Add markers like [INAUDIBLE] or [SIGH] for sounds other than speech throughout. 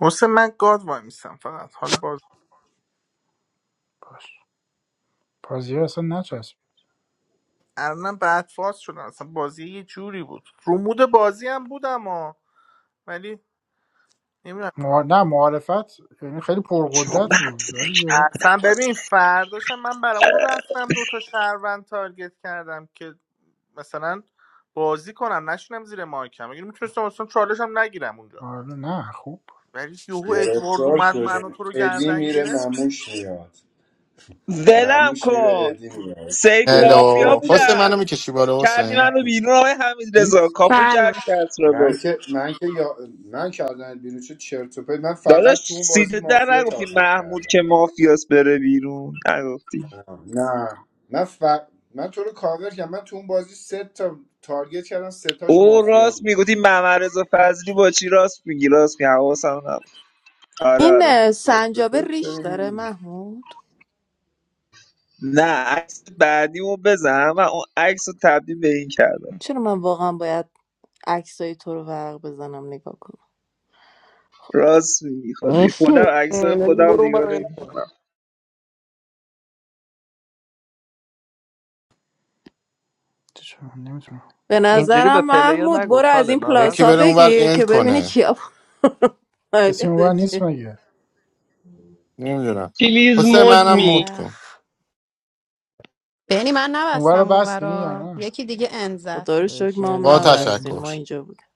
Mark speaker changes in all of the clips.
Speaker 1: حسین من گاد وای میستم فقط حال باز
Speaker 2: باش بازی ها اصلا نچسب
Speaker 1: الانم بعد فاز شدن اصلا بازی یه جوری بود رومود بازی هم بودم ها ولی نمیدونم
Speaker 2: مها... نه معارفت یعنی خیلی
Speaker 3: چون
Speaker 2: پرقدرت
Speaker 3: من تو
Speaker 2: بود
Speaker 3: دک
Speaker 2: ولی یهو
Speaker 1: اصلا
Speaker 3: نبودم واسه
Speaker 1: ببین فرداشم من برای اون رفتم دوتا شهروند تارگت کردم که مثلا بازی کنم نشینم زیر مایکم اگه میتونستم اصلا چالش هم نگیرم اونجا
Speaker 2: آره نه خوب
Speaker 1: ولی یهو ادوارد
Speaker 4: گرفتار
Speaker 1: اومد منو
Speaker 4: شدیم
Speaker 1: تو رو
Speaker 4: ادی
Speaker 1: گردن
Speaker 4: میره
Speaker 1: گرفت
Speaker 4: نموش میاد
Speaker 3: ولم
Speaker 4: نموش میره
Speaker 3: کن
Speaker 4: ادی میاد
Speaker 3: سیف مافیا
Speaker 4: گرفتار
Speaker 5: هلو حسین
Speaker 4: شدیم
Speaker 5: منو
Speaker 3: بودم
Speaker 5: میکشی بالا
Speaker 3: کردی
Speaker 5: حسین
Speaker 3: منو بیرون آقای حمید
Speaker 2: این
Speaker 3: رضا کاپو
Speaker 6: بله
Speaker 3: کردی کس را
Speaker 4: من
Speaker 3: رو
Speaker 4: که من که یا من کردن بیرون چه چرت و پرت من فقط تو
Speaker 3: داداش
Speaker 4: اون بازی
Speaker 3: سیده در
Speaker 4: مافیا
Speaker 3: نگفتی
Speaker 4: تارگت
Speaker 3: محمود
Speaker 4: کردم
Speaker 3: که مافیاس بره بیرون نگفتی
Speaker 4: نه من ف... من تو رو کاور کردم من تو اون بازی سه تا تارگت کردم سه تاش
Speaker 3: او
Speaker 4: مافیا
Speaker 3: راست میگفتی
Speaker 4: بودش
Speaker 3: محمد رضا فضلی با چی راست میگی راست میگی حواسم نبود آره
Speaker 7: این
Speaker 3: آره
Speaker 7: اه، سنجابه ریش داره محمود
Speaker 3: نه عکس بعدیمو بزن من اون عکس رو تبدیل به این کردم
Speaker 7: چرا من واقعا باید عکسای تو رو ورق بزنم نگاه کنم
Speaker 3: راست میگی خودی خودم عکس
Speaker 8: نگی
Speaker 3: خودم
Speaker 8: برو اون
Speaker 3: نگاه
Speaker 8: برای
Speaker 3: نمی‌کنم
Speaker 2: چرا نمیتونم
Speaker 7: به
Speaker 9: اینجوری به
Speaker 7: نظرم
Speaker 9: پلیر
Speaker 7: محمود
Speaker 9: نگو
Speaker 7: برو از
Speaker 9: خاله
Speaker 7: این
Speaker 9: ناراحت
Speaker 5: یکی
Speaker 7: پلاسا
Speaker 5: بره
Speaker 9: میشه
Speaker 5: اونور
Speaker 7: بگیر
Speaker 5: اند
Speaker 7: که ببینی
Speaker 5: کنه
Speaker 7: کیا [LAUGHS]
Speaker 2: کسی اونور
Speaker 7: پروفایلت
Speaker 2: نیست
Speaker 7: چیه.
Speaker 2: مگه
Speaker 5: نمیدونم
Speaker 10: Release
Speaker 7: با
Speaker 5: حسین
Speaker 7: این
Speaker 10: mode,
Speaker 5: منم مود
Speaker 10: me.
Speaker 5: کن
Speaker 7: ملخ
Speaker 11: بینی من
Speaker 2: اونور رو
Speaker 11: نبستم
Speaker 2: بستین یا
Speaker 11: اونورا
Speaker 2: نه
Speaker 11: یکی دیگه ان زد
Speaker 7: خدا رو شکر ما هم
Speaker 5: با
Speaker 2: آن
Speaker 8: کندش
Speaker 2: زدین
Speaker 7: نبستیم ما
Speaker 5: تشکر
Speaker 7: اینجا بودیم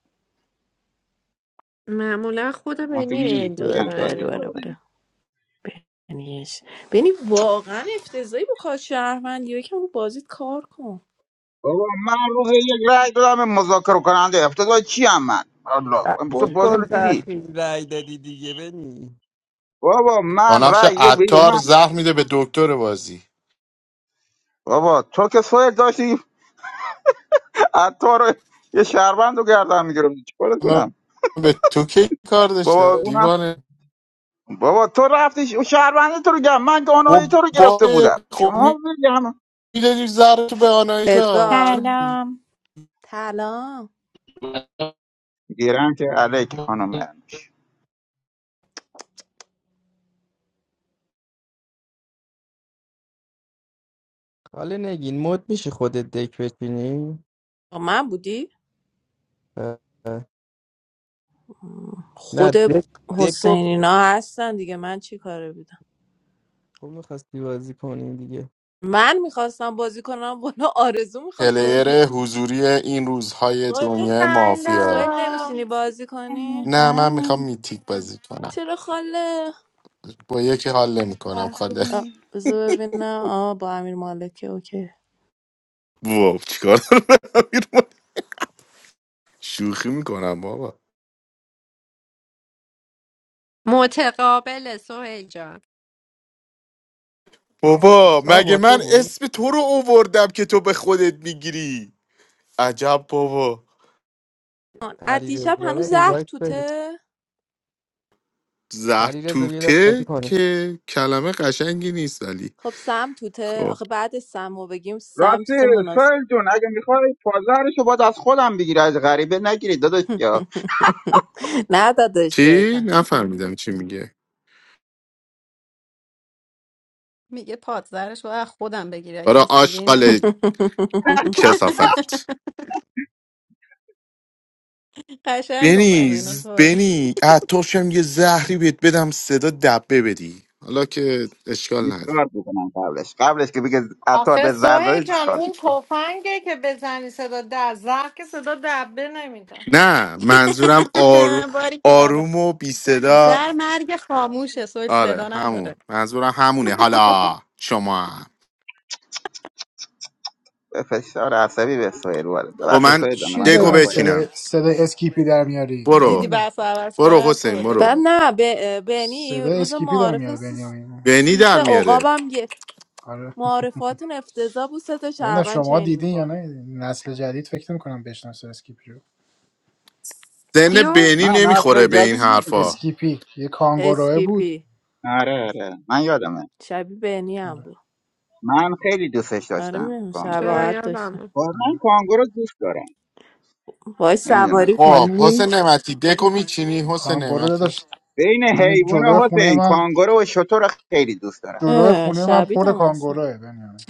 Speaker 6: معمولا خود بنی
Speaker 12: ناکامی
Speaker 6: اند
Speaker 12: پیام
Speaker 7: یادت بره
Speaker 12: سازی
Speaker 6: میزنه
Speaker 7: بره
Speaker 12: کنه
Speaker 7: بره بینیش بینی واقعا افتضایی با کار شهروندی یکم رو بازیت کار کن
Speaker 12: بابا من روز یک رای دادم به مذاکره کننده افتضاح چی هم من الله تو
Speaker 8: قبول
Speaker 12: بازی رو
Speaker 8: کن
Speaker 12: دیدی
Speaker 8: تأخیر رای دادی دیگه بنی
Speaker 12: بابا
Speaker 5: با
Speaker 12: من
Speaker 5: نقش
Speaker 12: رای یک به یک
Speaker 5: عطار
Speaker 12: من
Speaker 5: زهر میده به دکتر بازی
Speaker 12: بابا تو که سویل داشتی عطار رو یه شهروند رو گردن میگرفتی چیکار
Speaker 5: من
Speaker 12: کنم
Speaker 5: به تو کی کار
Speaker 12: بابا
Speaker 5: داشته
Speaker 12: اونم
Speaker 5: دیوانه
Speaker 12: بابا تو رفتی ش- شهروند تو رو گرم من
Speaker 5: خب
Speaker 12: گانای تو رو
Speaker 5: با
Speaker 12: گرفته بودم
Speaker 5: خب
Speaker 12: شما بگم
Speaker 5: میدادی زهر تو به آنایتا
Speaker 7: ادوارد
Speaker 5: چرا
Speaker 13: سلام
Speaker 7: سلام
Speaker 12: گیرم که علیک خانم مرموش
Speaker 8: حالا نگین مد میشه خودت دک بچینی
Speaker 7: با من بودی
Speaker 8: اه، اه. نه
Speaker 7: خود
Speaker 8: دک دکو
Speaker 7: حسین اینا هستن دیگه من چی کاره بودم
Speaker 8: تو میخواستی بازی کنی دیگه
Speaker 7: من میخواستم بازی کنم بالا آرزو میخواست بازی
Speaker 5: پلیر
Speaker 7: کنم
Speaker 5: حضوری این روزهای
Speaker 7: سویل,
Speaker 5: دنیا
Speaker 7: سویل
Speaker 5: مافیا
Speaker 7: نمیشینی
Speaker 14: سلام
Speaker 7: بازی کنی؟
Speaker 5: نه من میخوام
Speaker 13: سلام
Speaker 5: میتیک بازی کنم
Speaker 7: چرا خاله؟
Speaker 5: با یکی حال
Speaker 15: Meta
Speaker 5: نمیکنم
Speaker 15: for
Speaker 5: خاله
Speaker 7: آه،
Speaker 15: me.
Speaker 7: بذار ببینم آه با امیر مالکه اوکی
Speaker 5: واو چیکار دارم شوخی میکنم بابا
Speaker 6: متقابل سهیل جان
Speaker 5: بابا
Speaker 8: آه
Speaker 5: مگه
Speaker 8: با تو
Speaker 5: من
Speaker 8: بود
Speaker 5: اسم تو رو اووردم که تو به خودت میگیری عجب بابا
Speaker 7: آن، از
Speaker 8: علی
Speaker 7: دیشب
Speaker 8: رضا
Speaker 7: هنوز
Speaker 8: رو
Speaker 7: زهر
Speaker 8: اینوایت بده
Speaker 7: توته؟
Speaker 8: علی رضا بیا دست بازی
Speaker 5: زرتوته
Speaker 8: کنه
Speaker 5: که کلمه قشنگی نیست ولی
Speaker 7: خب سم توته؟
Speaker 5: خب
Speaker 7: آخه بعد سم رو بگیم سم
Speaker 12: راستی
Speaker 7: چیز مناسب
Speaker 12: سویل جون اگه میخوای پازرشو باید از خودم بگیری از غریبه نگیری داداش
Speaker 7: [LAUGHS] نه دادش
Speaker 5: چی
Speaker 7: بهتن
Speaker 5: نفهمیدم چی میگه
Speaker 11: میگه پادزرش باید خودم بگیره
Speaker 5: برا
Speaker 11: کس دیگه ای
Speaker 5: آشغال
Speaker 11: نگیری
Speaker 7: [LAUGHS]
Speaker 11: [LAUGHS]
Speaker 5: کسافت
Speaker 11: قشنگ گفتی اینو
Speaker 5: بنیز
Speaker 11: سوه
Speaker 5: بنی عطاشم یه زهری بهت بدم صدا دبه بدی حالا که اشکال
Speaker 12: هیچ
Speaker 5: نداره
Speaker 12: کار بکنم قبلش قبلش که بگه عطار
Speaker 14: آخه
Speaker 12: به زر داده
Speaker 14: سوهل
Speaker 12: هیچ
Speaker 14: جان
Speaker 12: کار
Speaker 14: اون
Speaker 12: نیست.
Speaker 14: تفنگه که بزنی صدا در زخ که صدا دبه نمیده
Speaker 5: نه منظورم آر آر...
Speaker 11: [LAUGHS] باری کلا
Speaker 5: آروم و بی صدا
Speaker 11: زر مرگ خاموشه سویل
Speaker 5: آره
Speaker 11: صدا نداره
Speaker 5: همون منظورم همونه حالا شما هم.
Speaker 12: به فشار عصبی به سوهل وارد
Speaker 5: خب
Speaker 12: ببخشید
Speaker 5: من
Speaker 12: سوهل جان
Speaker 2: چی
Speaker 5: دگو
Speaker 12: معذرت
Speaker 2: جدیدن
Speaker 12: خواهیم
Speaker 2: صدا
Speaker 5: بچینم
Speaker 2: صدا اسکیپی در میاری
Speaker 11: دیدی
Speaker 5: برو
Speaker 2: بنیامین
Speaker 11: بحث رو عوض
Speaker 5: برو
Speaker 11: کرد برو
Speaker 5: حسین
Speaker 11: دکو
Speaker 5: برو
Speaker 7: بعد
Speaker 11: بچ
Speaker 7: نه به بنی
Speaker 2: صدا
Speaker 7: روز
Speaker 2: اسکیپی در
Speaker 7: معارف
Speaker 2: میاری
Speaker 7: سیس,
Speaker 2: بنیامین
Speaker 5: بینی
Speaker 7: سیس
Speaker 5: در میاره
Speaker 7: عقابم یه
Speaker 2: آره
Speaker 7: معارفات افتضاح بود سه تا
Speaker 2: نمیدونم
Speaker 7: شهروند
Speaker 2: شما
Speaker 7: چین
Speaker 2: دیدین یا
Speaker 7: میکنه
Speaker 2: نه نسل جدید فکر نمیکنم بشناسه اسکیپی رو
Speaker 5: سن
Speaker 6: کیو؟
Speaker 5: بینی
Speaker 12: نه
Speaker 5: نمیخوره
Speaker 12: نسل
Speaker 5: به این
Speaker 12: جدید
Speaker 5: حرفا
Speaker 12: نمیشنم
Speaker 2: اسکیپی یه کانگوروه بود
Speaker 7: اسکیپی
Speaker 12: آره آره من یادمه
Speaker 7: شبیه بنی هم
Speaker 2: آره
Speaker 7: بود
Speaker 12: من خیلی دوستش
Speaker 7: آره
Speaker 12: داشتم
Speaker 7: میدونم
Speaker 12: کانگورو
Speaker 6: چرا
Speaker 12: رو
Speaker 7: شباهت داشته
Speaker 6: یادم
Speaker 12: من کانگورو دوست دارم
Speaker 7: وای
Speaker 12: نمیدونم
Speaker 7: سواری
Speaker 12: چه
Speaker 5: خب حسین
Speaker 7: کنی
Speaker 5: نعمتی دگو میچینی حسین
Speaker 2: کانگورو
Speaker 5: نعمتی
Speaker 2: داشت
Speaker 12: بین
Speaker 2: همین
Speaker 12: حیوونا
Speaker 2: جلوی خونه
Speaker 12: حسین
Speaker 2: من
Speaker 12: کانگورو و شتر رو خیلی دوست دارم
Speaker 2: جلو
Speaker 7: اه،
Speaker 2: خونه من
Speaker 7: شبیه
Speaker 2: پر
Speaker 7: هم هستم
Speaker 2: کانگوروه بنیامین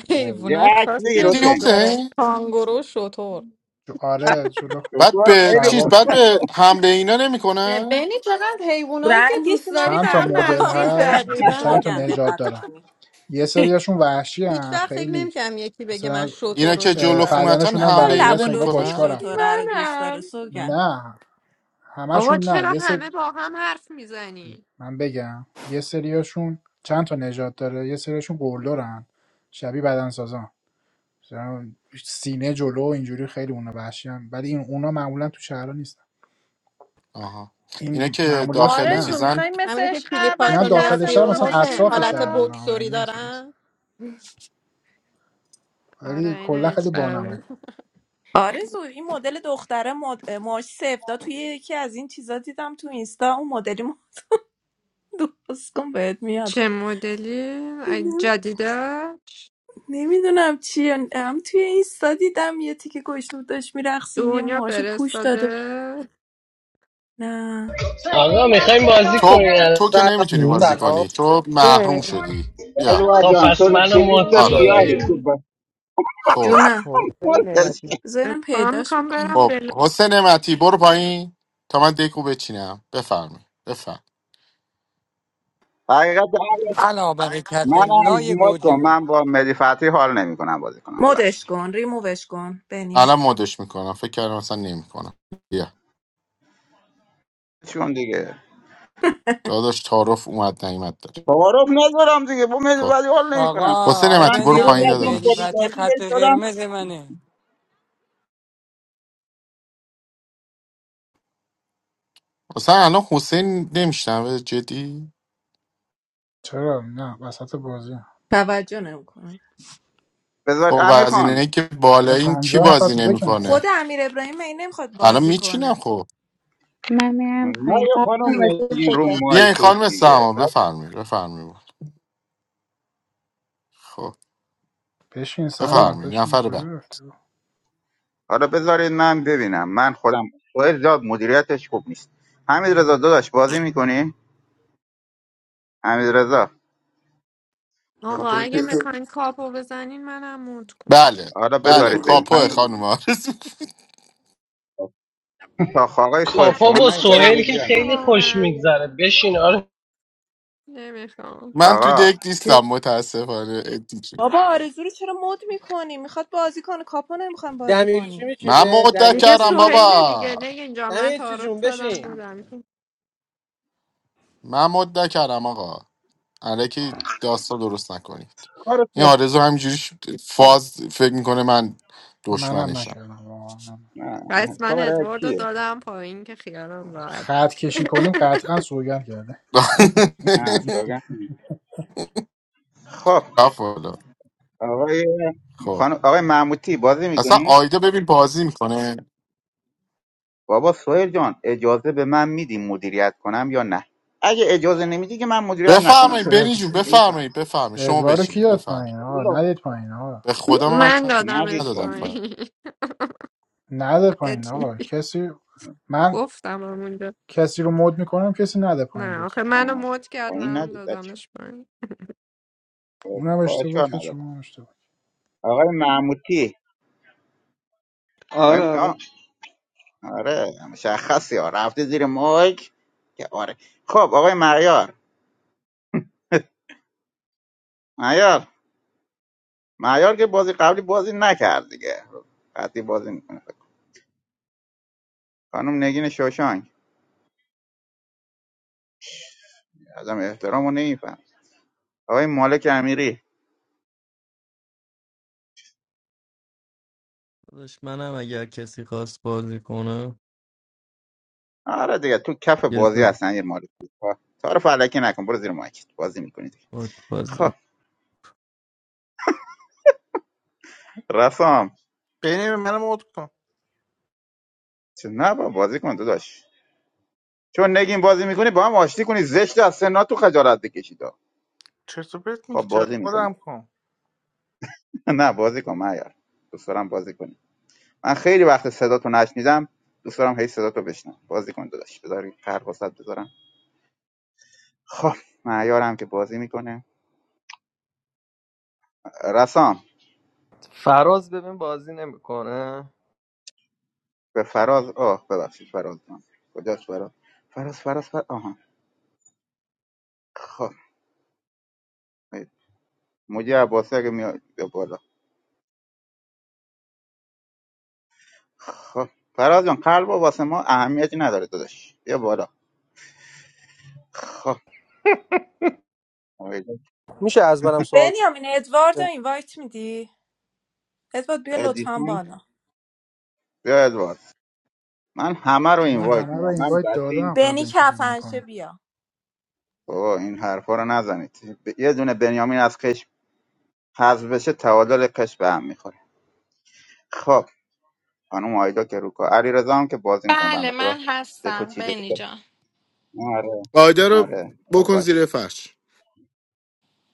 Speaker 12: یه
Speaker 11: حیوانای
Speaker 12: عکسی
Speaker 11: خاصی رو
Speaker 5: جدی
Speaker 11: دوست
Speaker 12: حسین
Speaker 11: داره
Speaker 5: حسین
Speaker 11: کانگورو و شتر
Speaker 2: جو- آره جلو
Speaker 5: بعد
Speaker 12: شطور
Speaker 5: به
Speaker 12: خیلی
Speaker 5: چیز
Speaker 2: شبا
Speaker 12: خوب
Speaker 5: بعد به حمله اینا نمیکنن
Speaker 14: ببینی چقدر حیوانایی که دوست
Speaker 7: رنگشون هم
Speaker 14: داری به
Speaker 2: چند تا
Speaker 7: هر
Speaker 14: هم
Speaker 7: دو
Speaker 2: مدل
Speaker 11: [LAUGHS]
Speaker 2: هست
Speaker 14: نزدیکن
Speaker 7: کرمه
Speaker 2: مثلا
Speaker 11: دقیقا
Speaker 2: چند تا
Speaker 7: سوگن
Speaker 2: نژاد
Speaker 7: دقت
Speaker 2: دارن
Speaker 7: کنی
Speaker 2: یه سریاشون وحشی
Speaker 11: هیچ
Speaker 2: هن.
Speaker 11: وقت فکر
Speaker 2: خیلی
Speaker 11: نمیکنم یکی بگه من
Speaker 2: مثلا
Speaker 11: شتر
Speaker 5: اینا
Speaker 11: رو
Speaker 5: که
Speaker 11: دوست
Speaker 2: اه،
Speaker 5: جلو
Speaker 11: دارم
Speaker 5: خونتان
Speaker 2: بدنشون هم
Speaker 7: رفتم
Speaker 5: حمله اینا
Speaker 2: ورزیده
Speaker 7: لب و
Speaker 2: است انگار
Speaker 7: لوچه
Speaker 2: باشگاه
Speaker 5: نمیکنن
Speaker 2: رفتن
Speaker 7: شطوره رو دوست
Speaker 14: منم
Speaker 7: داره سوگن
Speaker 2: نه
Speaker 6: آقا
Speaker 2: همشون نه
Speaker 6: چرا
Speaker 2: یه سری
Speaker 6: همه با هم حرف میزنی؟
Speaker 2: من بگم یه سریاشون چند تا نژاد داره یه سریاشون گلدارن شبیه بدنسازان مثلا سینه جلو و اینجوری خیلی اونا وحشی هن. ولی این اونا معمولا تو شهرها نیستن
Speaker 5: آها اینا
Speaker 2: این
Speaker 5: که
Speaker 2: معمولیاش
Speaker 5: داخل
Speaker 14: آرزو
Speaker 2: نه
Speaker 5: چیزن
Speaker 14: میخوای مثل
Speaker 11: همینه که
Speaker 14: عشق
Speaker 2: اینا
Speaker 14: ابدی
Speaker 11: کلیپاشون میاد
Speaker 2: داخل شهر
Speaker 14: دستمون رو
Speaker 11: بیرون
Speaker 2: مثلا
Speaker 11: حسین
Speaker 14: بگیریم
Speaker 2: اطراف
Speaker 11: حالت
Speaker 2: شهرن
Speaker 14: بالا
Speaker 2: ها
Speaker 11: بکسوری
Speaker 2: یعنی مثلا
Speaker 11: دارن
Speaker 6: آره
Speaker 2: ولی
Speaker 6: این
Speaker 2: کلا خیلی
Speaker 6: اسفر
Speaker 2: بانمک
Speaker 7: آرزو این مدل دختره مد... موهاش سفتا توی یکی از این چیزا دیدم تو اینستا اون مدلی [LAUGHS] درست کن بهت میاد
Speaker 6: چه مدلی؟ اگه جدیدش؟
Speaker 7: نمیدونم چیه هم توی این دیدم یه تیکه گشنه بود داشت میرقصید یه
Speaker 6: دنیا
Speaker 7: موهاشو پوش داده بود.
Speaker 6: فرستاده؟
Speaker 7: نه
Speaker 10: I want to play
Speaker 5: تو
Speaker 10: it.
Speaker 5: تو که
Speaker 16: سلام
Speaker 5: نمیتونی بازی
Speaker 16: سلام
Speaker 5: کنی تو محروم
Speaker 8: اه،
Speaker 5: شدی بیا
Speaker 12: ادوار
Speaker 10: So,
Speaker 12: جان تو
Speaker 10: I'm
Speaker 12: تو
Speaker 10: gonna mode
Speaker 12: لیست
Speaker 5: آره
Speaker 10: it.
Speaker 12: سیاهی تو
Speaker 6: نگی
Speaker 12: با
Speaker 5: خب
Speaker 7: جونم
Speaker 8: حسین نعمتی
Speaker 7: بذار اینم
Speaker 6: اتفاقا
Speaker 7: پیداش
Speaker 6: میخوام
Speaker 7: میکنم
Speaker 6: برم
Speaker 5: خب
Speaker 6: بلو
Speaker 5: حسین نعمتی برو پایین تا من دکو بچینم بفرمی بفرم
Speaker 12: [LAUGHS] حقیقت
Speaker 17: علا برکت لای
Speaker 12: منم مد
Speaker 17: گوجه
Speaker 12: کن
Speaker 17: بود
Speaker 12: من با مهدی فتحی حال نمیکنم بازی کنم ببخشید
Speaker 7: مدش کن ریمووش کن بنیو
Speaker 5: الان مدش میکنم فکر کردم اصلا نمیکنم بیا
Speaker 12: چون دیگه
Speaker 5: داداش تعارف اومد نیومد داری
Speaker 12: تعارف ندارم دیگه با مهدی
Speaker 5: خب
Speaker 12: فتحی حال نمیکنم
Speaker 17: آقا
Speaker 5: حسین
Speaker 17: آقای
Speaker 12: من
Speaker 5: نعمتی برو
Speaker 12: دیروز
Speaker 5: پایین
Speaker 17: بنیامین
Speaker 12: رفتم
Speaker 17: مهدی
Speaker 5: داداش
Speaker 17: فتی
Speaker 12: بادیگاردی
Speaker 17: خط
Speaker 12: بهش دادم
Speaker 17: قرمز منه
Speaker 5: اصلا الان حسین نمیشنوه جدی
Speaker 2: چرا نه وسط بازی
Speaker 7: توجه نمیکنه
Speaker 12: بذار
Speaker 5: خب
Speaker 12: امیر
Speaker 5: از
Speaker 12: خان
Speaker 5: اینه که بالا
Speaker 2: الان
Speaker 5: این کی
Speaker 2: 50 نفر
Speaker 5: بازی
Speaker 2: تو دکم
Speaker 7: خود
Speaker 5: نمیکنه
Speaker 2: کردن
Speaker 7: امیر ابراهیم این نمیخواد
Speaker 5: الان
Speaker 7: بازی
Speaker 5: میچینم
Speaker 7: کنه
Speaker 5: خب
Speaker 15: My mom
Speaker 12: نه
Speaker 15: playing.
Speaker 12: یه
Speaker 15: Papa
Speaker 12: خانم
Speaker 15: was it
Speaker 12: نگین رو
Speaker 15: for
Speaker 5: بیا این
Speaker 12: مایکت
Speaker 5: خانم
Speaker 12: دیگه
Speaker 5: سما
Speaker 12: بعد
Speaker 5: بفرمی بفرمی خب
Speaker 2: بشین
Speaker 12: خب
Speaker 2: سما
Speaker 5: بفرمی
Speaker 2: بشین
Speaker 5: نفر
Speaker 2: کجا
Speaker 5: بعد
Speaker 2: رفتی
Speaker 12: حالا بذارید من ببینم من خودم سوهل جا مدیریتش خوب نیست حمید رضا داداش بازی میکنی حمید رضا خب
Speaker 6: آقا اگه میخواین کاپو بزنین منم مود کن
Speaker 5: بله
Speaker 12: حالا
Speaker 5: بله
Speaker 12: بذارید ببین
Speaker 5: کاپو
Speaker 12: حمید
Speaker 4: دکورتون
Speaker 5: خانم آرزو
Speaker 12: رضا آقا آقای سوهل
Speaker 10: Kapa
Speaker 12: شما
Speaker 10: with
Speaker 12: نه دارم
Speaker 6: بچکم
Speaker 10: Sohel is
Speaker 12: مدیریت می‌کنم.
Speaker 10: very
Speaker 6: آقا
Speaker 10: happy. Come on.
Speaker 6: نمیخوام
Speaker 5: من تو
Speaker 12: آقا
Speaker 5: دک
Speaker 12: کی
Speaker 5: نیستم متاسفانه ادی جون.
Speaker 7: بابا آرزو رو چرا مد میکنی میخواد بازی کنه کاپو نمیخوام بازی
Speaker 16: دمیرچی
Speaker 7: کنی
Speaker 5: من
Speaker 16: میشینه
Speaker 5: مدت
Speaker 6: دیگه
Speaker 5: کردم
Speaker 16: دمیرچی
Speaker 6: سوهیل دیگه
Speaker 5: بابا
Speaker 6: نه اینجا من
Speaker 16: دمیرچی
Speaker 6: تعارف
Speaker 16: جون
Speaker 6: زدم
Speaker 16: بشین
Speaker 6: بودم
Speaker 5: من مدت کردم آقا الکی داستان درست نکنید
Speaker 12: کارت
Speaker 5: این آرزو همینجوری ش- فاز فکر میکنه من
Speaker 2: منم
Speaker 5: دشمنشم
Speaker 2: نکردم واقعا
Speaker 6: پس من
Speaker 12: کار
Speaker 6: ادوارد رو
Speaker 12: چیه
Speaker 6: دادم پایین که خیالم راحت
Speaker 2: خط کشی کنیم
Speaker 6: [LAUGHS]
Speaker 2: قطعا سوگن کرده
Speaker 5: [LAUGHS]
Speaker 12: آه سوگن خب
Speaker 5: رفت والا.
Speaker 12: آقای
Speaker 5: خب
Speaker 12: خانم آقای محمودی بازی
Speaker 5: اصلا
Speaker 12: میکنی
Speaker 5: آیدا ببین بازی میکنه
Speaker 12: بابا سهیل جان اجازه به من میدی مدیریت کنم یا نه اگه اجازه نمیدی که من مدیریت نکنم
Speaker 5: بفرمایید
Speaker 2: چه
Speaker 12: دیگه.
Speaker 2: اد...
Speaker 5: برین جون
Speaker 12: میفهم
Speaker 5: بفرمایید بفرمایید شما
Speaker 2: ادوارو کی
Speaker 5: بچینید
Speaker 2: داد
Speaker 5: بفرمایید
Speaker 2: پایین آقا
Speaker 12: الله
Speaker 2: ندید پایین آقا
Speaker 5: به خدا من
Speaker 6: من
Speaker 12: ندید
Speaker 6: دادمش
Speaker 5: ندادم
Speaker 12: پایین
Speaker 5: پایین.
Speaker 6: پایین [LAUGHS]
Speaker 2: نده
Speaker 6: یه
Speaker 2: پایین
Speaker 6: چی
Speaker 2: آقا کسی من
Speaker 6: گفتم همونجا
Speaker 2: کسی رو مد میکنم کسی نده پایین
Speaker 6: نه آخه
Speaker 2: لطفا
Speaker 6: منو
Speaker 12: آه،
Speaker 6: موت کرد
Speaker 12: پایین
Speaker 6: منم
Speaker 12: ندید بچه
Speaker 6: دادمش پایین
Speaker 2: اونم اشتباه
Speaker 12: اشکال
Speaker 2: کرد
Speaker 12: نداره
Speaker 2: شما هم اشتباه
Speaker 12: آقای محمودی
Speaker 3: آره
Speaker 12: آقای...
Speaker 3: آره
Speaker 12: آه، آره مشخصی ها رفته زیر مایک که آره خب آقای معیار معیار معیار که بازی قبلی بازی نکرد دیگه خب، قطعی بازی خانم نگین شاشانک ازم احترام رو نمیفهم آقای مالک امیری
Speaker 8: داداش منم اگر کسی خواست بازی کنه
Speaker 12: آره دیگه تو کف
Speaker 8: یه
Speaker 12: بازی
Speaker 8: نه،
Speaker 12: هستن یه مالک تا رو فلکی نکن برو زیر مایکت بازی میکنید
Speaker 8: بازی می‌کنم.
Speaker 12: خب رسام
Speaker 1: ببین منم اوت کن
Speaker 12: چه نه با بازی کن داداش چون نگین بازی میکنی با هم آشتی کنی زشت از سنا تو خجالت بکشید آه.
Speaker 1: چرت و پرت
Speaker 12: خب
Speaker 1: میگی چرا
Speaker 12: بازی
Speaker 1: خودم
Speaker 12: میکنم
Speaker 1: کن
Speaker 12: [LAUGHS] نه بازی کن معیار دوست دارم بازی کنی من خیلی وقت صداتو نشنیدم دوست دارم هی صداتو بشنم بازی کن داداش بذار قرق وسط بذارم خب معیارم که بازی میکنه رسام
Speaker 9: فراز ببین بازی نمیکنه
Speaker 12: به فراز آه ببخشید فراز جان کجاست فراز فراز فراز فراز آها خب مجی عباسی اگه میاد بیا بالا خب فراز جان قلب واسه ما اهمیتی نداره داداش بیا بالا خب
Speaker 9: [LAUGHS]
Speaker 16: میشه از منم سوال
Speaker 7: بنیامین ادوارد رو
Speaker 16: کنه
Speaker 7: اینوایت میدی ادوارد بیا لطفا
Speaker 12: ادیسون
Speaker 7: بالا
Speaker 12: بیا ادوارد من همه رو
Speaker 2: من
Speaker 12: اینوایت
Speaker 2: همه رو
Speaker 12: میدم من
Speaker 2: اینوایت
Speaker 12: بچه
Speaker 2: دادم
Speaker 12: این
Speaker 2: قبل
Speaker 7: بنی
Speaker 2: اینکه بدم
Speaker 7: کفنشه
Speaker 2: پایین
Speaker 7: بیا
Speaker 12: بابا این حرفا رو نزنید ب- یه دونه بنیامین از کش حذف بشه تعادل کش به هم میخوره خب خانم آیدا که روکا علی هم که بازی میکنه
Speaker 14: بله
Speaker 12: بنده
Speaker 14: من
Speaker 12: خدا دکو
Speaker 14: هستم
Speaker 12: چیده
Speaker 14: بینی جان
Speaker 12: آره
Speaker 5: آیدا رو
Speaker 12: آره خب
Speaker 5: بکن
Speaker 12: باش
Speaker 5: زیر فرش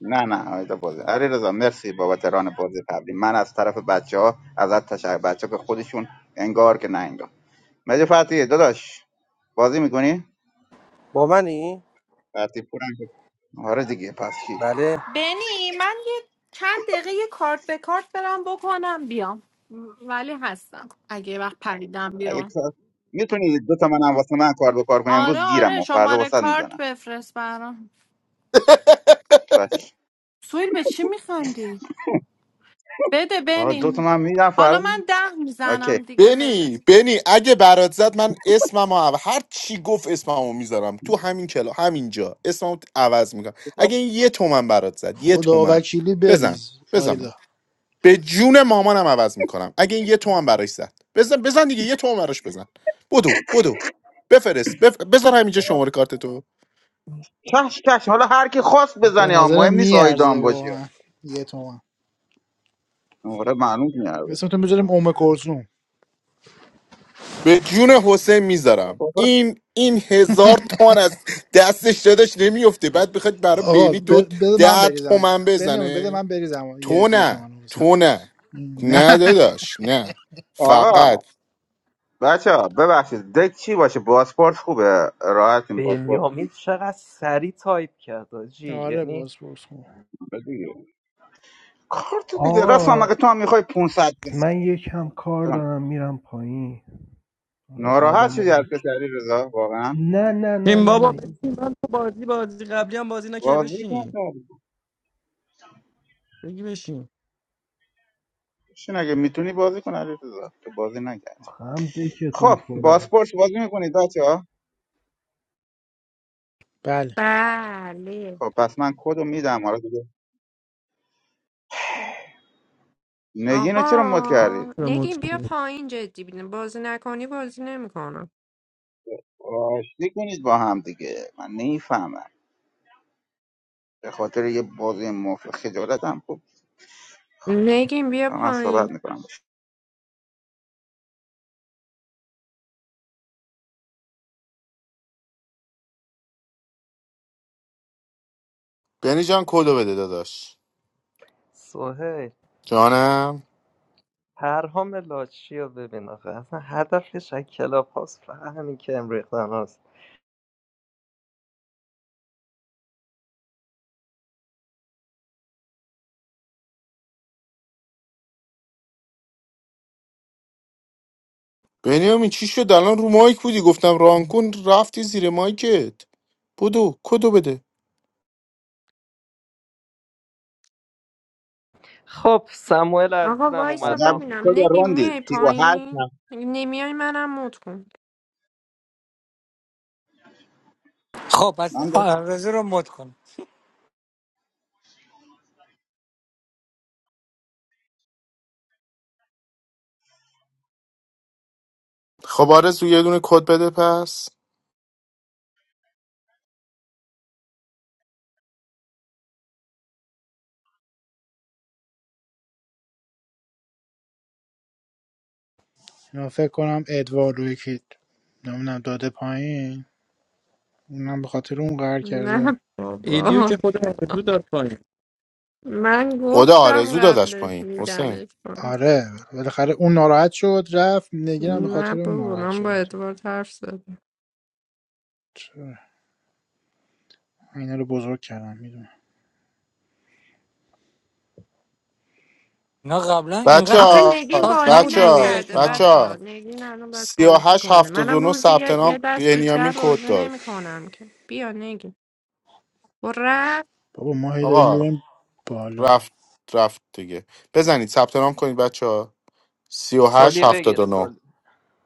Speaker 12: نه نه آیدا بازی علی رضا مرسی بابت ران بازی قبلی من از طرف بچه ها ازت تشکر بچه که خودشون انگار که نه انگار مجید فتی داداش بازی میکنی
Speaker 16: با منی
Speaker 12: فتی پورم که- آره دیگه پس کی
Speaker 16: بله
Speaker 14: بینی من یه چند دقیقه یه کارت به کارت برم بکنم بیام ولی هستم اگه یه وقت پریدم
Speaker 12: اگه
Speaker 14: بیرون
Speaker 12: تو- میتونی دو تا منم واسه من کار بکار کنی
Speaker 14: آره
Speaker 12: امروز گیرم
Speaker 14: آره
Speaker 12: و فردا
Speaker 14: شماره
Speaker 12: واسه
Speaker 14: کارت
Speaker 12: میزنم
Speaker 14: بفرست برام
Speaker 12: باش
Speaker 14: سویل به چی میخندی؟ بده
Speaker 12: آه، دو تا
Speaker 14: بنی
Speaker 12: من میدم
Speaker 14: حالا
Speaker 12: فردا
Speaker 14: من ده
Speaker 12: اوکی
Speaker 14: میزنم دیگه بده
Speaker 5: بنی بنی اگه برات زد من اسمم عوض هر چی گفت اسممو میذارم تو همین کلا همینجا اسممو عوض میکنم
Speaker 12: باش.
Speaker 5: اگه این یه تومن برات زد یه تومن
Speaker 2: خداوکیلی
Speaker 5: بزن
Speaker 2: بریز
Speaker 5: بزن
Speaker 2: آیدا
Speaker 5: به جون مامانم عوض میکنم اگه این یه تومن براش زد بزن بزن دیگه یه تومن براش بزن بدو بدو بفرست بف... بذار همینجا
Speaker 12: آه.
Speaker 5: شماره کارت تو
Speaker 12: کش کش حالا هر کی خواست
Speaker 2: به
Speaker 12: بزنه ها
Speaker 2: نظرم
Speaker 12: مهم نیست
Speaker 2: میارزه
Speaker 12: آیدام باشه
Speaker 2: واقعا یه تومن
Speaker 12: آره معلوم میاره
Speaker 2: اسمتون بذاریم اوم کلثوم
Speaker 5: به جون حسین میذارم این این هزار تومن از دستش دادش نمیفته بعد بخواد برای
Speaker 2: آقا
Speaker 5: بینی دو
Speaker 2: ب- بده من
Speaker 5: ده
Speaker 2: بریزم
Speaker 5: تومن
Speaker 2: بنیامین بده
Speaker 5: بزنه
Speaker 2: من بریزم یه,
Speaker 5: تو
Speaker 2: یه
Speaker 5: نه
Speaker 2: تومن رو وسط
Speaker 5: تو نه
Speaker 2: نه
Speaker 5: نه داداش نه
Speaker 12: آقا
Speaker 5: فقط
Speaker 12: بچه ها ببخشید دک چی باشه پاسپورت خوبه راحتیم پاسپورت
Speaker 9: بنیامین چقدر سریع تایپ کرد آجی
Speaker 2: آره
Speaker 9: یعنی
Speaker 2: باز پرس کن
Speaker 12: دیگه کارت دیگه راست
Speaker 18: آقا
Speaker 12: مگه تو هم میخوای 500 کسی
Speaker 18: من یکم کار
Speaker 12: جان
Speaker 18: دارم میرم پایین حالا
Speaker 12: ناراحت
Speaker 18: بعدم آن
Speaker 12: شدی از
Speaker 18: یکی
Speaker 12: کسی علی رضا واقعا
Speaker 18: نه نه نه
Speaker 8: بشین
Speaker 18: نه
Speaker 8: بابا بشین
Speaker 18: نه
Speaker 8: من تو بازی بازی قبلی هم بازی نکرده
Speaker 12: بازی کن
Speaker 8: بشین
Speaker 12: تو.
Speaker 8: بگی بشین
Speaker 12: بشین اگه میتونی بازی کن علی رضا تو بازی نکردی
Speaker 18: آخه هم دکتون
Speaker 12: خب
Speaker 18: پره
Speaker 12: پاسپورت بازی میکنید بچه ها
Speaker 2: بله
Speaker 6: بله
Speaker 12: خب پس من کدو میدم حالا دیگه نگین رو چرا مد
Speaker 6: آقا
Speaker 12: کردید
Speaker 8: رموت
Speaker 6: نگین بیا
Speaker 8: کنی.
Speaker 6: پایین جدی بینه بازی نکنی بازی نمیکنم
Speaker 12: آشتی کنید با هم دیگه من نیفهمم به خاطر یه بازی مفت خجالتم خوب
Speaker 6: نگین بیا
Speaker 12: من صحبت
Speaker 6: پایین
Speaker 12: میکنم
Speaker 5: بنی جان کدو بده داداش
Speaker 9: سوهل
Speaker 5: جانم
Speaker 9: پرهام لاچی رو ببین آخه اصلا هدفش از کلاب هاست فقط همین که امریختن هاست
Speaker 5: بنیامین چی شد الان رو مایک بودی گفتم ران کن رفتی زیر مایکت بودو کدو بده
Speaker 9: خب سموئل
Speaker 6: آقا
Speaker 9: عزیزم
Speaker 6: وایسا
Speaker 9: اومد
Speaker 12: عجب
Speaker 9: رام
Speaker 6: ببینم
Speaker 12: شد
Speaker 9: میکنه
Speaker 6: نگین
Speaker 12: روندی
Speaker 6: میای
Speaker 12: سی و هشت
Speaker 6: پایین
Speaker 12: هم.
Speaker 6: نمیای منم موت کن
Speaker 17: خب پس
Speaker 12: من
Speaker 17: آرزو رو مد کن
Speaker 5: خب آرزو یه دونه کد بده پس
Speaker 2: اینا فکر کنم ادوارد رو یکی نمیدونم داده پایین اونم به خاطر اون قرار کرده
Speaker 6: نه
Speaker 8: ایدیو
Speaker 6: بابا
Speaker 8: که خود آرزو داد پایین
Speaker 6: من
Speaker 5: خدا
Speaker 6: گفتم
Speaker 5: آرزو دادش
Speaker 6: قبلش
Speaker 5: پایین حسین
Speaker 6: میدمش کن
Speaker 2: آره بالاخره اون ناراحت شد رفت نگیرم به
Speaker 12: گفتم،
Speaker 6: نه
Speaker 2: خاطر اون
Speaker 6: بابا
Speaker 2: ناراحت
Speaker 6: من با
Speaker 2: شد
Speaker 6: ادوارد حرف زدم
Speaker 2: چرا؟ اینا رو بزرگ کردم میدونم
Speaker 17: اینا قبلا
Speaker 5: بچه
Speaker 17: اینقدر
Speaker 6: آخه
Speaker 5: ها
Speaker 6: نگین
Speaker 17: حساس
Speaker 6: بازی
Speaker 17: نبود
Speaker 5: بچه ها
Speaker 6: نکرده
Speaker 5: بچه
Speaker 17: رویشونا
Speaker 6: بچه ها
Speaker 5: ها
Speaker 6: نگین الان باید
Speaker 5: سی و
Speaker 6: بازی
Speaker 5: هشت
Speaker 6: کنه
Speaker 5: هفته
Speaker 6: منم
Speaker 5: دونو
Speaker 6: روزی
Speaker 5: ثبت
Speaker 6: یه, یه
Speaker 5: نام
Speaker 6: دست بیشتر
Speaker 5: بنیامین کد
Speaker 6: بازی
Speaker 5: داد
Speaker 6: نمیکنم که بیا نگین و رفت
Speaker 2: بابا ما هی داریم
Speaker 5: آقا
Speaker 2: میریم بالا
Speaker 5: رفت رفت دیگه بزنید ثبت نام کنید بچه ها. سی و هشت
Speaker 9: سالی بگیر
Speaker 5: هفتاد و نه
Speaker 9: سالی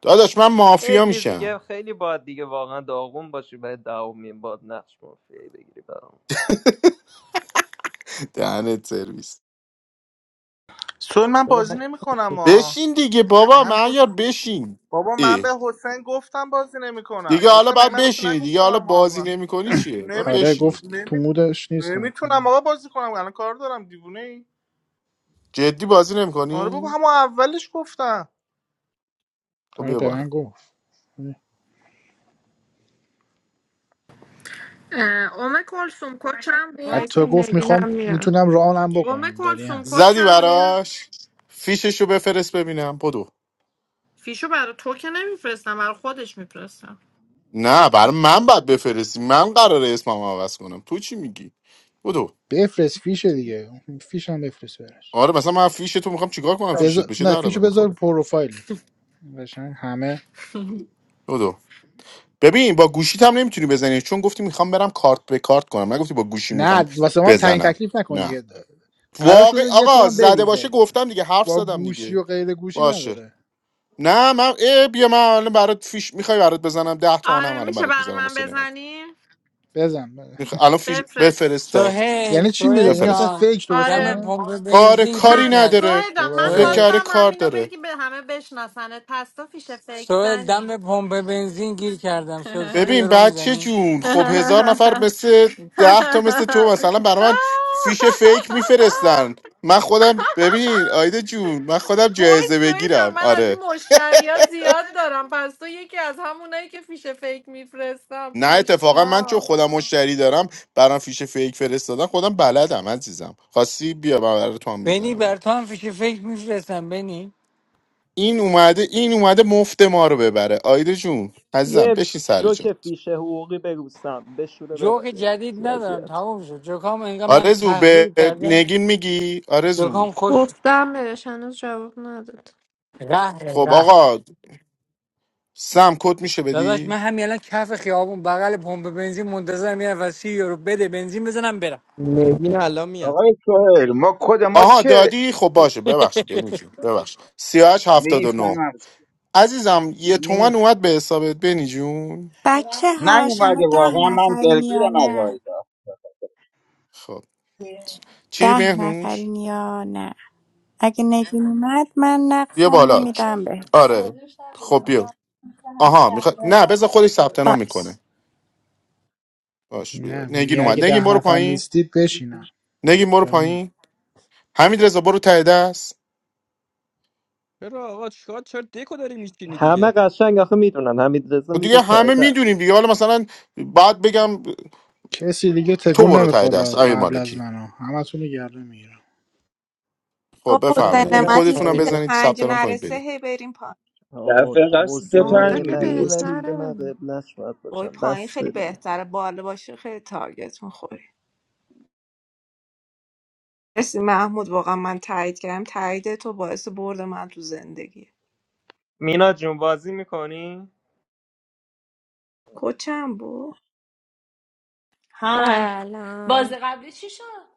Speaker 5: داداش من مافیا
Speaker 9: بگیر دیگه
Speaker 5: میشم
Speaker 9: خیلی باید دیگه واقعا داغون باشی برای دومین باد نقش مافیایی بگیری برام
Speaker 5: دهنت سرویس
Speaker 1: سوال من
Speaker 8: چرا
Speaker 1: بازی
Speaker 8: هم-
Speaker 1: نمیکنم ها
Speaker 5: بشین دیگه بابا
Speaker 1: من
Speaker 5: من یار بشین
Speaker 1: بابا من
Speaker 5: ای.
Speaker 1: به حسین گفتم بازی نمیکنم
Speaker 5: دیگه حالا
Speaker 1: حسین من
Speaker 5: باید
Speaker 1: من به تو
Speaker 5: بشینی دیگه
Speaker 1: نگفتم
Speaker 5: حالا
Speaker 1: اما
Speaker 5: بازی
Speaker 1: اول
Speaker 5: نمیکنی چیه باید
Speaker 1: نمیت...
Speaker 2: آره
Speaker 5: بشینی
Speaker 2: گفت
Speaker 5: دیگه
Speaker 1: نمی...
Speaker 2: تو مودش نیستم
Speaker 1: نمیتونم آقا بازی کنم الان کار دارم دیوونه ای
Speaker 5: جدی بازی
Speaker 1: آره بابا
Speaker 5: نمیکنی
Speaker 1: همون اولش گفتم
Speaker 5: خب
Speaker 2: آره
Speaker 5: بیا
Speaker 2: به
Speaker 5: بالا
Speaker 2: من گفت
Speaker 14: اه، ام کلسوم کچم بود
Speaker 6: وایس
Speaker 2: حتی گفت
Speaker 6: نگینم
Speaker 2: میخوام
Speaker 6: میرم
Speaker 2: میتونم رانم
Speaker 14: ام
Speaker 2: بکنم داری
Speaker 14: کلسوم
Speaker 2: حد
Speaker 5: زدی
Speaker 14: کچم بود
Speaker 5: براش فیششو بفرست ببینم بدو
Speaker 14: فیشو برای تو که نمیفرستم برای خودش میفرستم
Speaker 5: نه برای من باید بفرستی من قراره اسمم عوض کنم تو چی میگی بدو
Speaker 2: بفرست فیش دیگه فیش فیشم بفرست برش
Speaker 5: آره مثلا من فیش تو میخوام چیکار کنم فیشت
Speaker 2: بذار...
Speaker 5: بشه
Speaker 2: نه
Speaker 5: در
Speaker 2: فیشو
Speaker 5: من
Speaker 2: بذار
Speaker 5: میخوره
Speaker 2: پروفایلت قشنگ همه
Speaker 5: ببین با گوشیت هم نمیتونی بزنی چون گفتی میخوام برم کارت به کارت کنم نگفتی با گوشی میخوام
Speaker 2: نه واسه من تعیین
Speaker 5: بزنم
Speaker 2: تکلیف نکن
Speaker 5: نه
Speaker 2: دیگه قرار
Speaker 5: واقع
Speaker 2: شده یه
Speaker 5: آقا
Speaker 2: تومن
Speaker 5: زده باشه
Speaker 2: بریزه
Speaker 5: گفتم دیگه حرف
Speaker 2: با
Speaker 5: زدم
Speaker 2: گوشی
Speaker 5: دیگه
Speaker 2: و غیر گوشی
Speaker 5: باشه
Speaker 2: نداره
Speaker 5: نه من اه بیا من الان برات فیش میخوای برات بزنم 10 تومنم
Speaker 14: آره
Speaker 5: الان
Speaker 14: میشه
Speaker 5: برات
Speaker 14: برای
Speaker 5: میزنم
Speaker 14: من
Speaker 5: واسه نمک
Speaker 14: بزنی
Speaker 2: بزن
Speaker 5: میخ... الان فیش
Speaker 14: بفرست
Speaker 5: بفرستا
Speaker 17: سوهل
Speaker 2: یعنی چی میزنه
Speaker 17: سوهل
Speaker 2: یعنی مثلا
Speaker 5: بفرست
Speaker 17: جان
Speaker 2: فیک درست
Speaker 17: دم
Speaker 14: آره
Speaker 2: کنه
Speaker 17: پمپ
Speaker 5: آره
Speaker 17: بنزین گیر
Speaker 5: کاری
Speaker 14: پس
Speaker 17: کرد
Speaker 5: نداره
Speaker 14: سویدان
Speaker 2: برو
Speaker 14: من
Speaker 5: فکر
Speaker 2: آقا
Speaker 17: سوهل
Speaker 5: کرده
Speaker 14: خواستم
Speaker 2: چ-
Speaker 5: کار
Speaker 14: همینو
Speaker 5: داره
Speaker 14: بگی به همه بشناسنت پس تو فیش فیک
Speaker 17: سوهل دم
Speaker 14: زنی
Speaker 17: پمپ بنزین گیر کردم سوهل سی
Speaker 5: ببین
Speaker 17: یورو
Speaker 5: بچه
Speaker 17: میزنی
Speaker 5: جون خب هزار نفر مثل ده تا مثل تو مثلا برای من فیش فیک
Speaker 14: [LAUGHS]
Speaker 5: میفرستن من خودم ببین آیده جون من خودم
Speaker 14: وای
Speaker 5: جایزه
Speaker 14: سوی جان
Speaker 5: بگیرم
Speaker 14: من از
Speaker 5: آره
Speaker 14: این مشتری ها زیاد دارم پس تو یکی از همونایی که فیش فیک میفرستم
Speaker 5: نه اتفاقا من چون
Speaker 14: پشما
Speaker 5: خودم مشتری دارم برام فیش فیک فرستادن خودم بلدم عزیزم خاصی بیا من برای تو هم
Speaker 17: بنی
Speaker 5: میزنم الان
Speaker 17: بر تو هم فیش فکر میفرستم بنی
Speaker 5: این اومده این اومده مفت ما رو ببره آیده جون عزیزم
Speaker 9: یه
Speaker 5: بشین سر جا
Speaker 9: جوک فیشه حقوقی بگوستم بشوره
Speaker 17: جوک
Speaker 9: ببره این
Speaker 17: جدید ندارم
Speaker 9: وضعیت
Speaker 17: تموم شد جوکام انقدر من
Speaker 5: آرزو به
Speaker 17: تغییر کردم
Speaker 5: نگین میگی آرزو
Speaker 17: بخوام خوش
Speaker 6: گفتم بهش هنوز جواب نداد
Speaker 17: ره
Speaker 5: خب
Speaker 17: ره
Speaker 5: آقا سم کد میشه
Speaker 17: داداش
Speaker 5: بدی
Speaker 17: من همین الان کف خیابون بغل پمپ بنزین منتظرم یه نفر سی یورو بده بنزین بزنم برم
Speaker 8: نگین الان میاد
Speaker 12: آقای سهیل ما کد ما
Speaker 5: آها
Speaker 12: چه
Speaker 5: دادی خب باشه ببخشید بینی جون ببخش سیاهش هفتاد و نو
Speaker 12: میفهمم
Speaker 5: عزیزم یه تومن
Speaker 12: میف
Speaker 5: اومد به حسابت بینی جون
Speaker 13: بچه ها شما
Speaker 12: نیومده
Speaker 13: ده
Speaker 12: واقعا من
Speaker 13: نفرین یا
Speaker 12: دلگیرم از
Speaker 13: نه
Speaker 12: آیدا
Speaker 5: خب چی
Speaker 13: ده
Speaker 5: مهنوش
Speaker 13: نفرین یا نه اگه نگین اومد من
Speaker 5: بیا
Speaker 13: نقشم رو
Speaker 5: بالا
Speaker 13: میدم به
Speaker 5: آره خب بیا آها میخواد نه بذار خودش ثبت نام
Speaker 13: باش
Speaker 5: میکنه باش بیا
Speaker 2: نه
Speaker 5: نگین
Speaker 2: میگه اگه
Speaker 5: اومد نگین
Speaker 2: ده
Speaker 5: برو
Speaker 2: نفر
Speaker 5: پایین
Speaker 2: نیستید بشینم
Speaker 5: نگین برو پایین حمید رضا برو ته دست
Speaker 8: چرا آقا چیکار چرا دکو داری میچینی
Speaker 9: همه
Speaker 8: دیگه
Speaker 9: قشنگ آخه میدونن حمید رضا
Speaker 5: و
Speaker 9: میره
Speaker 5: دیگه
Speaker 9: ته
Speaker 5: همه
Speaker 9: دست
Speaker 5: میدونیم دیگه حالا مثلا بعد بگم
Speaker 2: کسی دیگه
Speaker 5: تو
Speaker 2: تکون
Speaker 5: برو ته دست
Speaker 2: نمیخوره
Speaker 5: امیر
Speaker 2: قبل از
Speaker 5: مالکی
Speaker 2: منو همتون رو گردن میگیرم
Speaker 5: خب
Speaker 8: من
Speaker 7: حسین
Speaker 5: بفرمایید این
Speaker 8: میرم
Speaker 7: نعمتی
Speaker 5: کدتون هم
Speaker 7: سیت
Speaker 8: پایین
Speaker 5: بزنید
Speaker 7: پنج
Speaker 5: ثبت نام کنید برید
Speaker 7: نرسه هی بریم پایین
Speaker 9: آی
Speaker 3: دفعه قبل سیت
Speaker 9: حسین
Speaker 6: حالا
Speaker 3: پنج
Speaker 6: که
Speaker 3: بودیم
Speaker 9: نعمتی
Speaker 3: واسه
Speaker 9: ولی دیگه من
Speaker 6: بهتره
Speaker 9: قبلش باید
Speaker 7: وای
Speaker 9: باشم
Speaker 7: پایین
Speaker 9: بس
Speaker 7: خیلی
Speaker 9: دیگه
Speaker 7: بهتره بالا باشه خیلی تارگت میخوری مرسی محمود واقعا من تایید کردم تایید تو باعث برد من تو زندگی
Speaker 9: مینا جون بازی میکنی؟
Speaker 7: کچم بود
Speaker 19: های باز
Speaker 6: سلام
Speaker 19: قبلی چی شد؟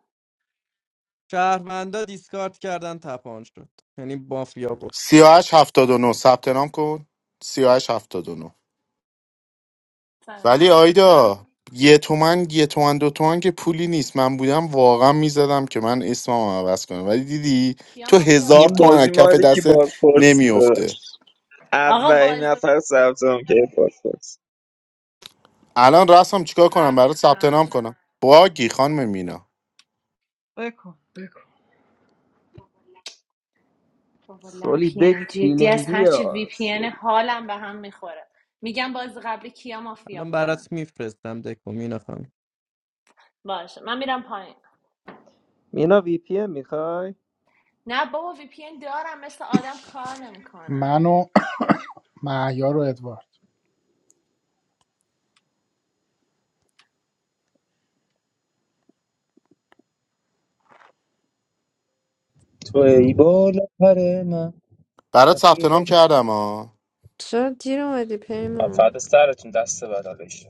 Speaker 8: شهروندا دیسکارد کردن تپان شد یعنی بافیا بود
Speaker 5: 38 79 ثبت نام کن 38 79 ولی
Speaker 19: سلام.
Speaker 5: آیدا یه تومن یه تومن دو تومن که پولی نیست من بودم واقعا میزدم که من اسمم عوض کنم ولی دیدی
Speaker 19: کیا
Speaker 5: تو
Speaker 19: مافیا بود؟
Speaker 5: هزار
Speaker 3: این
Speaker 5: تومن از
Speaker 3: بازی
Speaker 5: کف
Speaker 3: مالی که
Speaker 5: دستت
Speaker 3: بازپرسی
Speaker 5: نمیفته
Speaker 3: داشت
Speaker 19: آقا
Speaker 3: اولین
Speaker 19: باز
Speaker 3: نفر ثبت نام کرد بازپرس
Speaker 5: الان رسم چیکار کنم
Speaker 19: قبلی
Speaker 5: برات ثبت
Speaker 19: کیا
Speaker 5: نام کنم باگی خانم مینا
Speaker 9: بکن
Speaker 19: بابا
Speaker 9: سولی دک
Speaker 19: لپین جدی از
Speaker 9: فیلینگی
Speaker 19: هرچی وی
Speaker 9: ها
Speaker 19: پی ان
Speaker 9: سولی
Speaker 19: حالم به هم میخوره میگم باز قبلی کیا مافیا
Speaker 8: الان
Speaker 19: بودن
Speaker 8: برات میفرستم دکو مینخوام
Speaker 19: باشه من میرم پایین
Speaker 9: مینا وی پی ام میخوای؟
Speaker 19: نه بابا وی پی ان دارم مثل آدم کار نمیکنم
Speaker 2: من و مهیار و ادوارد
Speaker 20: تو ای بالا پر من
Speaker 5: برات ثبت
Speaker 20: رفیق
Speaker 5: نام کردم ها
Speaker 6: چرا دیر اومدی پیمون
Speaker 20: فدا سرتون دست بلا بشه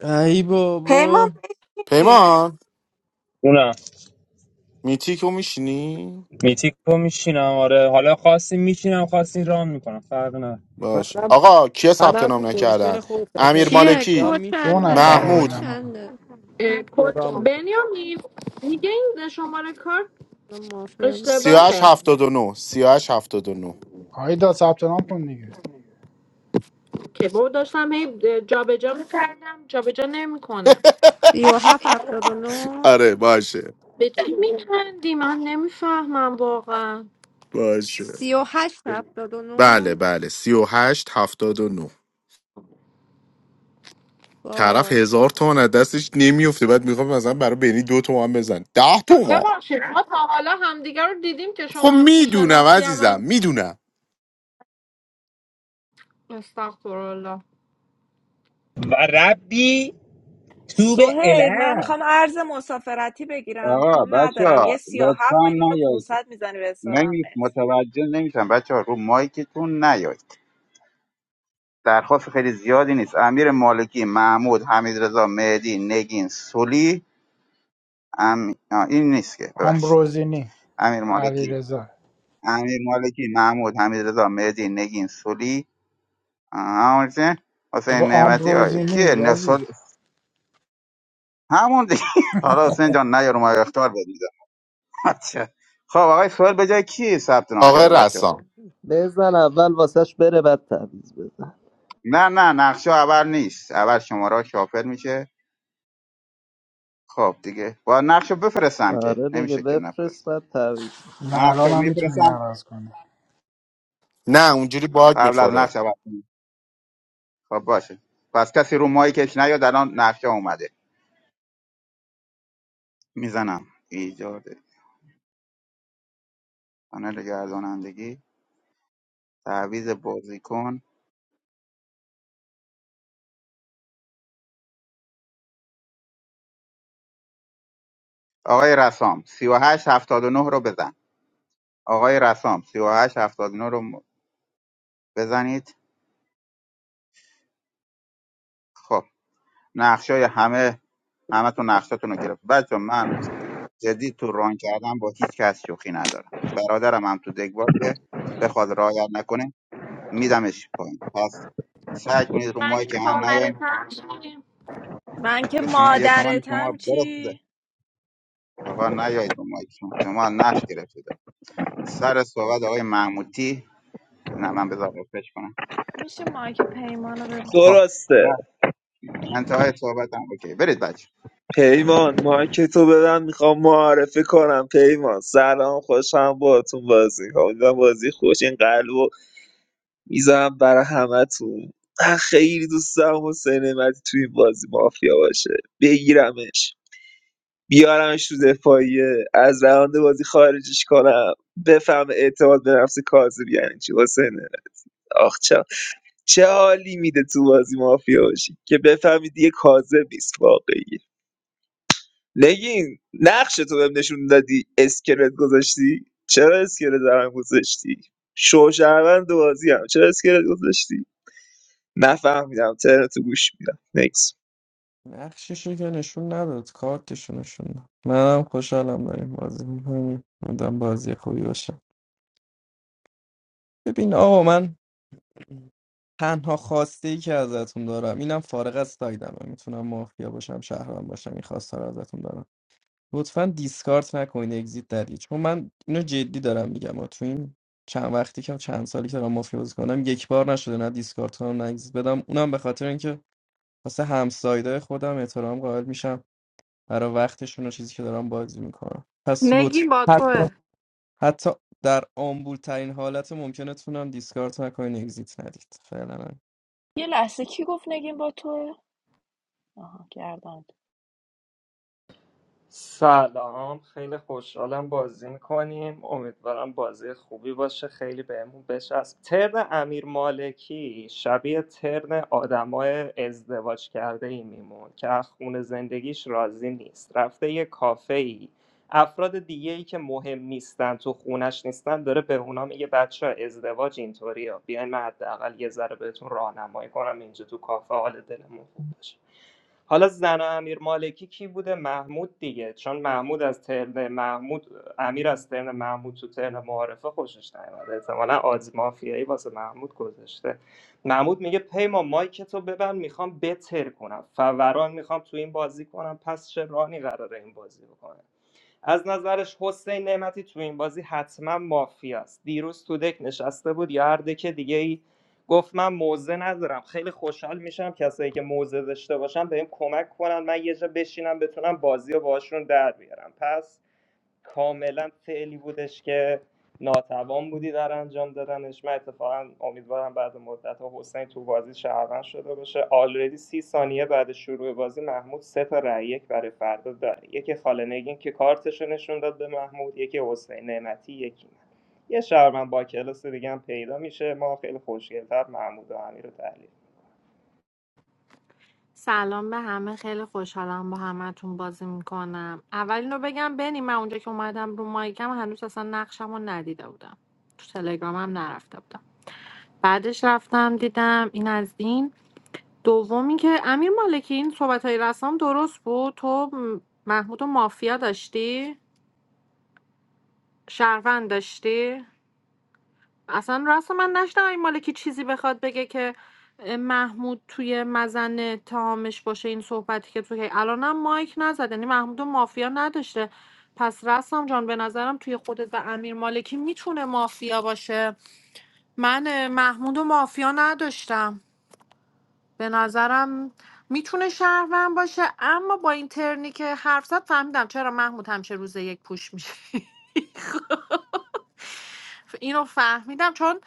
Speaker 8: ای
Speaker 7: پیمان
Speaker 8: بابا
Speaker 7: بشین
Speaker 5: پیمان
Speaker 20: اونم
Speaker 5: میتیکو میشینی
Speaker 20: میتیکو میشینم آره حالا خواستیم میشینم خواستیم رام میکنم فرق نه
Speaker 5: باش
Speaker 8: منم
Speaker 5: آقا کیا ثبت
Speaker 8: منم تو
Speaker 5: نام نکردن
Speaker 8: پوزیشن خودم
Speaker 5: امیر
Speaker 8: پیمان.
Speaker 6: چیه
Speaker 8: یا
Speaker 5: مالکی
Speaker 6: کد
Speaker 2: دو
Speaker 8: میتونم
Speaker 6: چنده
Speaker 2: نفر
Speaker 8: یا
Speaker 6: کد
Speaker 5: محمود
Speaker 2: موندن آقا
Speaker 6: چنده
Speaker 14: اه،
Speaker 8: یا رام
Speaker 14: کد-
Speaker 8: می‌کنم.
Speaker 14: بنیامین میگه این شماره کارت
Speaker 6: مافیا بود.
Speaker 5: سیاهش
Speaker 14: اشتباهه
Speaker 5: هفتاد و نه، سیاهش هفتاد 38 79
Speaker 2: آیدا ثبت نام کن دیگه
Speaker 14: که بود داشتم هی جابجا میکردم جابجا نمیکنه
Speaker 6: سی و هفت هفتاد و نو
Speaker 5: آره باشه
Speaker 14: به چی میخندی من نمیفهمم واقعا
Speaker 5: باشه
Speaker 6: سی و هشت هفتاد و
Speaker 5: بله
Speaker 6: نو
Speaker 5: بله 38 79 طرف
Speaker 6: وای
Speaker 5: هزار تومن از دستش نمیفته بعد میخوام مثلا برای بنی دو تومن بزن ده تومن
Speaker 14: ببخشید ما تا حالا همدیگه رو دیدیم که
Speaker 5: خب
Speaker 14: شما همچین
Speaker 5: میدونم
Speaker 14: شناختی هم من
Speaker 5: عزیزم میدونم
Speaker 14: استغفرالله
Speaker 20: و ربی تو به
Speaker 7: سهیل من
Speaker 20: اله
Speaker 7: میخوام ارز مسافرتی بگیرم
Speaker 12: آقا
Speaker 7: پول
Speaker 12: بچه
Speaker 7: ندارم
Speaker 12: ها
Speaker 7: یه سی و
Speaker 12: لطفا
Speaker 7: هفت میلیون و
Speaker 12: نیایید
Speaker 7: 500 میزنی به حسابم
Speaker 12: نمی
Speaker 7: مرسی.
Speaker 12: متوجه نمیشم بچه ها رو مایکتون نیایید درخواست خیلی زیادی نیست امیر مالکی محمود حمیدرضا مهدی نگین سولی ام... آه، این نیست که ببخشید
Speaker 2: آمبروزینی
Speaker 12: امیر مالکی
Speaker 2: علیرضا
Speaker 12: امیر مالکی محمود حمیدرضا مهدی نگین سولی آه، حسین
Speaker 2: بابا
Speaker 12: حسین نعمتی آیا
Speaker 2: آمبروزینی
Speaker 12: کیه
Speaker 2: یزید
Speaker 12: نسل همون دیگه [LAUGHS] حالا حسین جان نه یارو ما اختار بدید بچه خب آقای سوهل به جای کی ثبت نام
Speaker 5: آقا
Speaker 12: کرده بچه
Speaker 5: رسام
Speaker 9: بزن اول واسهش بره بعد تعویض بزن
Speaker 12: نه نه نقشه اول نیست اول شماره شافل میشه خب دیگه با نقشه بفرستم که
Speaker 9: آره دیگه
Speaker 12: نمیشه که
Speaker 9: بفرست
Speaker 12: نفرستم
Speaker 9: بعد تعویض
Speaker 2: نه
Speaker 12: نقشه
Speaker 2: الان هم میتونی
Speaker 12: میفرستم
Speaker 2: عوض کنی
Speaker 5: نه اونجوری باگ
Speaker 12: قبل از
Speaker 5: میخوره
Speaker 12: نقشه
Speaker 5: بیار
Speaker 12: اول خب باشه پس کسی رو مایی کش نیاد الان نقشه اومده میزنم ایجاد کانال گردانندگی تعویض بازیکن آقای رسام 3879 رو بزن آقای رسام 3879 رو م- بزنید خب نقشای همه همتون نقشاتون رو گرفت بچه من جدی تو ران کردم با هیچ کس شوخی ندارم برادرم هم تو دگ باشه بخواد رعایت نکنه میدمش پایین پس سعی کنید رو
Speaker 14: من
Speaker 12: مایک
Speaker 14: که
Speaker 12: که هم نیاین
Speaker 14: خواهرتم
Speaker 7: من که
Speaker 12: به شما یه تمن
Speaker 7: مادرتم
Speaker 12: شما برسیده
Speaker 7: چی
Speaker 12: آقا نیاید رو مایک شما شما نقش گرفتید سر صحبت آقای محمودی نه من بذار رفرش کنم
Speaker 7: میشه مایک پیمان رو ببن
Speaker 12: خب
Speaker 3: درسته
Speaker 12: انتهای صحبتم اوکی برید بچه
Speaker 3: پیمان مایک تو بدم میخوام معرفی کنم پیمان سلام خوشم باهاتون بازی می‌کنم. امیدوارم بازی خوش این قلبو میذارم برای همتون من خیلی دوست دارم حسین نعمتی توی این بازی مافیا باشه بگیرمش بیارمش تو دفاعیه از روند بازی خارجش کنم بفهم اعتماد به نفس کاذب یعنی چی حسینه آخ چه چه حالی میده تو بازی مافیا باشی که بفهمید یه کاذب نیست واقعی نگین نقش تو بهم نشون دادی اسکلت گذاشتی چرا اسکلت برام گذاشتی شوشهروند بازی هم چرا اسکلت گذاشتی نفهمیدم ترنتو تو گوش میدم نکس
Speaker 8: نقششو که نشون نداد کارتشو نشون داد منم خوشحالم داریم بازی میکنیم بودم بازی خوبی باشه ببین آقا من تنها خواسته ای که ازتون دارم اینم فارغ از سایدمه میتونم مافیا باشم شهرم باشم این خواسته رو ازتون دارم لطفا دیسکارت نکنین اگزییت ندید چون من اینو جدی دارم میگم و تو این چند وقتی که چند سالی که دارم مافیا بازی کنم یک بار نشده نه دیسکارت کنم نه اگزییت بدم اونم به خاطر اینکه واسه همسایدای خودم احترام قائل میشم برای وقتشون و چیزی که دارن بازی میکنن پس لطف
Speaker 14: نگین با
Speaker 8: حتی
Speaker 14: توه
Speaker 8: حتی در آمبول ترین حالت ممکنتون هم دیسکارت نکنین اگزیت ندید فعلا هم.
Speaker 7: یه لحظه کی گفت نگیم با توه آها گردن
Speaker 9: سلام خیلی خوشحالم بازی میکنیم امیدوارم بازی خوبی باشه خیلی بهمون بچسب ترن امیر مالکی شبیه ترن آدمای ازدواج کرده ای میمون که از خون زندگیش راضی نیست رفته یه کافه ای افراد دیگه ای که مهم نیستن تو خونش نیستن داره به اونا میگه بچه ازدواج اینطوری ها بیاین من حداقل یه ذره بهتون راهنمایی کنم اینجا تو کافه حال دلمون خوب باشه حالا زن امیر مالکی کی بوده محمود دیگه چون محمود از ترن محمود امیر از ترن محمود تو ترن معارفه خوشش نیومده احتمالا آدز مافیایی واسه محمود گذاشته محمود میگه پیمان مایک تو ببند میخوام بتر کنم فوران میخوام تو این بازی کنم پس چه رانی قراره این بازی بکنه از نظرش حسین نعمتی تو این بازی حتما مافیاست دیروز تو دک نشسته بود یا هر دک دیگه ای گفت من موزه ندارم خیلی خوشحال میشم کسایی که موزه داشته باشن بهم کمک کنن من یه جا بشینم بتونم بازی رو باشون در بیارم پس کاملا فعلی بودش که ناتوان بودی در انجام دادنش من اتفاقا امیدوارم بعد مدت ها حسین تو بازی شهروند شده باشه آلردی سی ثانیه بعد شروع بازی محمود سه تا رأی یک برای فردا داره یکی خاله نگین که کارتشو نشون داد به محمود یکی حسین نعمتی یکی من یه شهروند با کلاس دیگه هم پیدا میشه ما خیلی خوشگلتر محمود و امیر رو تحلیل
Speaker 14: سلام به همه خیلی خوشحالم با همتون بازی میکنم اول اینو بگم بنی من اونجا که اومدم رو مایکم هنوز اصلا نقشم رو ندیده بودم تو تلگرامم نرفته بودم بعدش رفتم دیدم این از این دومی که امیر مالکی این صحبت های رسام درست بود تو م- محمود و مافیا داشتی؟ شهروند داشتی؟ اصلا راست من نشنم این مالکی چیزی بخواد بگه که اه، محمود توی مزن اتهامش باشه این صحبتی که تو که الانم مایک نزد یعنی محمود و مافیا نداشته پس رسام جان به نظرم توی خودت و امیر مالکی میتونه مافیا باشه من اه، محمود و مافیا نداشتم به نظرم میتونه شهروند باشه اما با این ترنی که حرف زد فهمیدم چرا محمود همیشه روز یک پوش میشه اینو فهمیدم چون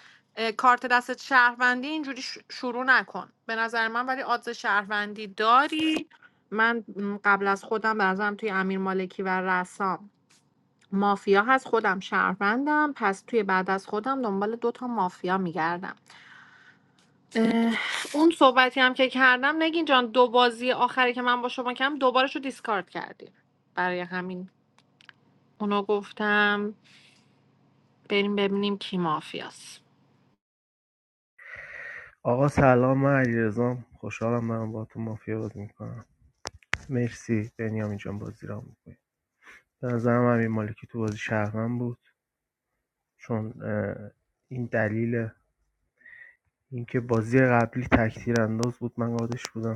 Speaker 14: کارت دست شهروندی اینجوری شروع نکن به نظر من ولی آدز شهروندی داری من م، قبل از خودم به نظرم توی امیر مالکی و رسام مافیا هست خودم شهروندم پس توی بعد از خودم دنبال دوتا مافیا میگردم اون صحبتی هم که کردم نگین جان دو بازی آخری که من با شما کردم دوبارش رو دیسکارد کردیم برای همین اونو گفتم بریم ببینیم کی مافیاست
Speaker 18: آقا سلام من علیرضام خوشحالم دارم با تو مافیا بازی میکنم مرسی بنیامین جان بازی را میکنی به نظرم امیر مالکی تو بازی شهرمن بود چون اه، این دلیل اینکه بازی قبلی تکتیر انداز بود من قادش بودم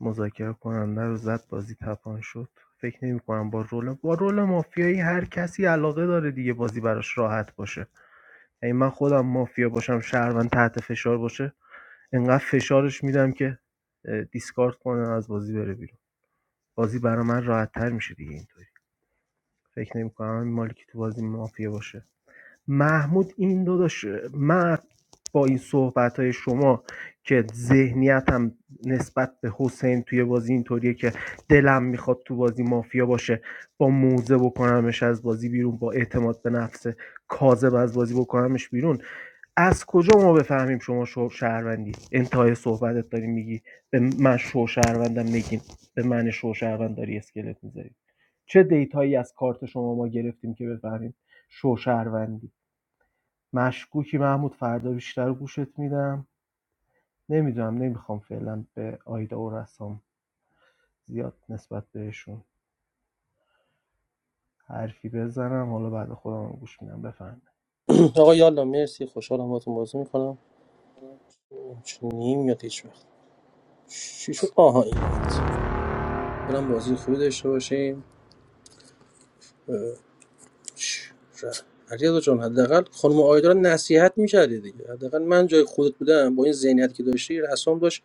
Speaker 18: مذاکره کننده رو زد بازی تپان شد فکر نمی‌کنم با رول با رول مافیایی هر کسی علاقه داره دیگه بازی براش راحت باشه یعنی من خودم مافیا باشم شهروند تحت فشار باشه انقدر فشارش میدم که اه، دیسکارد کنه از بازی بره بیرون بازی برای من راحت میشه دیگه اینطوری فکر نمی‌کنم این مالی که تو بازی مافیا باشه محمود این دو داشت من با این صحبت شما که ذهنیتم نسبت به حسین توی بازی اینطوریه که دلم میخواد تو بازی مافیا باشه با موزه بکنمش از بازی بیرون با اعتماد به نفس کاذب از بازی بکنمش بیرون از کجا ما بفهمیم شما شو شهروندی انتهای صحبتت داری میگی به من شو شهروندم نگین به من شو شهروند داری اسکلت میذاری چه دیتایی از کارت شما ما گرفتیم که بفهمیم شو شهروندی؟ مشکوکی محمود فردا بیشتر گوشت میدم نمیدونم نمیخوام فعلا به آیدا و رسام زیاد نسبت بهشون حرفی بزنم حالا بعد خودم رو گوش میدم بفهم
Speaker 16: [CLEARS THROAT] آقا یالا مرسی خوشحالم باهاتون بازی میکنم چون نمیاد هیچ وقت چی شد آها این برم بازی خوبی داشته باشیم اه، چ- ر- علیرضا جان حداقل خانم آیدا رو نصیحت میکردی دیگه حداقل من جای خودت بودم با این ذهنیت که داشتی رسام داشت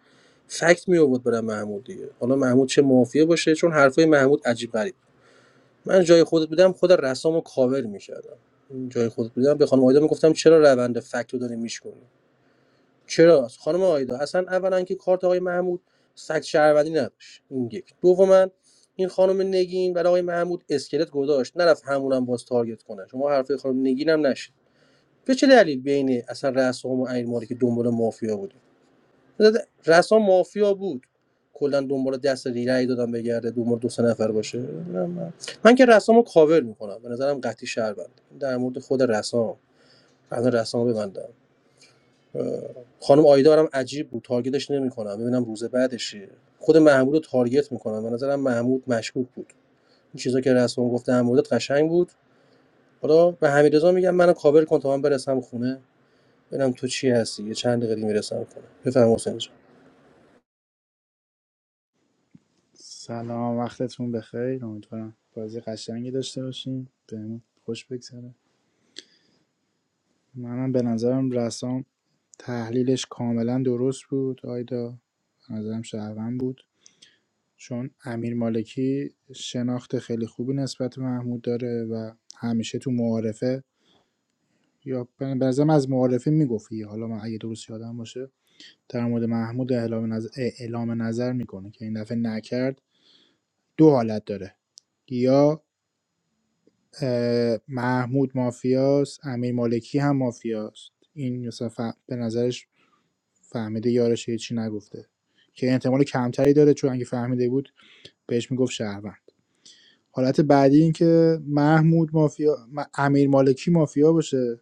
Speaker 16: فکت می آورد برای محمود دیگه حالا محمود چه مافیه باشه چون حرفای محمود عجیب غریبه من جای خودت بودم خود رسامو کاور میکردم جای خودت بودم به خانم آیدا میگفتم چرا روند فکت رو داری میشکنی چرا خانم آیدا اصلا اولا که کارت آقای محمود سگ شهروندی نداشت این یک دوما این خانم نگین برای آقای محمود اسکلت گذاشت نرفت همونم باز تارگت کنه شما حرف خانم نگین هم نشید به چه دلیل بین اصلا رسام و امیر مالکی که دنبال مافیا بودی رسام مافیا بود کلا دنبال دست رای دادم بگرده دنبال دو سه نفر باشه من من که رسامو کاور میکنم به نظرم قطعی شهروند در مورد خود رسام از رسام ببندم خانم آیدا هم عجیب بود تارگتش نمیکنم ببینم روز بعدش چیه خود محمود رو تارگت میکنم به نظرم محمود مشکوک بود این چیزا که رسام گفت در موردت قشنگ بود حالا به حمیدرضا میگم منو کاور کن تا من برسم خونه ببینم تو چی هستی یه چند دقیقه دیگه میرسم خونه بفرمایید حسین جان
Speaker 2: سلام وقتتون بخیر امیدوارم بازی قشنگی داشته باشین بهمون خوش بگذره منم به نظرم رسام تحلیلش کاملا درست بود آیدا به نظرم شهروند بود چون امیر مالکی شناخت خیلی خوبی نسبت به محمود داره و همیشه تو معارفه یا به نظرم از معارفه میگفتی حالا من اگه درست یادم باشه در مورد محمود اعلام نظر, اعلام نظر میکنه که این دفعه نکرد دو حالت داره یا اه، محمود مافیاست امیر مالکی هم مافیاست این مثلا ف- به نظرش فهمیده یارش هیچی نگفته که احتمال کمتری داره چون اگه فهمیده بود بهش میگفت شهروند حالت بعدی اینکه محمود مافیا امیر مالکی مافیا باشه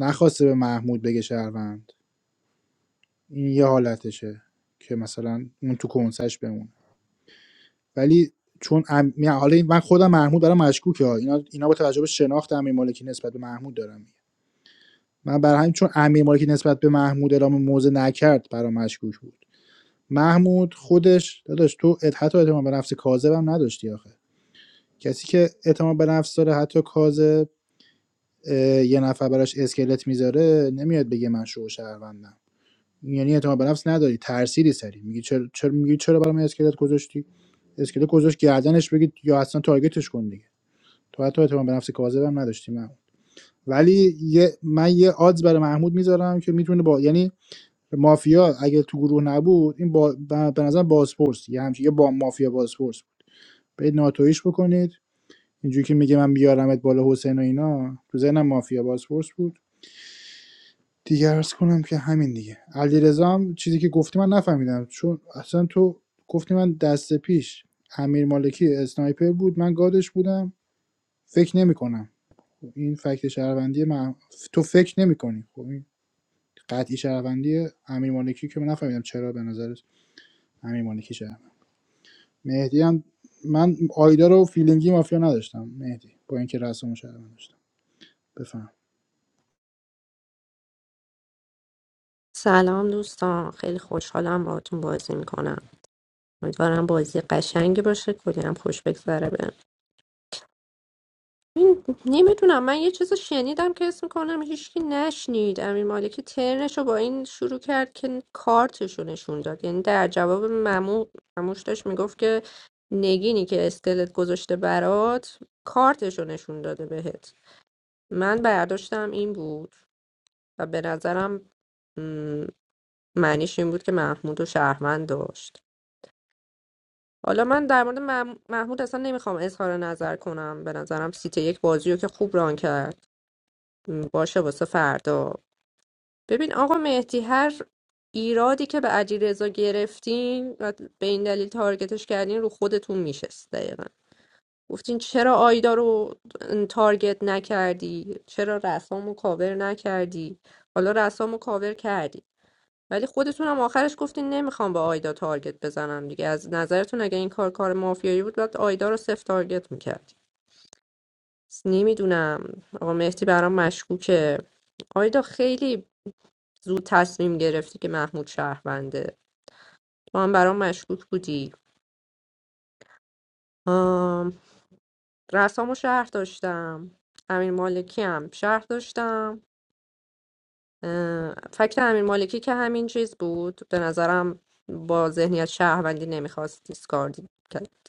Speaker 2: نخواسته به محمود بگه شهروند این یه حالتشه که مثلا اون تو کنسش بمونه ولی چون ام... حالا این- من خودم محمود برام مشکوکه ها. اینا اینا با توجه به شناخت امیر مالکی نسبت به محمود دارم میگم من برای همین چون امیر مالکی نسبت به محمود اعلام موضع نکرد برام مشکوک بود محمود خودش داداش تو حتی اعتماد به نفس کاذبم نداشتی آخه کسی که اعتماد به نفس داره حتی کاذب اه، یه نفر براش اسکلت میذاره نمیاد بگه من شو شهروندم یعنی اعتماد به نفس نداری ترسیدی سری میگی چرا چرا میگی چرا برام اسکلت گذاشتی اسکلت گذاشت گردنش بگید یا اصلا تارگتش کن دیگه تو حتی اعتماد به نفس کاذبم نداشتی من ولی یه من یه آدز برای محمود میذارم که میتونه با یعنی مافیا اگه تو گروه نبود این با ب- به نظر بازپرس یه همچین یه با مافیا بازپرس برید ناتویش بکنید اینجوری که میگه من بیارمت بالا حسین و اینا تو ذهنم مافیا بازپرس بود دیگه عرض کنم که همین دیگه علیرضا هم چیزی که گفتی من نفهمیدم چون اصلا تو گفتی من دست پیش امیر مالکی اسنایپر بود من گادش بودم فکر نمیکنم این فکت شهروندی من تو فکر نمیکنی خب این قطعی شهروندی امیر مالکی که من نفهمیدم چرا به نظرت امیر مالکی شهروند مهدی هم من آیدا رو فیلینگی مافیا نداشتم مهدی با اینکه رسم شهروند داشتم بفهم
Speaker 6: سلام دوستان خیلی خوشحالم باهاتون بازی میکنم امیدوارم بازی قشنگی باشه کلی هم خوش بگذره به این نمیدونم من یه چیز رو شنیدم که اسم کنم هیچکی نشنید امیر مالکی ترنشو با این شروع کرد که کارتشو نشون داد یعنی در جواب ممو مموش داشت میگفت که نگینی که اسکلت گذاشته برات کارتشو نشون داده بهت من برداشتم این بود و به نظرم م، معنیش این بود که محمود و شهروند داشت حالا من در مورد مح- محمود اصلا نمیخوام اظهار نظر کنم به نظرم سیت یک بازی رو که خوب ران کرد م، باشه واسه فردا ببین آقا مهدی هر ایرادی که به علیرضا گرفتین و به این دلیل تارگتش کردین رو خودتون میشه گفتین چرا آیدا رو تارگت نکردی چرا رسامو کاور نکردی حالا رسامو کاور کردی ولی خودتون هم آخرش گفتین نمیخوام به آیدا تارگت بزنم دیگه از نظرتون اگه این کار کار مافیایی بود باید آیدا رو صفر تارگت میکرد نمیدونم آقا مهدی برام مشکوکه آیدا خیلی زود تصمیم گرفتی که محمود شهرونده تو هم برام مشکوک بودی آم، رسامو شهر داشتم امیر مالکی هم شهر داشتم اه، فکت امیر مالکی که همین چیز بود به نظرم با ذهنیت شهروندی نمیخواست دیسکارد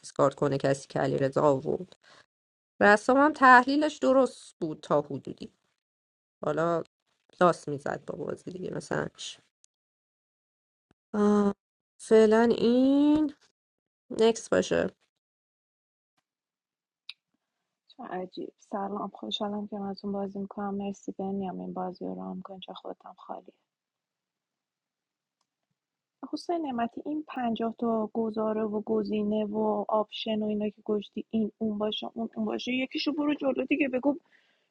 Speaker 6: دیسکارد کنه کسی که علیرضا آورد رسام هم تحلیلش درست بود تا حدودی حالا لاس میزد با بازی دیگه مثلا آه، فعلا این نکس باشه
Speaker 7: چه عجیب سلام خوشحالم که ازون بازی میکنم مرسی بنیام این بازی رو رام کن چه خودم خالیه حسین نعمتی این پنجاه تا گزاره و گزینه و آپشن و اینا که گشتی این اون باشه اون اون باشه یکیشو برو جلو دیگه بگو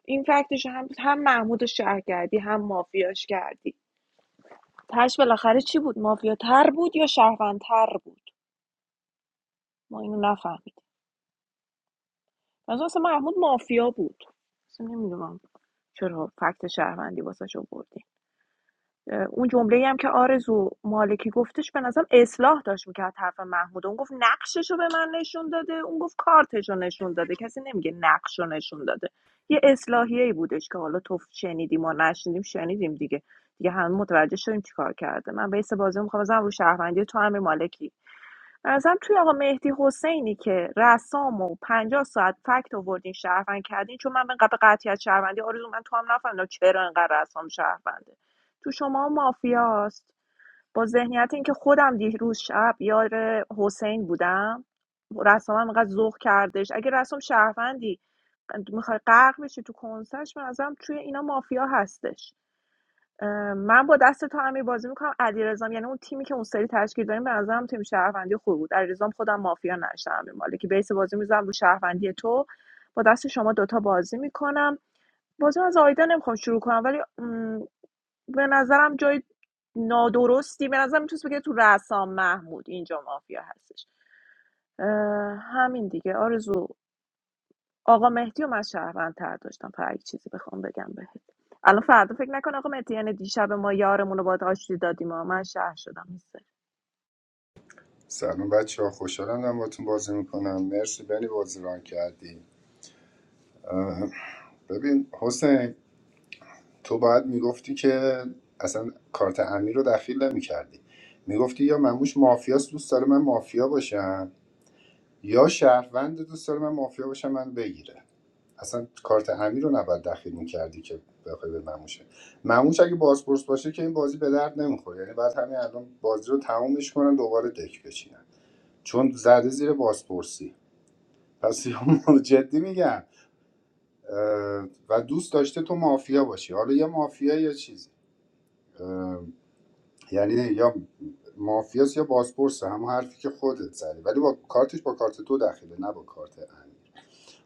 Speaker 7: این فکتش هم هم محمود شهر کردی هم مافیاش کردی تش بالاخره چی بود مافیا تر بود یا شهروندتر بود ما اینو نفهمیدیم مثلا محمود مافیا بود اصلا نمیدونم چرا فکت شهروندی واسش آوردی اون جمله هم که آرزو مالکی گفتش به نظرم اصلاح داشت میکرد حرف محمود اون گفت نقشش به من نشون داده اون گفت کارتش نشون داده کسی نمیگه نقش نشون داده یه اصلاحیه ای بودش که حالا تو شنیدیم و نشنیدیم شنیدیم دیگه دیگه همه متوجه شدیم چیکار کرده من بیس بازی میخوام بزنم رو شهروندی تو امیر مالکی به نظرم توی آقا مهدی حسینی که رسام و 50 ساعت فکت آوردین شهروند کردین چون من به قطعیت شهروندی آرزو من تو هم نفهمیدم چرا انقدر رسام شهرونده تو شما مافیاست با ذهنیت اینکه خودم دیروز شب یار حسین بودم رسام هم انقدر ذوق کردش اگه رسام شهروندی میخوای غرق بشی تو کنسش به نظرم توی اینا مافیا هستش اه، من با دست تو امیر بازی میکنم علیرضام یعنی اون تیمی که اون سری تشکیل دادیم به نظرم تیم شهروندی خوب بود علیرضام خودم مافیا نشدم امیر مالکی بیس بازی میزنم رو شهروندی تو با دست شما دوتا بازی میکنم بازی از آیدا نمیخوام شروع کنم ولی م، به نظرم جای نادرستی به نظرم میتونست بگه تو رسام محمود اینجا مافیا هستش اه، همین دیگه آرزو آقا مهدی و من شهروندتر داشتم فقط یک چیزی بخوام بگم بهت الان فردا فکر نکن آقا مهدی یعنی دیشب ما یارمون رو باید آشتی دادیم و من شهر شدم نیست
Speaker 4: سلام بچه ها خوشحالم دارم باتون بازی میکنم مرسی بنی بازی ران کردی ببین حسین تو باید میگفتی که اصلا کارت امیر رو دخیل نمیکردی میگفتی یا مموش مافیاست دوست داره من مافیا باشم یا شهروند دوست داره من مافیا باشم من بگیره اصلا کارت امیر رو نباید دخیل میکردی که بخوای به مموشه مموش اگه بازپرس باشه که این بازی به درد نمیخوره یعنی بعد همین الان بازی رو تمومش کنن دوباره دک بچینن چون زده زیر بازپرسی پس [LAUGHS] یا جدی میگم اه، و دوست داشته تو مافیا باشی حالا یه مافیا یا چیزی یعنی یا مافیاس یا بازپرسه هم حرفی که خودت زدی ولی با کارتش با کارت تو دخیله نه با کارت امیر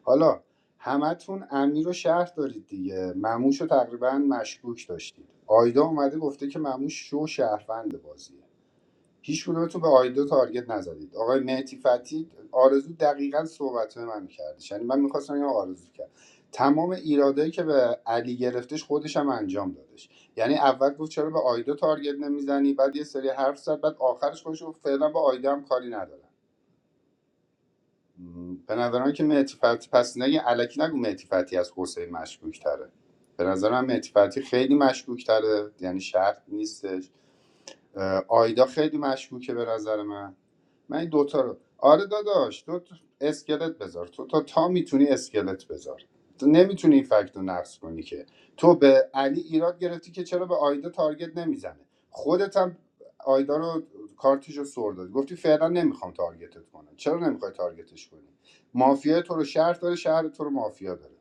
Speaker 4: حالا همتون امیر رو شهر دارید دیگه مموش رو تقریبا مشکوک داشتید آیدا اومده گفته که مموش شو شهروند بازیه هیچ کدومتون به آیدا تارگت نزدید آقای مهدی فتی آرزو دقیقاً صحبت من کردش یعنی من میخواستم این آرزو کرد تمام ایرادایی که به علی گرفتش خودش هم انجام دادش یعنی اول گفت چرا به آیدا تارگت نمیزنی بعد یه سری حرف زد بعد آخرش خودش گفت فعلا با آیدا هم کاری ندارم به نظرم که مهدی فتی پس نگی. الکی نگو مهدی فتی از حسین مشکوک تره به نظرم مهدی فتی خیلی مشکوک تره یعنی شرط نیستش اه، آیدا خیلی مشکوکه به نظر من من این دوتا رو آره داداش تو اسکلت بذار تو تا تا میتونی اسکلت بذار تو نمیتونی این فکت رو نقص کنی که تو به علی ایراد گرفتی که چرا به آیدا تارگت نمیزنه خودت هم آیدا رو کارتش رو سر دادی گفتی فعلا نمیخوام تارگتت کنم چرا نمیخوای تارگتش کنی مافیا تو رو شهر داره شهر تو رو مافیا داره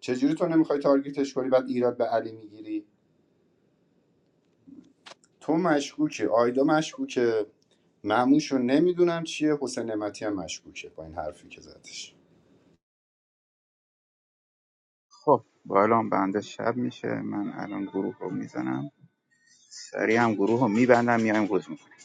Speaker 4: چجوری تو نمیخوای تارگتش کنی بعد ایراد به علی میگیری تو مشکوکی آیدا مشکوکه معموشو نمیدونم چیه حسین نعمتی هم مشکوکه با این حرفی که زدش
Speaker 12: خب با الان بنده شب میشه من الان گروه رو میزنم سریع هم گروه رو میبندم میایم روز میکنیم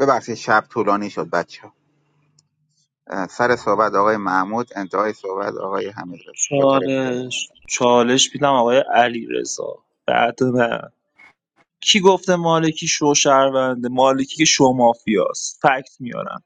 Speaker 12: ببخشید شب طولانی شد بچه ها سر صحبت آقای محمود انتهای صحبت آقای حمید رضا با طرف تعریف.
Speaker 3: چالش چالش میدم آقای علی رضا بعد من. کی گفته مالکی شو شوشهرونده مالکی که شو مافیاست فکت میارم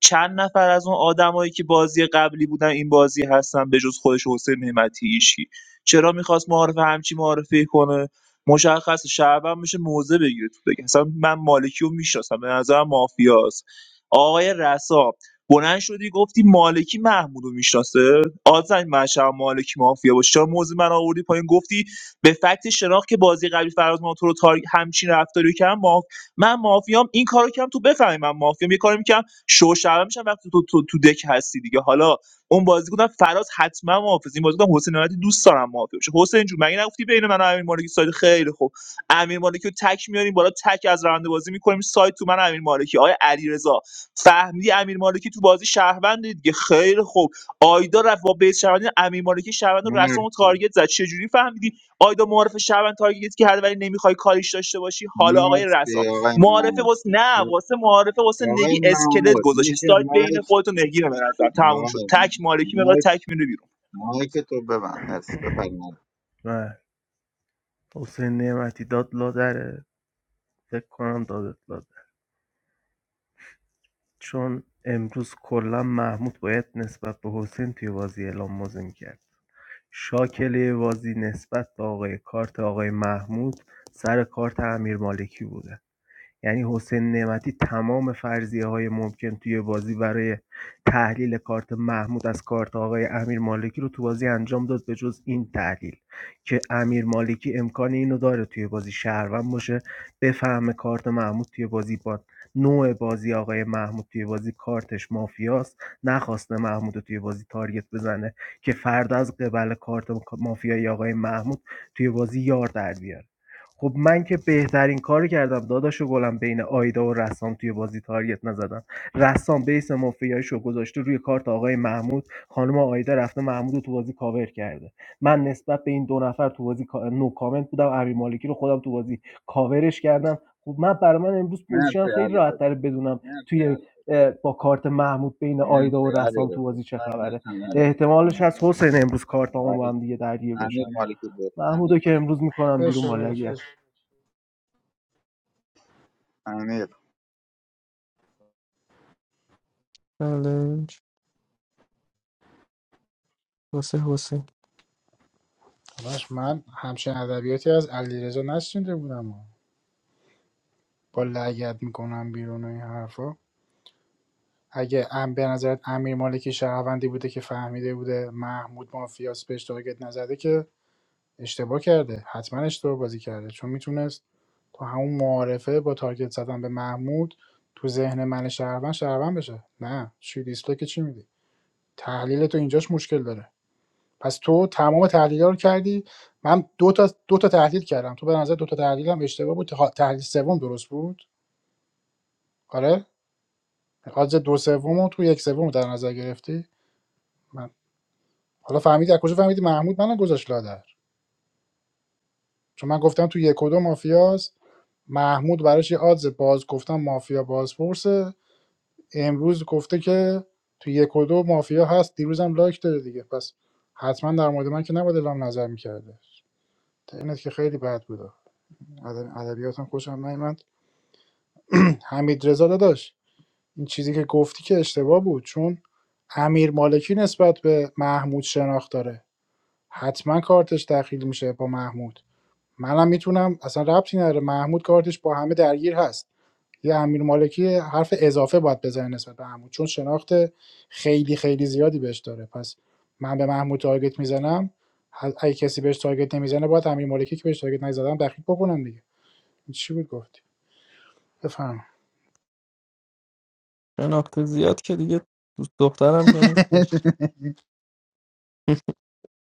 Speaker 3: چند نفر از اون آدمایی که بازی قبلی بودن این بازی هستن به جز خودش حسین نعمتی هیچکی چرا میخواست معارف همچی معارفه کنه مشخص شهروند میشه موزه بگیره تو بگه اصلا من مالکی رو میشناسم به نظرم مافیاست آقای رسا بلند شدی گفتی مالکی محمود رو میشناسه آزن من مالکی مافیا باشه چرا موزه من آوردی پایین گفتی به فکت شناخت که بازی قبلی فراز ناتو رو تار... همچین رفتاری رو کردم ماف... من مافیام این کارو کردم تو بفهمی من مافیام یه کاری میکنم شو شرم میشم وقتی تو تو تو دک هستی دیگه حالا اون بازی گفتم فراز حتما محافظ این بازی گفتم حسین نعمتی دوست دارم محافظ بشه حسین جون مگه نگفتی بین من و امیر مالکی سایت خیلی خوب امیر مالکی رو تک میاریم بالا تک از راننده بازی میکنیم سایت تو من امیر مالکی آیا علیرضا فهمیدی امیر مالکی تو بازی شهروند دیگه خیلی خوب آیدا رفت با بیت شهروندی امیر مالکی شهروند رو و
Speaker 12: مرسی
Speaker 3: تارگت زد چه جوری فهمیدی آیدا معارف شهروند تارگت که هر ولی نمیخوای کاریش داشته باشی حالا آقای رسام
Speaker 12: مرسی آقای
Speaker 3: معارفه
Speaker 12: محمود
Speaker 3: واسه نه واسه معارفه واسه
Speaker 12: آقای
Speaker 3: نگی اسکلت
Speaker 12: محمود
Speaker 3: گذاشتی
Speaker 12: میشه
Speaker 3: سایت بین
Speaker 12: مایک
Speaker 3: خودت و نگیره به نظر تموم شد
Speaker 12: آقای
Speaker 3: تک مالکی مقدار
Speaker 12: مایک
Speaker 3: تک میره
Speaker 12: مایک تو ببند مرسی بفرمایید
Speaker 18: بله حسین نعمتی داد لادره فکر کنم دادت لادر چون امروز کلا محمود باید نسبت به حسین توی بازی اعلام موزه میکرد شاکله بازی نسبت به آقای کارت آقای محمود سر کارت امیر مالکی بوده یعنی حسین نعمتی تمام فرضیه های ممکن توی بازی برای تحلیل کارت محمود از کارت آقای امیر مالکی رو تو بازی انجام داد به جز این تحلیل که امیر مالکی امکان اینو داره توی بازی شهروند باشه بفهمه کارت محمود توی بازی با نوع بازی آقای محمود توی بازی کارتش مافیاست نخواسته محمود رو توی بازی تارگت بزنه که فردا از قبل کارت مافیای آقای محمود توی بازی یار در بیاره خب من که بهترین کاری کردم داداشو گلم بین آیدا و رسام توی بازی تارگت نزدم رسام بیس مافیاییشو گذاشته روی کارت آقای محمود خانم آیدا رفته محمود تو بازی کاور کرده من نسبت به این دو نفر تو بازی کا- نو کامنت بودم امیر مالکی رو خودم تو بازی کاورش کردم خب من برای من امروز پوزیشنم
Speaker 12: مرسی
Speaker 18: خیلی
Speaker 12: علی
Speaker 18: راحت
Speaker 12: رضا
Speaker 18: تر بدونم توی اه، با کارت محمود بین آیدا
Speaker 12: مرسی
Speaker 18: و
Speaker 12: علی
Speaker 18: رسام تو
Speaker 12: رضا
Speaker 18: بازی چه
Speaker 12: تایم
Speaker 18: خبره
Speaker 12: تموم
Speaker 18: احتمالش
Speaker 12: شد.
Speaker 18: هست حسین امروز کارت با هم دیگه درگیر باشن
Speaker 12: امیر مالکی بود
Speaker 18: محمودو که امروز میکنم بیرون
Speaker 2: باشه
Speaker 18: با لگت
Speaker 2: باشه.
Speaker 12: امیر
Speaker 8: چالنج واسه حسین
Speaker 2: باش من همچین ادبیاتی از علیرضا نشنیده بودم با لگد میکنم بیرون و این حرفا اگه ام به نظرت امیر مالکی شهروندی بوده که فهمیده بوده محمود مافیاس بهش تارگت نزده که اشتباه کرده حتما اشتباه بازی کرده چون میتونست تو همون معارفه با تارگت زدن به محمود تو ذهن من شهروند شهروند بشه نه چی دیسلایک که چی میدی تحلیل تو اینجاش مشکل داره پس تو تمام تحلیل رو کردی من دو تا دو تا تحلیل کردم تو به نظر دو تا تحلیلم اشتباه بود تحلیل سوم درست بود آره از دو سوم تو یک سوم در نظر گرفتی من حالا فهمیدی از کجا فهمیدی محمود منو گذاشت لادر چون من گفتم تو یک و دو مافیاست محمود براش یه آدز باز گفتم مافیا بازپرسه امروز گفته که تو یک و دو مافیا هست دیروزم لایک داره دیگه پس حتما در مورد من که نباید اعلام نظر میکرده اینت که خیلی بد بود اد- ادبیاتم خوشم نیومد [CLEARS THROAT] حمید رضا داداش این چیزی که گفتی که اشتباه بود چون امیر مالکی نسبت به محمود شناخت داره حتما کارتش دخیل میشه با محمود منم میتونم اصلا ربطی نداره محمود کارتش با همه درگیر هست یه امیر مالکی حرف اضافه باید بزنه نسبت به محمود چون شناخت خیلی خیلی زیادی بهش داره پس من به محمود تارگت میزنم اگه کسی بهش تارگت نمیزنه باید امیر مالکی که بهش تارگت نزدم دخیل بکنم دیگه این چی بود گفتی بفهم
Speaker 8: شناخت زیاد که دیگه دوست دخترم که نیستش
Speaker 2: [LAUGHS]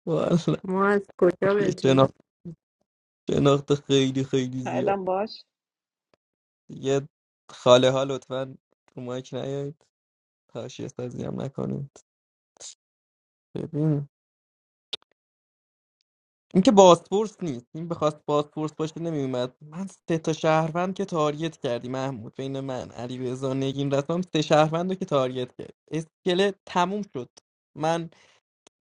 Speaker 8: والا،
Speaker 6: ما از کجا
Speaker 8: یه
Speaker 6: بدونیم
Speaker 8: شناخت شناخت خیلی خیلی زیاد
Speaker 7: شایدم باش
Speaker 8: یه خاله ها لطفا رو مایک نیایید تاشی استازی هم نکنید ببین این که بازپرس نیست این بخواست بازپرس باشه نمیومد من سه تا شهروند که تارگت کردی محمود بین من علی رضا نگین رسام سه شهروند رو که تارگت کرد اسکله تموم شد من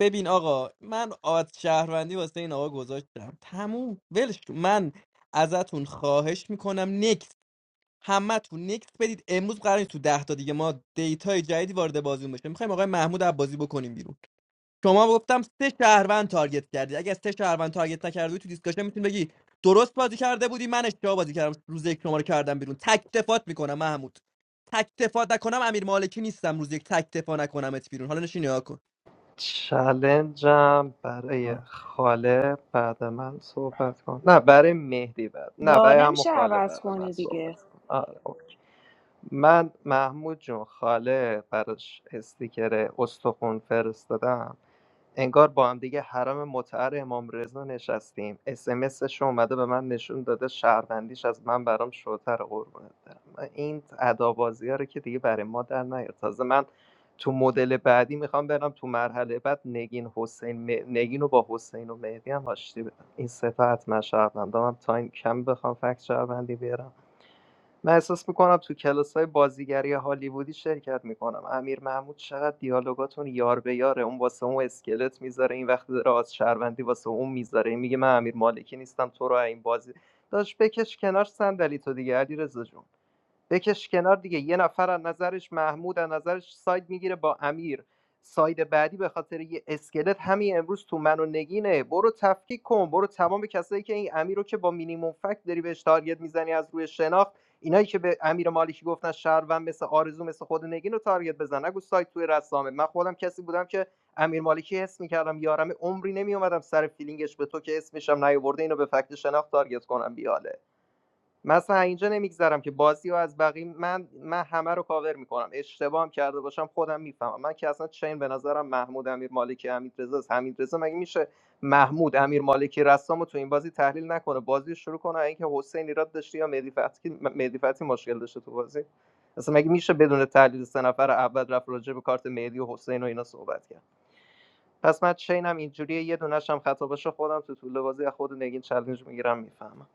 Speaker 8: ببین آقا من آت شهروندی واسه این آقا گذاشتم تموم ولش کن. من ازتون خواهش میکنم نکس همتون نکس بدید امروز قراره تو ده تا دیگه ما دیتای جدیدی وارد بازیون بشه میخوایم آقای محمود عباسی بکنیم بیرون شما گفتم سه شهروند تارگت کردی اگه سه شهروند تارگت نکردی تو دیسکاشن میتونی بگی درست بازی کرده بودی من اشتباه بازی کردم روز یک شما رو کردم بیرون تک دفات میکنم محمود تک دفات نکنم امیر مالکی نیستم روز یک تک دفاع نکنمت بیرون حالا نشین نگاه کن
Speaker 9: چلنجم برای خاله بعد من صحبت کن نه برای مهدی بعد نه
Speaker 7: وا
Speaker 9: برای همون
Speaker 7: نمیشه
Speaker 9: خاله
Speaker 7: عوض
Speaker 9: بعد من
Speaker 7: کنی
Speaker 9: صحبت
Speaker 7: دیگه
Speaker 9: کن آره اوکی. من محمود جون خاله براش استیکر استخون فرستادم انگار با هم دیگه حرم متعر امام رضا نشستیم اسمسش اومده به من نشون داده شهروندیش از من برام شوتر قربونت برم من این ادابازی ها رو که دیگه برای ما در نیار تازه من تو مدل بعدی میخوام برم تو مرحله بعد نگین حسین م- نگین رو با حسین و مهدی هم آشتی بدم این سه تا حتما شهروندام هم تایم کم بخوام فکت شهروندی بیارم من احساس میکنم تو کلاس‌های بازیگری هالیوودی شرکت میکنم امیر محمود چقدر دیالوگاتون یار به یاره اون واسه اون اسکلت میذاره این وقت راز شهروندی واسه اون میذاره این میگه من امیر مالکی نیستم تو رو این بازی داشت بکش کنار صندلی تو دیگه علی جون بکش کنار دیگه یه نفر از نظرش محمود از نظرش ساید میگیره با امیر ساید بعدی به خاطر یه اسکلت همین امروز تو منو نگینه برو تفکیک کن برو تمام کسایی که این امیر رو که با مینیموم فکت داری بهش تارگت میزنی از روی شناخت اینایی که به امیر مالکی گفتن شهروند مثل آرزو مثل خود نگین رو تارگت بزن نگو ساید توی رسامه من خودم کسی بودم که امیر مالکی حس میکردم یارم عمری نمیومدم سر فیلینگش به تو که اسمشم نیاورده اینو به فکت شناخت تارگت کنم بیاله مثلا اینجا نمیگذرم که بازی رو از بقیه من من همه رو کاور میکنم اشتباه هم کرده باشم خودم میفهمم من که اصلا چین به نظرم محمود امیر مالکی حمید رضا حمید رضا مگه میشه محمود امیر مالکی رسام تو این بازی تحلیل نکنه بازی شروع کنه اینکه حسین ایراد داشته یا مهدی فتحی مهدی فتحی مشکل داشته تو بازی اصلا مگه میشه بدون تحلیل سه نفر اول رفت راجع به کارت مهدی و حسین و اینا صحبت کرد پس من چینم اینجوریه یه دونش هم خطا باشه خودم تو طول بازی از خود نگین چالش میگیرم میفهمم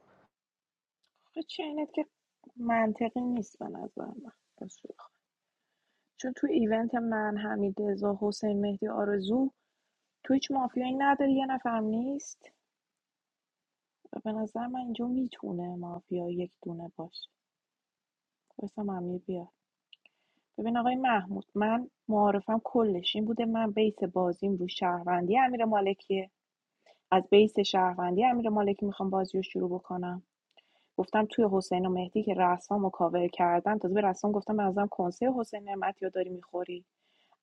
Speaker 7: آخه چه اینت که منطقی نیست به نظر من راستش بخوای. چون تو ایونت من حمید رضا حسین مهدی آرزو تو هیچ مافیایی نداری یه نفرم نیست به نظر من اینجا میتونه مافیا یک دونه باشه بسم هم بیا ببین آقای محمود من معارفم کلش این بوده من بیس بازیم رو شهروندی امیر مالکیه از بیس شهروندی امیر مالکی میخوام بازی رو شروع بکنم گفتم توی حسین و مهدی که رسام و کاور کردن تازه به رسام گفتم من ازم کنسه حسین نعمتی رو داری میخوری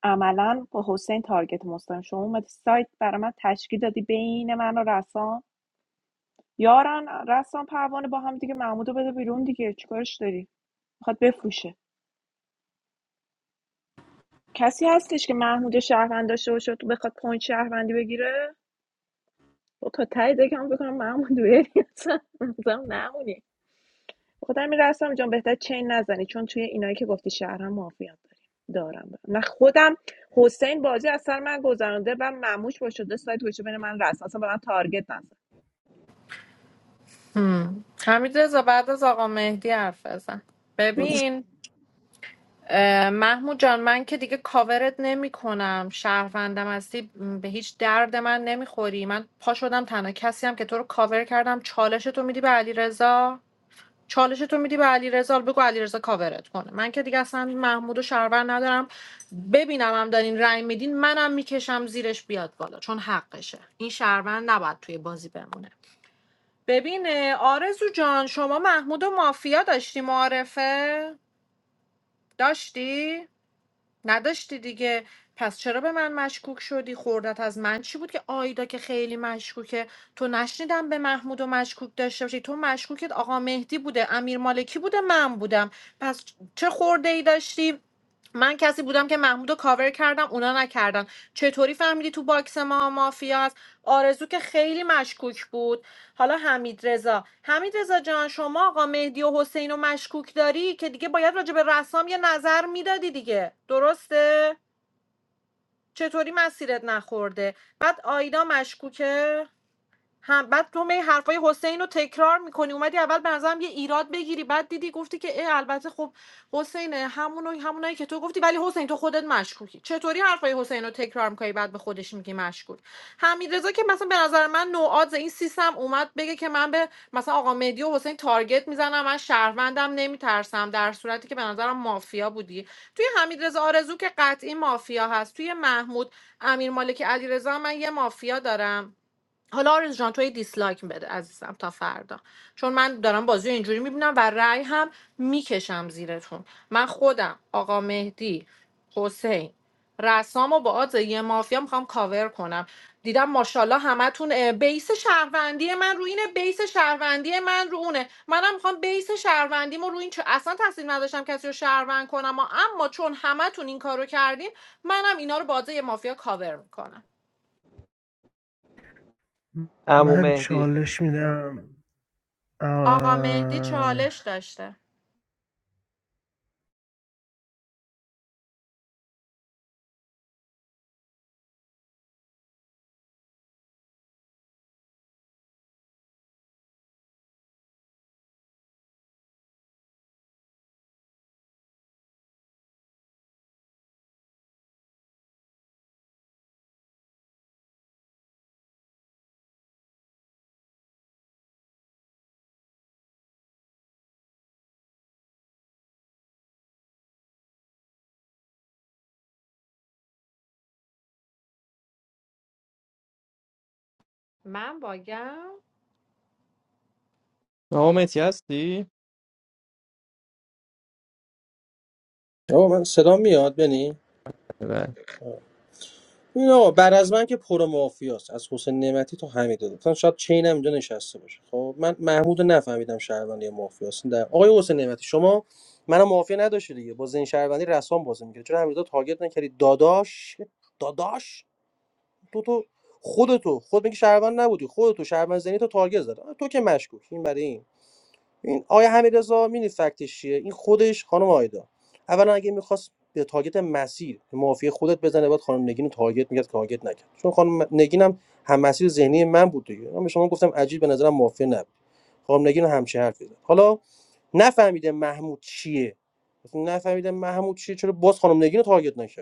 Speaker 7: عملا با حسین تارگت مستم شما اومدی سایت برای من تشکیل دادی بین من و رسام یاران رسام پروانه با هم دیگه محمود رو بده بیرون دیگه چیکارش داری میخواد بفروشه کسی هستش که محمود شهروند داشته باشه تو بخواد پوینت شهروندی بگیره با تا ته دکم بکنم محمود بری اصلا اصلا نمونی بخاطر همین رسام جان بهتر چین نزنی چون توی اینایی که گفتی شهرم مافیان دارم من خودم حسین بازی از سر من گذرانده و مموش با شده سایت گوشه بین من رسام اصلا به من تارگت نزن
Speaker 14: هم. حمید رضا بعد از آقا مهدی حرف بزن ببین اه، محمود جان من که دیگه کاورت نمی کنم شهروندم هستی م، به هیچ درد من نمیخوری من پا شدم تنها کسی هم که تو رو کاور کردم چالش تو میدی به علی رضا چالش تو میدی به علی رضا بگو علی رضا کاورت کنه من که دیگه اصلا محمود و شهروند ندارم ببینم هم دارین رنگ میدین منم میکشم زیرش بیاد بالا چون حقشه این شهروند نباید توی بازی بمونه ببین اه، آرزو جان شما محمود و مافیا داشتی معارفه؟ داشتی؟ نداشتی دیگه پس چرا به من مشکوک شدی؟ خوردت از من چی بود که آیدا که خیلی مشکوکه تو نشنیدم به محمود و مشکوک داشته باشی تو مشکوکت آقا مهدی بوده امیر مالکی بوده من بودم پس چه خورده ای داشتی؟ من کسی بودم که محمود رو کاور کردم اونا نکردن چطوری فهمیدی تو باکس ما مافیاست آرزو که خیلی مشکوک بود حالا حمید رضا حمید رضا جان شما آقا مهدی و حسین و مشکوک داری که دیگه باید راجع به رسام یه نظر میدادی دیگه درسته چطوری مسیرت نخورده بعد آیدا مشکوکه هم بعد تو می حرفای حسین رو تکرار میکنی اومدی اول به نظرم یه ایراد بگیری بعد دیدی گفتی که اه البته خب حسین همونو همونایی که تو گفتی ولی حسین تو خودت مشکوکی چطوری حرفای حسین رو تکرار میکنی بعد به خودش میگی مشکوک حمیدرضا که مثلا به نظر من نوعاد این سیستم اومد بگه که من به مثلا آقا مهدی و حسین تارگت میزنم من شهروندم نمیترسم در صورتی که به نظرم مافیا بودی توی حمیدرضا آرزو که قطعی مافیا هست توی محمود امیر مالکی علیرضا من یه مافیا دارم حالا آرز جان توی دیسلایک بده عزیزم تا فردا چون من دارم بازی رو اینجوری میبینم و رأی هم میکشم زیرتون من خودم آقا مهدی حسین رسام و با آز یه مافیا میخوام کاور کنم دیدم ماشاءالله همتون اه، بیس شهروندی من رو اینه بیس شهروندی من رو اونه منم میخوام بیس شهروندیمو رو این چه اصلا تصدیل نداشتم کسی رو شهروند کنم اما اما چون همتون این کارو کردین منم اینا رو با آز یه مافیا کاور میکنم
Speaker 9: عمو
Speaker 18: من
Speaker 9: مهدی
Speaker 18: چالش میدم
Speaker 14: آقا مهدی چالش
Speaker 18: آه.
Speaker 14: داشته من باگم
Speaker 8: آقا متی هستی
Speaker 16: آقا من صدا میاد بنی
Speaker 8: بله.
Speaker 16: نه، آقا بعد از من که پر مافیاست از حسین نعمتی تا حمید رضا مثلا شاید چین هم اینجا نشسته باشه خب من محمود رو نفهمیدم شهروندی مافیاست این در آقای حسین نعمتی شما منو مافیا نداشتی دیگه با زین شهروندی رسام بازی میکرد چرا حمید رضا تارگت نکردی داداش داداش تو تو خودتو خود میگی شهروند نبودی خودتو شهروند زنی تو تارگت زد آه، تو که مشکوک این برای این این آیا حمیدرضا می‌دونی فکتش چیه این خودش خانم آیدا اولا اگه میخواست به تارگت مسیر به معافی خودت بزنه باید خانم نگین رو تارگت میکرد که تارگت نکرد چون خانم نگین هم هم مسیر ذهنی من بود دیگه من به شما گفتم عجیب به نظرم معافی نبود خانم نگین رو همچه حرفی زد حالا نفهمیده محمود چیه نفهمیده محمود چیه چرا باز خانم نگین رو تارگت نکرد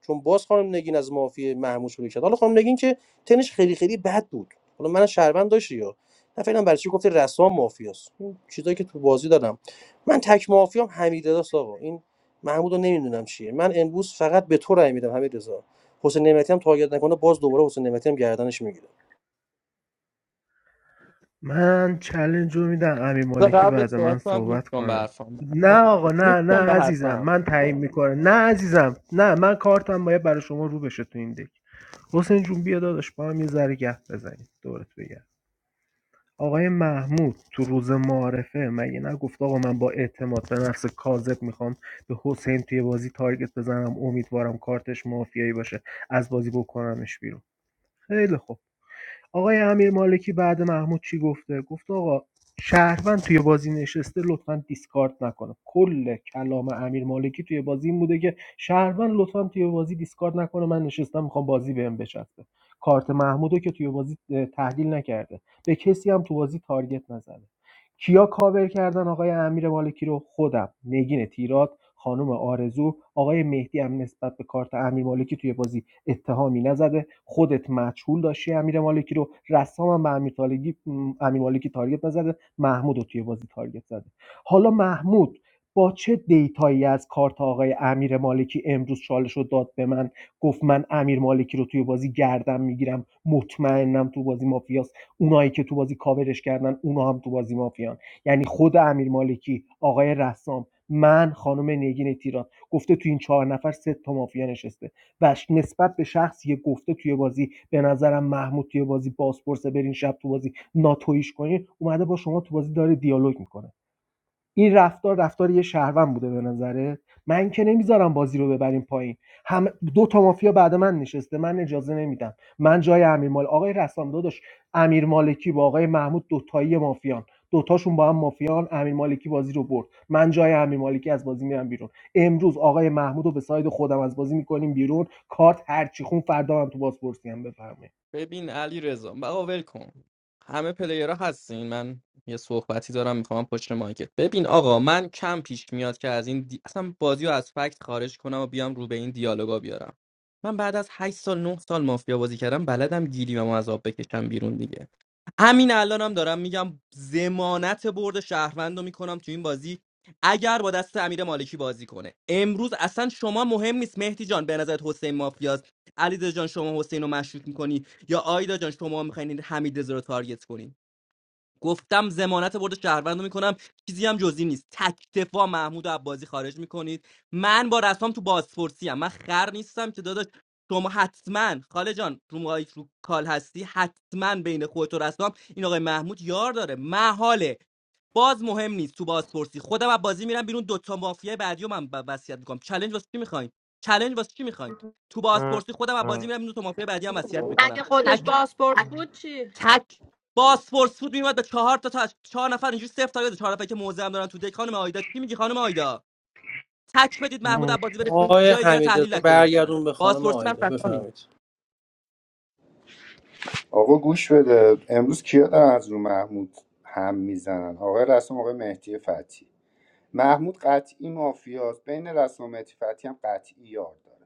Speaker 16: چون باز خانم نگین از معافی محمود شروع کرد حالا خانم نگین که تنش خیلی خیلی بد بود حالا من شهروند داشتی یا نه فعلا برای چی گفتی رسام مافیاست اون چیزایی که تو بازی دادم من تک مافیام حمیدرضا است آقا این محمودو نمیدونم چیه من امروز فقط به تو رای میدم حمید رضا حسین نعمتی هم تارگت نکنه باز دوباره حسین نعمتی هم گردنش میگیره
Speaker 18: من چلنج رو میدم امی مالکی
Speaker 8: قبل
Speaker 18: بعد من
Speaker 8: صحبت کنم گوش
Speaker 18: صحبت
Speaker 8: کن به
Speaker 18: کنه
Speaker 8: حرفم
Speaker 18: نه آقا
Speaker 8: گوش
Speaker 18: نه نه
Speaker 8: کن به
Speaker 18: عزیزم
Speaker 8: حرفم
Speaker 18: من تعیین میکنه نه عزیزم نه من کارتم باید برای شما رو بشه تو این دک حسین جون بیا داداش با هم یه ذره گپ بزنیم دورت بگردم آقای محمود تو روز معارفه مگه نگفت آقا من با اعتماد به نفس کاذب میخوام به حسین توی بازی تارگت بزنم امیدوارم کارتش مافیایی باشه از بازی بکنمش بیرون خیلی خوب آقای امیر مالکی بعد محمود چی گفته گفت آقا شهروند توی بازی نشسته لطفا دیسکارد نکنه کل کلام امیر مالکی توی بازی این بوده که شهروند لطفا توی بازی دیسکارد نکنه من نشستم میخوام بازی بهم بچسبه کارت محمودو که توی بازی اه، تحلیل نکرده به کسی هم تو بازی تارگت نزنه کیا کاور کردن آقای امیر مالکی رو خودم نگین تیرات خانم آرزو آقای مهدی هم نسبت به کارت امیر مالکی توی بازی اتهامی نزده خودت مجهول داشتی امیر مالکی رو رسام هم به امیر, تالگی، امیر مالکی تارگت نزده محمود رو توی بازی تارگت زده حالا محمود با چه دیتایی از کارت آقای امیر مالکی امروز چالش رو داد به من گفت من امیر مالکی رو توی بازی گردم میگیرم مطمئنم تو بازی مافیاست اونایی که تو بازی کاورش کردن اونا هم تو بازی مافیان یعنی خود امیر مالکی آقای رسام من خانم نگین تیران گفته تو این چهار نفر سه تا مافیا نشسته و نسبت به شخصی که گفته توی بازی به نظرم محمود توی بازی بازپرسه برین شب تو بازی ناتویش کنین اومده با شما تو بازی داره دیالوگ میکنه این رفتار رفتار یه شهروند بوده به نظرت من که نمیذارم بازی رو ببریم پایین هم دو تا مافیا بعد من نشسته من اجازه نمیدم من جای امیر مال آقای رسام داداش امیر مالکی با آقای محمود دو تایی مافیان دوتاشون با هم مافیان امیر مالکی بازی رو برد من جای امیر مالکی از بازی میرم بیرون امروز آقای محمود رو به ساید خودم از بازی میکنیم بیرون کارت هرچی خون فردا هم تو بازپرسی هم بفهمه
Speaker 8: ببین علی رضا بابا ول کن همه پلیرها هستین من یه صحبتی دارم میخوام پشت مایکت ببین آقا من کم پیش میاد که از این دی... اصلا بازی رو از فکت خارج کنم و بیام رو به این دیالوگا بیارم من بعد از 8 سال 9 سال مافیا بازی کردم بلدم گیریمو از آب بکشم بیرون دیگه همین الانم دارم میگم زمانت برد شهروند رو میکنم تو این بازی اگر با دست امیر مالکی بازی کنه امروز اصلا شما مهم نیست مهدی جان به نظرت حسین مافیاست علیرضا جان شما حسین رو مشروط میکنی یا آیدا جان شما میخواین حمید رضا رو تارگت کنین گفتم ضمانت برد شهروند رو میکنم چیزی هم جزی نیست تک دفاع محمود و عبازی خارج میکنید من با رسام تو بازپرسی ام من خر نیستم که داداش شما حتما خاله جان رو مایک رو کال هستی حتما بین خودت و رسام این آقای محمود یار داره محاله باز مهم نیست تو بازپرسی خودم از بازی میرم بیرون دوتا مافیا بعدی رو من وصیت میکنم چلنج واسه چی میخواین چلنج واسه چی میخواین تو بازپرسی خودم از بازی میرم بیرون دو تا مافیا بعدی هم وصیت میکنم
Speaker 14: اگه خودش
Speaker 8: تک
Speaker 14: پاسپورت بود چی؟
Speaker 8: تک باسپورس فود میومد به چهار تا تا چهار نفر اینجوری صفر تاگه چهار نفر که موزه هم دارن تو دک خانم آیدا چی میگی خانم آیدا تک بدید محمود عباسی بره بیرون.
Speaker 16: آقای
Speaker 8: جای دیگه رو تحلیل
Speaker 16: حمیدرضا
Speaker 8: نکنید اصلا
Speaker 16: برگردون به خانم
Speaker 8: باسپورسی من
Speaker 16: آیدا
Speaker 8: فهمید
Speaker 16: بفهمید
Speaker 4: آقا گوش بده امروز کیا دارن از رو محمود هم میزنن آقای رسام آقای مهدی فتی محمود قطعی مافیاست بین رسام و مهدی فتی هم قطعی یار داره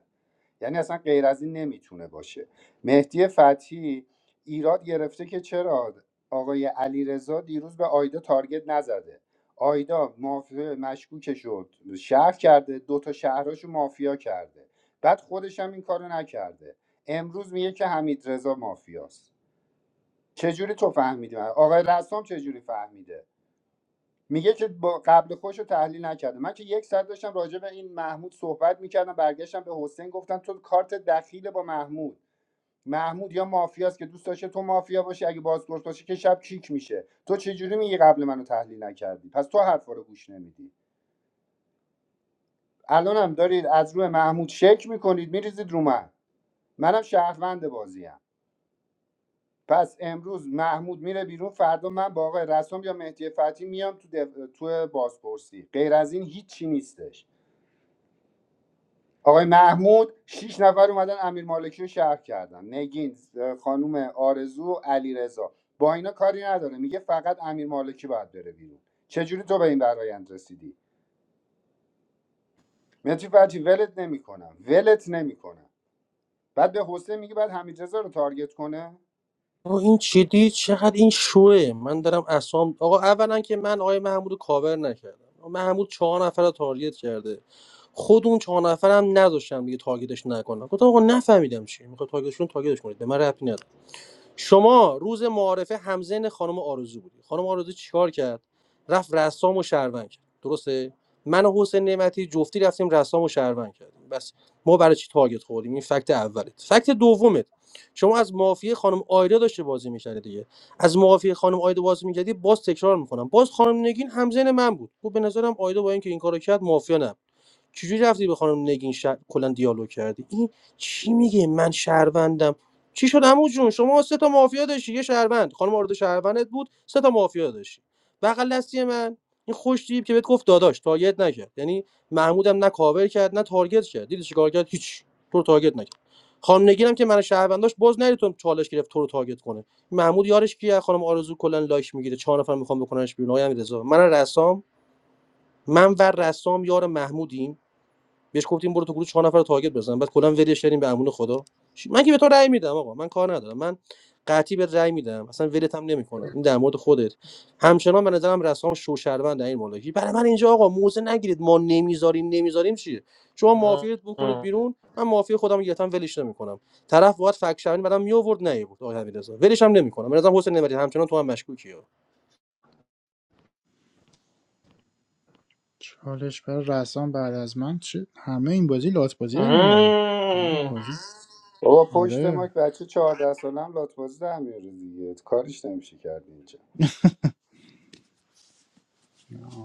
Speaker 4: یعنی اصلا غیر از این نمیتونه باشه مهدی فتحی ایراد گرفته که چرا آقای علیرضا دیروز به آیدا تارگت نزده آیدا مافیا مشکوک شد شهر کرده دو تا شهراشو مافیا کرده بعد خودش هم این کارو نکرده امروز میگه که حمید رضا مافیاست چجوری تو فهمیدی آقای رسام چجوری فهمیده میگه که با قبل خوش تحلیل نکرده من که یک ساعت داشتم راجع به این محمود صحبت میکردم برگشتم به حسین گفتم تو کارت دخیل با محمود محمود یا مافیاست که دوست داشته تو مافیا باشی اگه بازپرس باشی که شب کیک میشه تو چجوری میگی قبل منو تحلیل نکردی پس تو حرفا رو گوش نمیدی الانم دارید از روی محمود شک میکنید میریزید رو من منم شهروند بازیم پس امروز محمود میره بیرون فردا من با آقای رسام یا مهدی فتی میام تو دف... تو بازپرسی غیر از این هیچی نیستش آقای محمود شیش نفر اومدن امیر مالکی رو شهر کردن نگین خانوم آرزو علیرضا با اینا کاری نداره میگه فقط امیر مالکی باید بره بیرون چجوری تو به این برایند رسیدی متری فتی ولت نمیکنم ولت نمیکنم بعد به حسین میگه بعد حمید رو تارگت کنه
Speaker 16: آقا این چی دید چقدر این شوه من دارم اسام آقا اولا که من آقای محمود رو کاور نکردم آقا محمود چهار نفر رو تارگت کرده خود اون چهار نفرم نذاشتم دیگه تارگتش نکنم گفتم آقا نفهمیدم چی میخواد تارگتشون تارگتش کنید به من ربطی نداره شما روز معارفه همزن خانم آرزو بودی خانم آرزو چیکار کرد رفت رسام و شهروند کرد درسته من و حسین نعمتی جفتی رفتیم رسام و شهروند کردیم بس ما برای چی تارگت خوردیم این فکت اولت فکت دومت شما از معافی خانم آیدا داشته بازی می‌کردی. دیگه از معافی خانم آیدا بازی می‌کردی. باز تکرار می‌کنم. باز خانم نگین همزن من بود گفت به نظرم آیدا با اینکه این کارو کرد مافیا نبود چجوری رفتی به خانم نگین ش... کلا دیالوگ کردی این چی میگه من شهروندم چی شد عمو جون شما سه تا مافیا داشتی یه شهروند خانم آرد شهروندت بود سه تا مافیا داشتی بغل دستی من این خوش دیب که بهت گفت داداش تارگت نکرد یعنی محمودم نه کاور کرد نه تارگت کرد دیدی چیکار کرد هیچ تو رو تارگت نکرد خانم نگین هم که من شهرونداش باز نرید تو چالش گرفت تو رو تارگت کنه محمود یارش کیه خانم آرزو کلا لایک میگیره چهار نفر میخوام بکننش بیرون آقای امیررضا من رسام من و رسام یار محمودیم بهش گفتیم برو تو گروه چهار نفر رو تارگت بزن بعد کلا ولش کردیم به امون خدا من که به تو رأی میدم آقا من کار ندارم من قطعی به رأی میدم اصلا ولت هم نمیکنم این در مورد خودت همچنان به نظرم رسام شوشروند در این مالکی برای من اینجا آقا موزه نگیرید ما نمیذاریم نمیذاریم چیه شما معافیت بکنید بیرون من معافی خودم رو گرفتم ولش نمیکنم طرف باید فک شوین بعدم می آورد نه بود آقا حمیدرضا ولش هم نمیکنم به نظرم حسین نمری همچنان تو هم مشکوکی ها.
Speaker 2: چالش برای رسام بعد از من چه همه این بازی لات بازی در میارن خیلی بازی
Speaker 4: بابا پشت ما
Speaker 2: آره
Speaker 4: که بچه 14 سالم لاتبازی در میاره دیگه کارش نمیشه کرد اینجا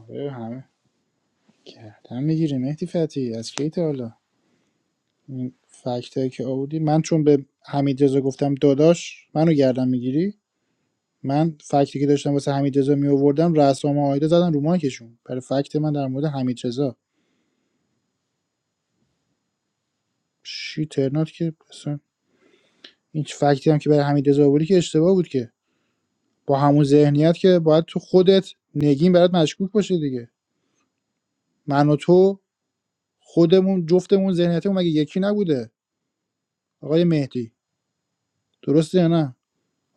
Speaker 2: آره همه گردن میگیری مهدی فتی از کی تا حالا این فکتایی که آوردی من چون به حمید گفتم داداش منو گردن میگیری من فکتی که داشتم واسه حمید رضا می آوردم رسام و آیده زدن رو مایکشون برای فکت من در مورد حمید رضا شی ترنات که اصلا این فکتی هم که برای حمید رضا آوردی که اشتباه بود که با همون ذهنیت که باید تو خودت نگین برات مشکوک باشه دیگه من و تو خودمون جفتمون ذهنیتمون مگه یکی نبوده آقای مهدی درسته یا نه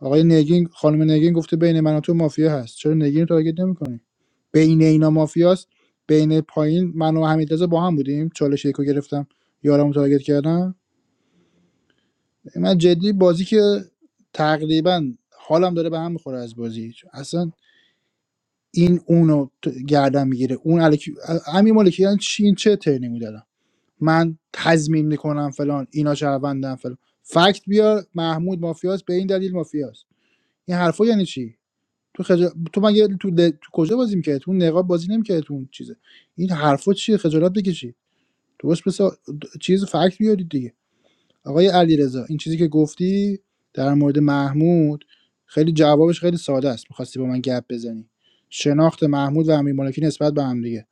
Speaker 2: آقای نگین خانم نگین گفته بین من و تو مافیا هست چرا نگین رو تارگت نمیکنی بین اینا مافیاست بین پایین من و حمیدرضا با هم بودیم چالش یکو گرفتم یارم تارگت کردم من جدی بازی که تقریبا حالم داره به هم میخوره از بازی چون اصلا این اونو ت- گردن میگیره اون الکی همین مالکی یعنی چی این چه ترنی میدادم من تضمین میکنم فلان اینا شهروندن فلان فکت بیار محمود مافیاست به این دلیل مافیاست این حرفا یعنی چی تو خجا... تو مگه تو, ل... تو کجا بازی میکردی تو اون نقاب بازی نمیکردی تو اون چیزه این حرفا چیه خجالت بکشی تو بس چیز فکت بیارید دیگه آقای علیرضا این چیزی که گفتی در مورد محمود خیلی جوابش خیلی ساده است میخواستی با من گپ بزنی شناخت محمود و امیر مالکی نسبت به هم دیگه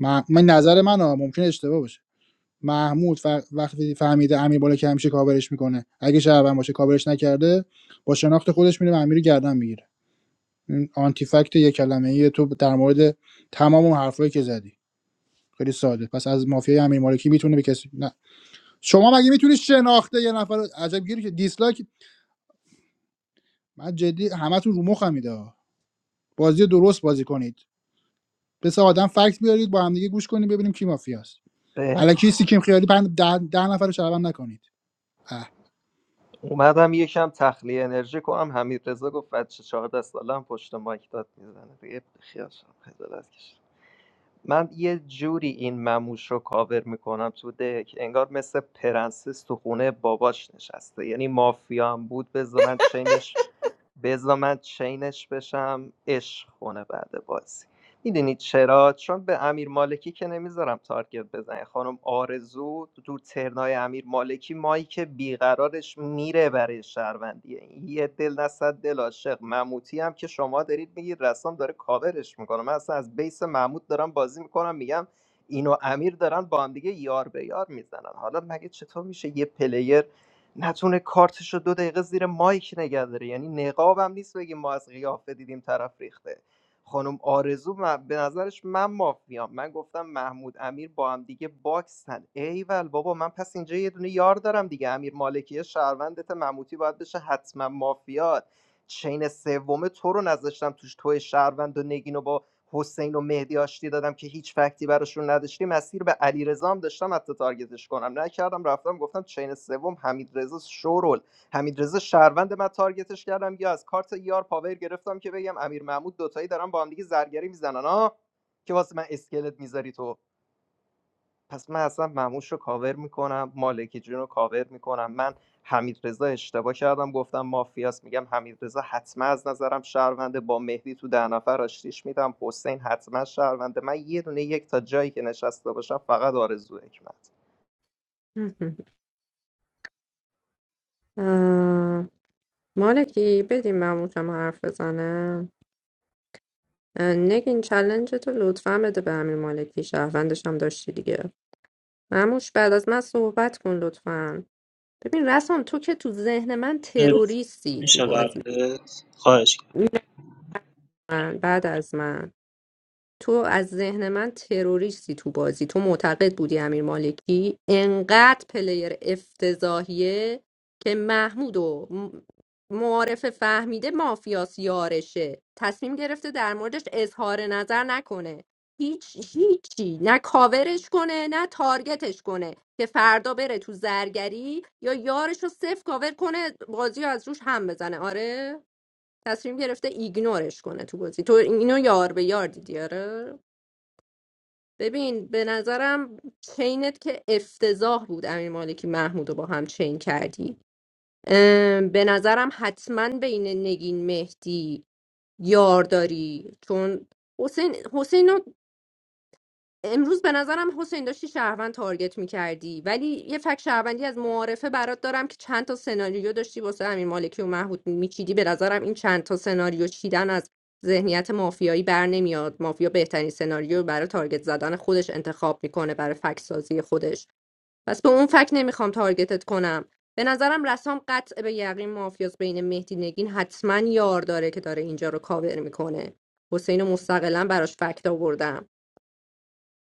Speaker 2: مح- من مح... نظر منه ها ممکنه اشتباه باشه محمود ف... وقتی فهمیده امیر مالکی همیشه کاورش میکنه اگه شهروند باشه کاورش نکرده با شناخت خودش میره امیر گردن میگیره این آنتی فکت یه کلمه تو در مورد تمام اون حرفایی که زدی خیلی ساده پس از مافیای امیر مالکی میتونه به کسی نه شما مگه میتونی شناخته یه نفر رو- عجب گیری که دیسلایک من جدی همتون رو مخم میده بازی درست بازی کنید پس سه آدم فکت بیارید با هم دیگه گوش کنیم ببینیم کی مافیاست الکی
Speaker 9: بناس
Speaker 2: سیکیم خیالی پند ده, ده نفر رو شعبان نکنید اه.
Speaker 9: اومدم یکم تخلیه انرژی کنم حمید رضا گفت بچه 14 سالم پشت مایک داد میزنه دیگه خیالشم خجالت کشید من یه جوری این مموش رو کاور میکنم تو دک انگار مثل پرنسس تو خونه باباش نشسته یعنی مافیا هم بود بذار من چینش بذار من چینش بشم عشق کنه بعد بازی میدونید چرا چون به امیر مالکی که نمیذارم تارگت بزنه خانم آرزو تو ترنای امیر مالکی مایی که بیقرارش میره برای شهروندیه یه دل نصد دل عاشق مموتی هم که شما دارید میگید رسام داره کاورش میکنه من اصلا از بیس محمود دارم بازی میکنم میگم اینو امیر دارن با هم دیگه یار به یار میزنن حالا مگه چطور میشه یه پلیر نتونه کارتشو دو دقیقه زیر مایک نگه داره یعنی نقابم نیست بگیم ما از قیافه دیدیم طرف ریخته خانم آرزو من- به نظرش من مافیام من گفتم محمود امیر با هم دیگه باکسن ایول بابا من پس اینجا یه دونه یار دارم دیگه امیر مالکیه شهروندت محمودی باید بشه حتما مافیات چین سوم تو رو نذاشتم توش تو شهروند و نگین و با حسین و مهدی آشتی دادم که هیچ فکتی براشون نداشتی مسیر به علیرضا هم داشتم حتی تارگتش کنم نکردم رفتم گفتم چین سوم حمید رضا شورول حمیدرضا شهروند من تارگتش کردم یا از کارت یار پاور گرفتم که بگم امیر محمود دوتایی دارن با هم دیگه زرگری میزنن ها که واسه من اسکلت میذاری تو پس من اصلا مموش رو کاور میکنم مالکی جون رو کاور میکنم من حمیدرضا اشتباه کردم گفتم مافیاس میگم حمیدرضا حتما از نظرم شهرونده با مهدی تو ده نفر آشتیش میدم حسین حتما شهرونده من یه دونه یک تا جایی که نشسته باشم فقط آرزو حکمت
Speaker 6: [LAUGHS] آه، مالکی بدیم مموشم حرف بزنه اه، نگین چلنج تو لطفا بده به امیر مالکی شهروندش هم داشتی دیگه مموش بعد از من صحبت کن لطفا ببین رسام تو که تو ذهن من
Speaker 3: بیرون
Speaker 6: تروریستی تو
Speaker 3: میشه
Speaker 6: بازی
Speaker 3: قبلت خواهش کنم.
Speaker 6: می‌دونی من بعد از من تو از ذهن من تروریستی تو بازی تو معتقد بودی امیر مالکی انقدر پلیر افتضاحیه که محمود و م- معارف فهمیده مافیاس یارشه تصمیم گرفته در موردش اظهار نظر نکنه هیچ هیچی نه کاورش کنه نه تارگتش کنه که فردا بره تو زرگری یا یارش رو صفر کاور کنه بازی رو از روش هم بزنه آره تصمیم گرفته ایگنورش کنه تو بازی تو اینو یار به یار دیدی آره ببین به نظرم چینت که افتضاح بود امیر مالکی محمود رو با هم چین کردی ام، به نظرم حتما بین نگین مهدی یار داری چون حسین حسین رو امروز به نظرم حسین داشتی شهروند تارگت میکردی ولی یه فک شهروندی از معارفه برات دارم که چند تا سناریو داشتی واسه امیر مالکی و محمود میچیدی به نظرم این چند تا سناریو چیدن از ذهنیت مافیایی بر نمیاد مافیا بهترین سناریو رو برای تارگت زدن خودش انتخاب میکنه برای فک سازی خودش پس به اون فک نمیخوام تارگتت کنم به نظرم رسام قطع به یقین مافیاس بین مهدی نگین حتما یار داره که داره اینجا رو کاور میکنه حسین رو مستقلا براش فکت آوردم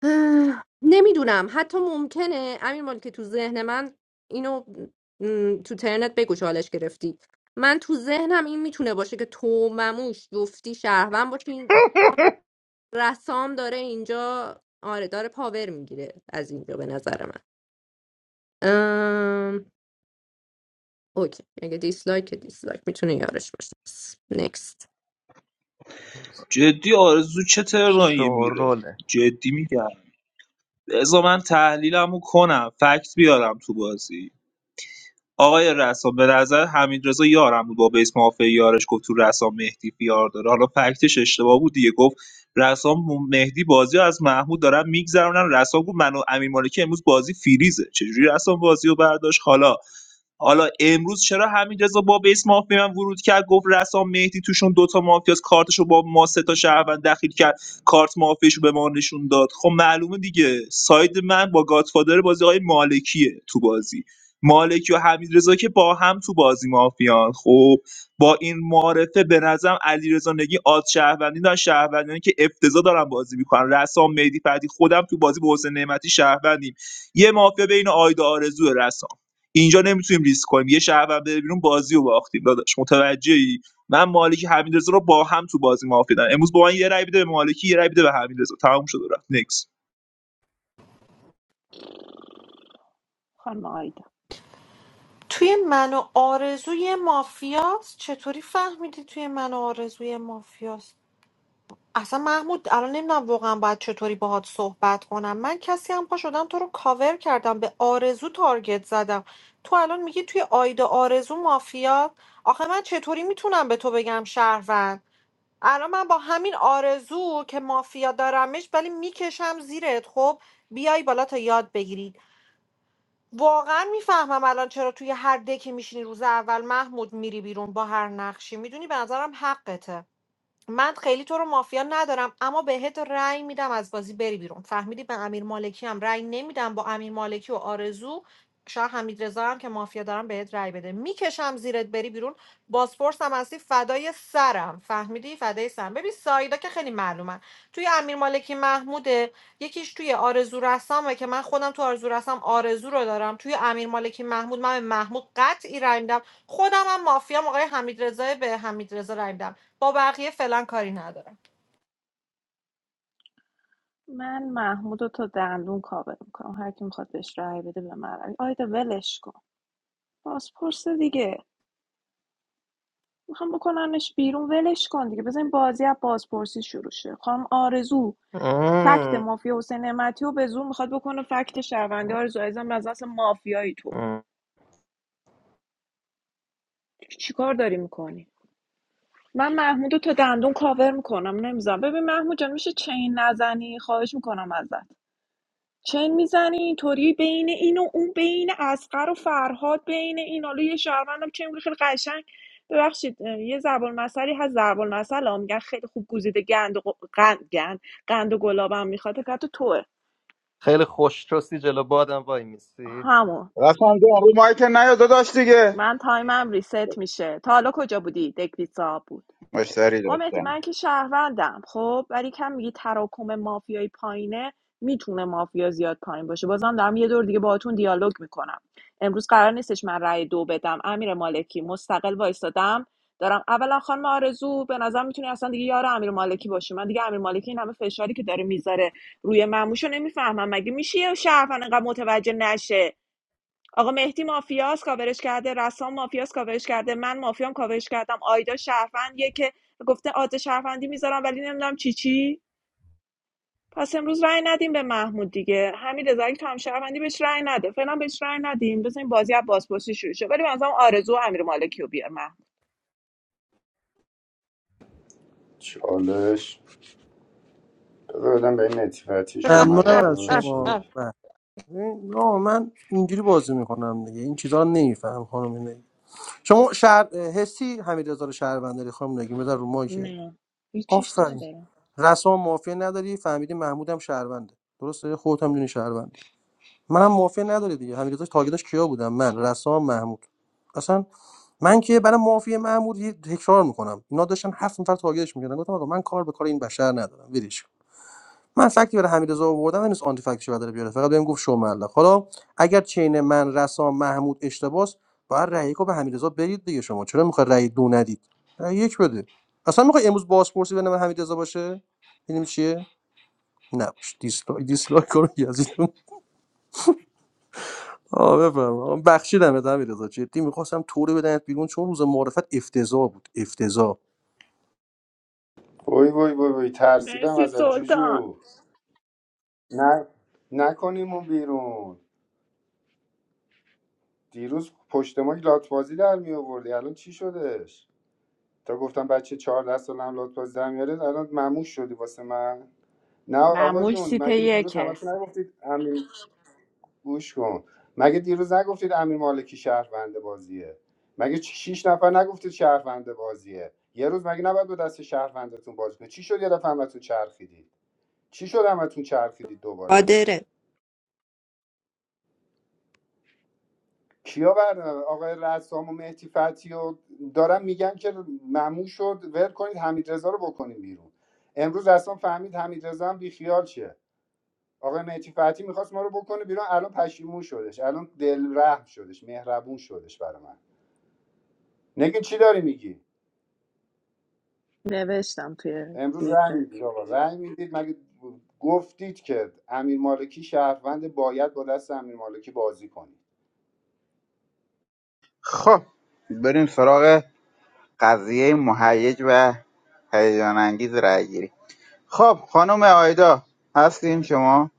Speaker 6: اه، نمیدونم حتی ممکنه امیر مال که تو ذهن من اینو م، تو ترنت بگو چالش گرفتی من تو ذهنم این میتونه باشه که تو مموش گفتی شهروند باشه این رسام داره اینجا آره داره پاور میگیره از اینجا به نظر من ام... اوکی اگه دیسلایک دیسلایک میتونه یارش باشه نکست
Speaker 3: جدی آرزو چه ترنایی میره
Speaker 9: شوروله
Speaker 3: جدی میگم بذار من تحلیلمو کنم فکت بیارم تو بازی آقای رسام به نظر حمیدرضا یارم بود با بیس مافیا یارش گفت تو رسام مهدی بیار داره حالا فکتش اشتباه بود دیگه گفت رسام و مهدی بازی رو از محمود دارن میگذرونن رسام گفت من و امیر مالکی امروز بازی فریزه چجوری رسام بازی رو برداشت حالا حالا امروز چرا حمیدرضا با بیس مافیا من ورود کرد گفت رسام مهدی توشون دوتا مافیاس کارتشو با ما سه تا شهروند دخیل کرد کارت مافیاشو به ما نشون داد خب معلومه دیگه ساید من با گادفادر بازی آقای مالکیه تو بازی مالکی و حمیدرضا که با هم تو بازی مافیان خب با این معارفه به نظرم علیرضا نگی آد شهروندی دارن شهروندانی که افتضاح دارن بازی میکنن رسام مهدی فردی خودم تو بازی به حسین نعمتی شهروندیم یه مافیا بین آیدا آرزو رسام اینجا نمیتونیم ریسک کنیم یه شهروند بره بیرون بازی رو باختیم داداش متوجهی من مالکی حمیدرضا رو با هم تو بازی مافیا دارم امروز با من یه رای بده به مالکی یه رای بده به حمیدرضا تموم شد و رفت نکس
Speaker 7: خانم آیدا
Speaker 14: توی من و آرزوی مافیاست چطوری فهمیدی توی من و آرزوی مافیاست اصلا محمود الان نمیدونم واقعا باید چطوری باهات صحبت کنم من کسی هم پا شدم تو رو کاور کردم به آرزو تارگت زدم تو الان میگی توی آیدا آرزو مافیاست آخه من چطوری میتونم به تو بگم شهروند الان من با همین آرزو که مافیا دارمش ولی میکشم زیرت خب بیای بالا تا یاد بگیری واقعا میفهمم الان چرا توی هر دکی میشینی روز اول محمود میری بیرون با هر نقشی میدونی به نظرم حقته من خیلی تو رو مافیا ندارم اما بهت رأی میدم از بازی بری بیرون فهمیدی به امیر مالکی هم رأی نمیدم با امیر مالکی و آرزو شاید حمید هم که مافیا دارم بهت رأی بده میکشم زیرت بری بیرون بازپرسم هستی فدای سرم فهمیدی فدای سرم ببین سایدا که خیلی معلومه توی امیر مالکی محموده، یکیش توی آرزو رسامه که من خودم تو آرزو رسام آرزو رو دارم، توی امیر مالکی محمود من به محمود قطعی رای می‌دم. خودم هم مافیام آقای حمیدرضا به حمیدرضا رای می‌دم. با بقیه فعلا کاری ندارم.
Speaker 7: من محمود رو تا دندون کاور میکنم هر کی میخواد بهش رأی بده به من آیدا ولش کن پاسپورت دیگه میخوام بکننش بیرون ولش کن دیگه بزنین بازی از بازپرسی شروع شه خانم آرزو فکت مافیا حسین نعمتی و به زور میخواد بکنه فکت شهروندی آرزو عزیزم از اصل مافیایی تو چیکار داری میکنی من محمود رو تا دندون کاور میکنم نمیزم ببین محمود جان میشه چین نزنی خواهش میکنم ازت چین میزنی اینطوری بین این و اون بین اسقر و فرهاد بین این حالا یه شهروندم چین میگه خیلی قشنگ ببخشید یه ضرب المثلی هست ضرب المثل ها میگن خیلی خوب گزیده گند و ق- قند گند قند و گلابم میخواد فقط توه
Speaker 9: خیلی خوش چوسی جلو بادم وای میسی
Speaker 7: همون
Speaker 12: رفتم جان رو مایک نیا داداش دیگه
Speaker 7: من تایمم ریست میشه تا حالا کجا بودی دکلیسا بود
Speaker 12: مشتری
Speaker 7: آمدی
Speaker 12: داشتم
Speaker 7: من که شهروندم خب ولی کم میگی تراکم مافیایی پایینه میتونه مافیا زیاد پایین باشه بازم دارم یه دور دیگه باهاتون دیالوگ میکنم امروز قرار نیستش من رأی دو بدم امیر مالکی مستقل وایستادم دارم اولا خانم آرزو به نظر میتونی اصلا دیگه یار امیر مالکی باشی من دیگه امیر مالکی این همه فشاری که داره میذاره روی مموشو نمیفهمم مگه میشه یه شهروند انقدر متوجه نشه آقا مهدی مافیاس کاورش کرده رسام مافیاس کاورش کرده من مافیام کاورش کردم آیدا شهروندیه که گفته آد شهروندی میذارم ولی نمیدونم چی چی پس امروز رأی ندیم به محمود دیگه همین رضایی که هم شهروندی بهش رأی نده فعلا بهش رأی ندیم بزنین بازی از بازپرسی شروع شه ولی مثلا آرزو و امیر مالکی رو بیار محمود
Speaker 4: چالش بذار بدم به این نتیفتی
Speaker 8: [LAUGHS]
Speaker 4: شوملق
Speaker 16: ممنونم از
Speaker 4: ببینم چی
Speaker 16: شما
Speaker 4: میگه
Speaker 16: بله. نه من اینجوری بازی میکنم دیگه این چیزا رو نمیفهم خانم نگین. شما شهر حسی حمیدرضا رو شهروند داری خانم نگین بذار رو مایکه
Speaker 7: نه هیچیش
Speaker 16: آفرین
Speaker 7: نداره
Speaker 16: رسما مافیا نداری فهمیدی محمود هم شهرونده درسته خودت هم دونی شهروندی منم مافیا نداری دیگه حمیدرضا تاگیداش کیا بودم من رسام محمود اصلا من که برای مافیا محمود یه تکرار میکنم اینا داشتن هفت نفر تاگیدش میکردن گفتم آقا من کار به کار این بشر ندارم ولش کن. من فکتی برای حمیدرضا آوردم نیست آنتی فکتش رو داره بیاره فقط بهم گفت شو ملق حالا اگر چین من رسام محمود اشتباس باید رأی یکو به حمیدرضا برید دیگه شما چرا میخوای رأی دو ندید رأی یک بده اصلا میخوای امروز بازپرسی بین من حمیدرضا باشه ببینیم چیه نباش دیسلایک دیسلایک کن یزیدون آه بفرما آه، بخشیدم به حمیدرضا جدی میخواستم طوری بدنت بیرون چون روز معرفت افتضاح بود افتضاح
Speaker 4: وای وای وای وای ترسیدم
Speaker 7: مرسی
Speaker 4: از
Speaker 7: سلطان
Speaker 4: جوجو نه نکنیمون بیرون دیروز پشت ما لاتبازی در می آوردی الان چی شدش تا گفتم بچه 14 سالم هم لاتبازی در میاره الان مموش شدی واسه من نه آقا
Speaker 7: معموش
Speaker 4: جون
Speaker 7: سیت
Speaker 4: مگه دیروز
Speaker 7: یکه
Speaker 4: همتون نگفتید امیر گوش کن مگه دیروز نگفتید امیر مالکی شهرونده بازیه مگه چ- شیش نفر نگفتید شهرونده بازیه یه روز مگه نباید با دست شهروندتون بازی کنید چی شد یه دفعه همتون چرخیدید چی شد همتون چرخیدید دوباره
Speaker 6: قادره
Speaker 4: کیا بردارن آقای رسام و مهدی فتی و دارن میگن که مموم شد ول کنید حمید رو بکنیم بیرون امروز اصلا فهمید حمید هم بیخیال شه آقای مهدی فتی میخواست ما رو بکنه بیرون الان پشیمون شدش الان دل رحم شدش مهربون شدش برای من نگین چی داری میگی
Speaker 7: نوشتم توی
Speaker 4: امروز رأی
Speaker 7: گیفه
Speaker 4: میدید آقا رنگ میدید مگه گفتید که امیر مالکی شهروند باید با دست امیر مالکی بازی کنید
Speaker 12: خب بریم سراغ قضیه مهیج و هیجان انگیز رای گیری خب خانم آیدا هستین شما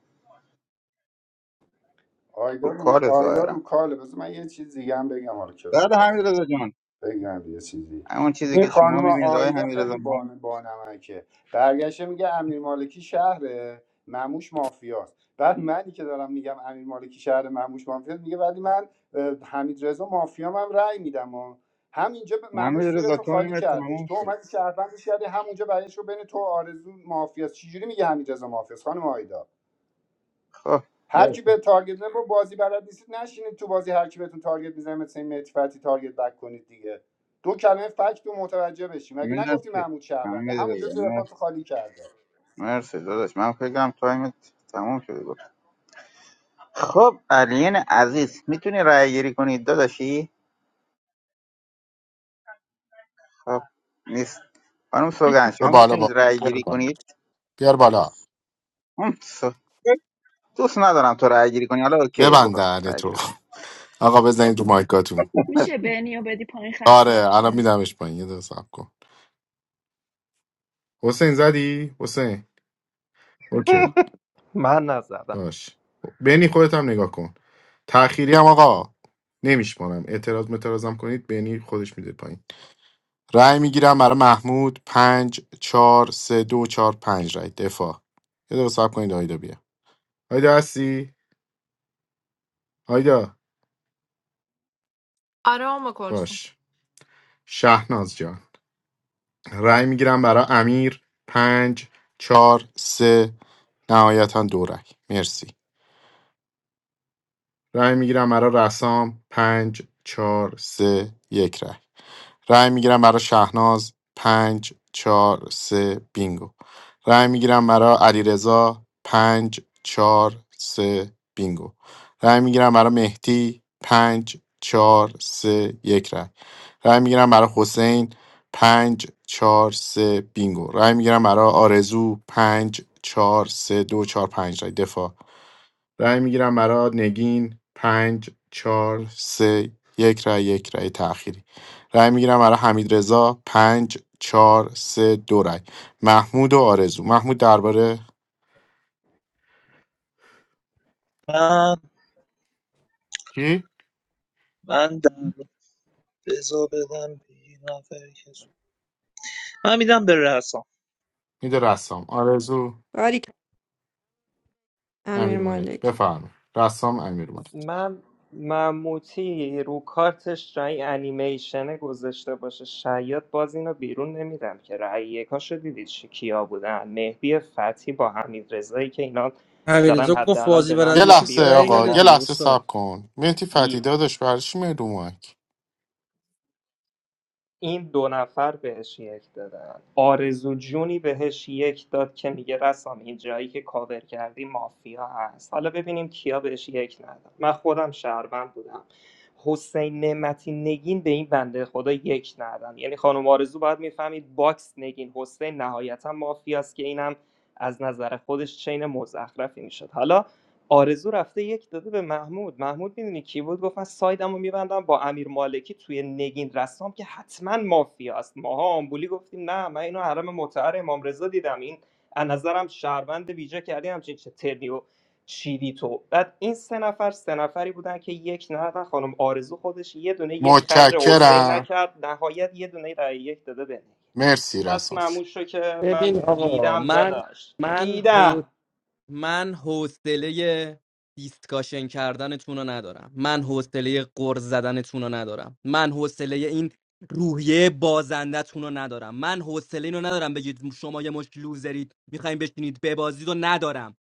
Speaker 4: آیدا
Speaker 12: رو
Speaker 4: رو
Speaker 12: کار
Speaker 4: آیدا
Speaker 12: ظاهرا
Speaker 4: رو کاله بذار من یه چیز دیگه هم بگم حالا که
Speaker 12: بعد حمید رضا جان
Speaker 4: بگم یه چیزی
Speaker 12: همون چیزی
Speaker 4: این
Speaker 12: که شما
Speaker 4: خانم
Speaker 12: میبینید آقای
Speaker 4: آیدا
Speaker 12: حمید رضا
Speaker 4: خیلی بان- بانمکه برگشته میگه امیر مالکی شهره مموش مافیاست بعد منی که دارم میگم امیر مالکی شهر مموش مافیاست میگه ولی من اه، حمید رضا مافیام هم رأی میدم و همینجا به
Speaker 12: ما
Speaker 4: مموش
Speaker 12: حمید
Speaker 4: زیر
Speaker 12: رضا
Speaker 4: تو خالی
Speaker 12: تایم
Speaker 4: کردش
Speaker 12: تمام
Speaker 4: تو
Speaker 12: شد
Speaker 4: اومدی شهروندش کردی همونجا برایش رو بین تو و آرزو مافیاست چجوری میگه حمید رضا مافیاست خانم آیدا
Speaker 12: خب
Speaker 4: هر
Speaker 12: بله
Speaker 4: کی به تارگت نه با بازی بلد نیستید نشینید تو بازی هر کی بهتون تارگت میزنه مثل این مهدی فتحی تارگت بک کنید دیگه دو کلمه فکت رو متوجه بشیم مگه نگفتی
Speaker 12: مرسی
Speaker 4: محمود شهرونده
Speaker 12: حمید
Speaker 4: همونجا
Speaker 12: رضا
Speaker 4: زیر
Speaker 12: مرسی
Speaker 4: پاتو خالی کرده
Speaker 12: مرسی داداش من فکرم تایم تمام شد خب علین عزیز میتونی رأی گیری کنید داداشی خب نیست خانم سوگن شما
Speaker 5: بالا با
Speaker 12: میتونید رأی
Speaker 5: بیار
Speaker 12: گیری
Speaker 5: بالا
Speaker 12: کنید
Speaker 5: بیار بالا
Speaker 12: هم، سو- دوست ندارم تو رأی گیری کنی حالا اوکی
Speaker 5: ببند
Speaker 12: بکن
Speaker 5: دهن
Speaker 12: رأی
Speaker 5: تو
Speaker 12: گیری کن
Speaker 5: آقا بزنید رو مایکاتون
Speaker 7: میشه بنیو بدی پایین خط صاف
Speaker 5: آره الان
Speaker 7: شه
Speaker 5: میدمش پایین یه دقیقه صبر کن حسین زدی حسین اوکی
Speaker 9: من نزدم
Speaker 5: باش بنی خودت هم نگاه کن تأخیری هم آقا نمیشمارم اعتراض متراضم کنید بینی خودش میده پایین رأی میگیرم برای محمود پنج چهار سه دو چهار پنج رأی دفاع یه دقیقه صبر کنید آیدا بیا آیدا هستی آیدا
Speaker 14: آره ام کلثوم
Speaker 5: باش شهناز جان رأی میگیرم برای امیر پنج چهار سه نهایتا دو رأی مرسی رأی میگیرم برای رسام پنج چهار سه یک رأی رای میگیرم برای شهناز پنج چهار سه بینگو رای میگیرم برای علیرضا پنج چهار سه بینگو رای میگیرم برای مهدی پنج چهار سه یک رای. رای میگیرم برای حسین پنج چهار سه بینگو رای میگیرم برای آرزو پنج چهار سه دو چهار پنج رای دفاع رأی میگیرم برای نگین پنج چهار سه یک رأی یک رأی تأخیری رأی میگیرم برای حمید رضا پنج چهار سه دو رأی محمود و آرزو محمود درباره
Speaker 3: من
Speaker 5: کی
Speaker 3: من دم- بذار بدم به یه نفر من میدم به رسام
Speaker 5: میده رسام آرزو
Speaker 6: باریک امیر
Speaker 5: امیر مالک
Speaker 6: مالکی
Speaker 5: بفرمایید رسام امیر مالک
Speaker 9: من مموتی رو کارتش رای انیمیشن گذاشته باشه شاید باز اینو بیرون نمیدم که رای یکاشو دیدید چی- کیا بودن مهدی فتحی با حمید رضایی که اینا دارن
Speaker 16: حمیدرضا گفت
Speaker 9: حداقل
Speaker 16: بازی
Speaker 9: به من
Speaker 16: بلد
Speaker 5: یه
Speaker 9: میگن
Speaker 16: نیستی
Speaker 5: لحظه
Speaker 9: بیا
Speaker 16: رأی
Speaker 9: بین
Speaker 5: آقا
Speaker 16: بده
Speaker 9: ما
Speaker 5: یه
Speaker 16: دیگه
Speaker 5: لحظه
Speaker 16: استاد
Speaker 5: صبر کن مهدی فتی داداش برای چی میای رو مایک
Speaker 9: این دو نفر بهش یک دادن آرزو جونی بهش یک داد که میگه رسام این جایی که کاور کردی مافیا هست حالا ببینیم کیا بهش یک نداد من خودم شهروند بودم حسین نعمتی نگین به این بنده خدا یک ندادن یعنی خانم آرزو باید میفهمید باکس نگین حسین نهایتا مافیاست که اینم از نظر خودش چین مزخرفی میشد حالا آرزو رفته یک داده به محمود محمود میدونی کی بود گفت من سایدمو میبندم با امیر مالکی توی نگین رسام که حتما مافیاست ماها آمبولی گفتیم نه من اینو حرم متعر امام رضا دیدم این از نظرم شهروند ویژه کردی همچین چه ترنی و چیدی تو بعد این سه نفر سه نفری بودن که یک ندادن خانم آرزو خودش یه دونه یک خرج حسین
Speaker 5: متشکرم
Speaker 9: نکرد نهایت یه دونه رای یک داده به نگین.
Speaker 5: مرسی
Speaker 9: پس
Speaker 5: رسام
Speaker 9: معمول شو که
Speaker 8: ببین
Speaker 9: من
Speaker 8: آقا
Speaker 9: دیدم
Speaker 8: من
Speaker 9: داداش
Speaker 8: من
Speaker 9: دیدم
Speaker 8: من حوصله دیسکاشن کردنتون رو ندارم من حوصله قرض زدنتون رو ندارم من حوصله این روحیه بازندتون رو ندارم من حوصله اینو ندارم بگید شما یه مش لوزرید میخوایم بشینید ببازید رو ندارم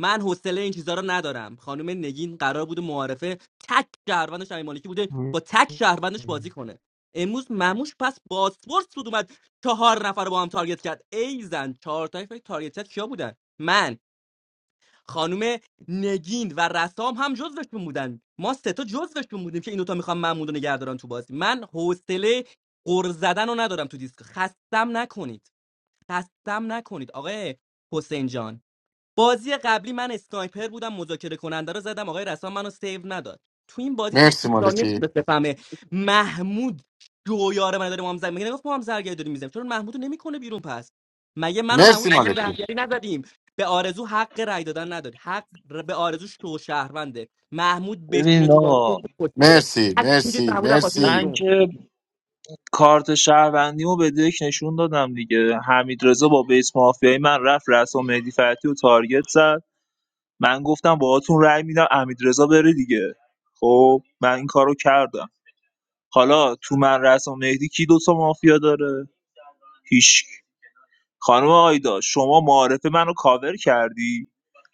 Speaker 8: من حوصله این چیزا رو ندارم خانم نگین قرار بود معارفه تک شهروندش امیر مالکی بوده با تک شهروندش بازی کنه امروز مموش پس بازپرس بود اومد چهار نفر رو با هم تارگت کرد ای زن چهار تایفه تارگت کرد کیا بودن من خانم نگین و رسام هم جزوشون بودن ما سه تا جزوشون بودیم که این دوتا میخوام محمود رو نگه دارن تو بازی من حوصله قر زدن رو ندارم تو دیسک خستم نکنید خستم نکنید آقای حسین جان بازی قبلی من اسنایپر بودم مذاکره کننده رو زدم آقای رسام منو سیو نداد تو این بازی تو
Speaker 5: مرسی
Speaker 8: سی ثانیه
Speaker 5: مالکی
Speaker 8: میتونست بفهمه محمود جویار من داره مام زرگری میگه نگفت ما هم زرگری داریم میزنیم چرا محمودو نمیکنه بیرون پس مگه من و
Speaker 5: مرسی
Speaker 8: محمود با هم
Speaker 5: مالکی
Speaker 8: زرگری نزدیم به آرزو حق رای دادن نداد حق ر- به آرزو شو شهرونده محمود بشینه
Speaker 3: ببین
Speaker 8: تو بازی
Speaker 3: آقا
Speaker 8: خودش کشته
Speaker 5: مرسی
Speaker 8: حتی میگه
Speaker 5: مرسی
Speaker 8: محمود از بازی بره
Speaker 5: مرسی
Speaker 3: من
Speaker 8: بیرون
Speaker 3: که کارت شهروندیمو به دک نشون دادم دیگه حمید رضا با بیس مافیای من رفت رسام مهدی فتی و تارگت زد من گفتم باهاتون رأی میدم حمید رضا بره دیگه خب من این کارو کردم حالا تو من رسام مهدی کی دوتا مافیا داره هیچ خانم آیدا شما معارف منو کاور کردی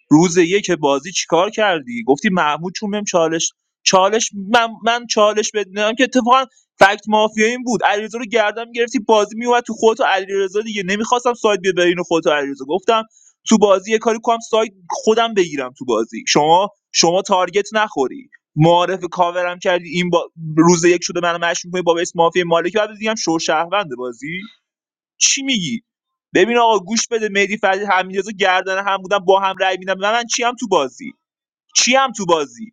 Speaker 3: روز یک بازی چیکار کردی گفتی محمود چون بهم چالش چالش من من چالش بد نمیدم که اتفاقا فکت مافیا این بود علیرضا رو گردم گرفتی بازی میومد تو خودت و علیرضا دیگه نمیخواستم ساید بیاد بین خودت و علیرضا گفتم تو بازی یه کاری کنم ساید خودم بگیرم تو بازی شما شما تارگت نخوری معارف کاورم کردی این با... روز یک شده منو مشروع کنی با بیس مافیا مالکی بعد دیگه هم شو شهروند بازی چی میگی ببین آقا گوش بده مهدی فتحی حمیدرضا گردن هم بودن با هم رأی میدن من من چی هم تو بازی چی هم تو بازی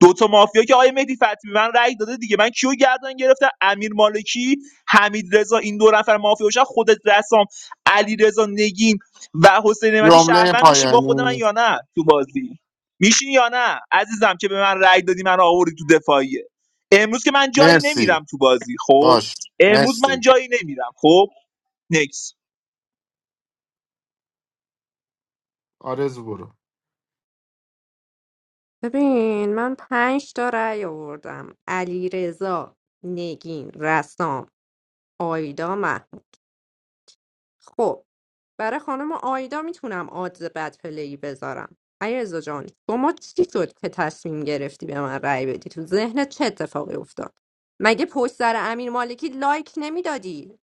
Speaker 3: دو تا مافیا که آقای مهدی فتحی به من رأی داده دیگه من کیو گردن گرفتم امیر مالکی حمید رضا این دو نفر مافیا باشن خودت رسام علی رضا نگین و حسین نعمتی
Speaker 5: جمله
Speaker 3: شهروند میشین با خود من
Speaker 5: پایانی
Speaker 3: یا نه تو بازی میشین یا نه عزیزم که به من رأی دادی من آوردی تو دفاعیه امروز که من جایی
Speaker 5: مرسی
Speaker 3: نمیرم تو بازی خب
Speaker 5: باش
Speaker 3: امروز من
Speaker 5: مرسی
Speaker 3: جایی نمیرم خب نکس
Speaker 5: آرزو برو
Speaker 6: ببین من پنج تا رأی آوردم علی رضا نگین رسام آیدا محمود خب برای خانم آیدا میتونم آدز بد پلی بذارم علیرضا جان شما چی شد که تصمیم گرفتی به من رأی بدی تو ذهنت چه اتفاقی افتاد مگه پشت سر امیر مالکی لایک نمیدادی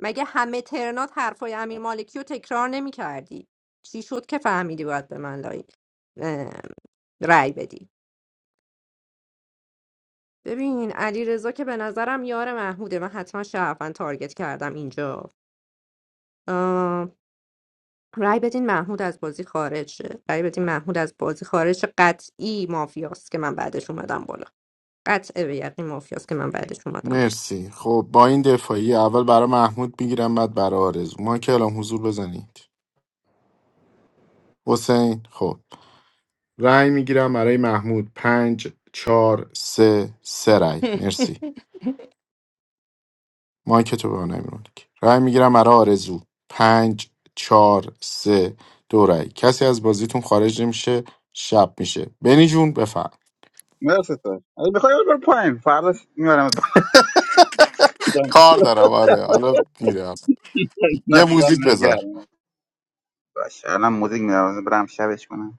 Speaker 6: مگه همه ترنات حرفای امیر مالکی رو تکرار نمیکردی چی شد که فهمیدی باید به من لایک اه، رأی بدی ببین علیرضا که به نظرم یار محموده من حتما شرفن تارگت کردم اینجا اه، رای بدین محمود از بازی خارج شه رای بدین محمود از بازی خارج شه. قطعی مافیاست که من بعدش اومدم بالا قطع به یقین مافیاست که من بعدش اومدم
Speaker 5: مرسی خب با این دفاعی اول برای محمود میگیرم بعد برای آرزو ما که الان حضور بزنید حسین خب رأی میگیرم برای محمود پنج چهار سه سه رأی
Speaker 8: [LAUGHS]
Speaker 5: مرسی ما که تو به من نمی‌رونی که. رأی میگیرم برای آرزو پنج چهار سه دو رأی کسی از بازیتون خارج نمیشه شب میشه بنی جون بفهم
Speaker 12: مرسی تو اگه بخوای برو پایین فردا میبرم [LAUGHS]
Speaker 5: کار دارم آره حالا میرم یه
Speaker 12: نه
Speaker 5: موزیک
Speaker 12: دمت
Speaker 5: بذار
Speaker 12: گرم باشه الان موزیک میدم برم شبش کنم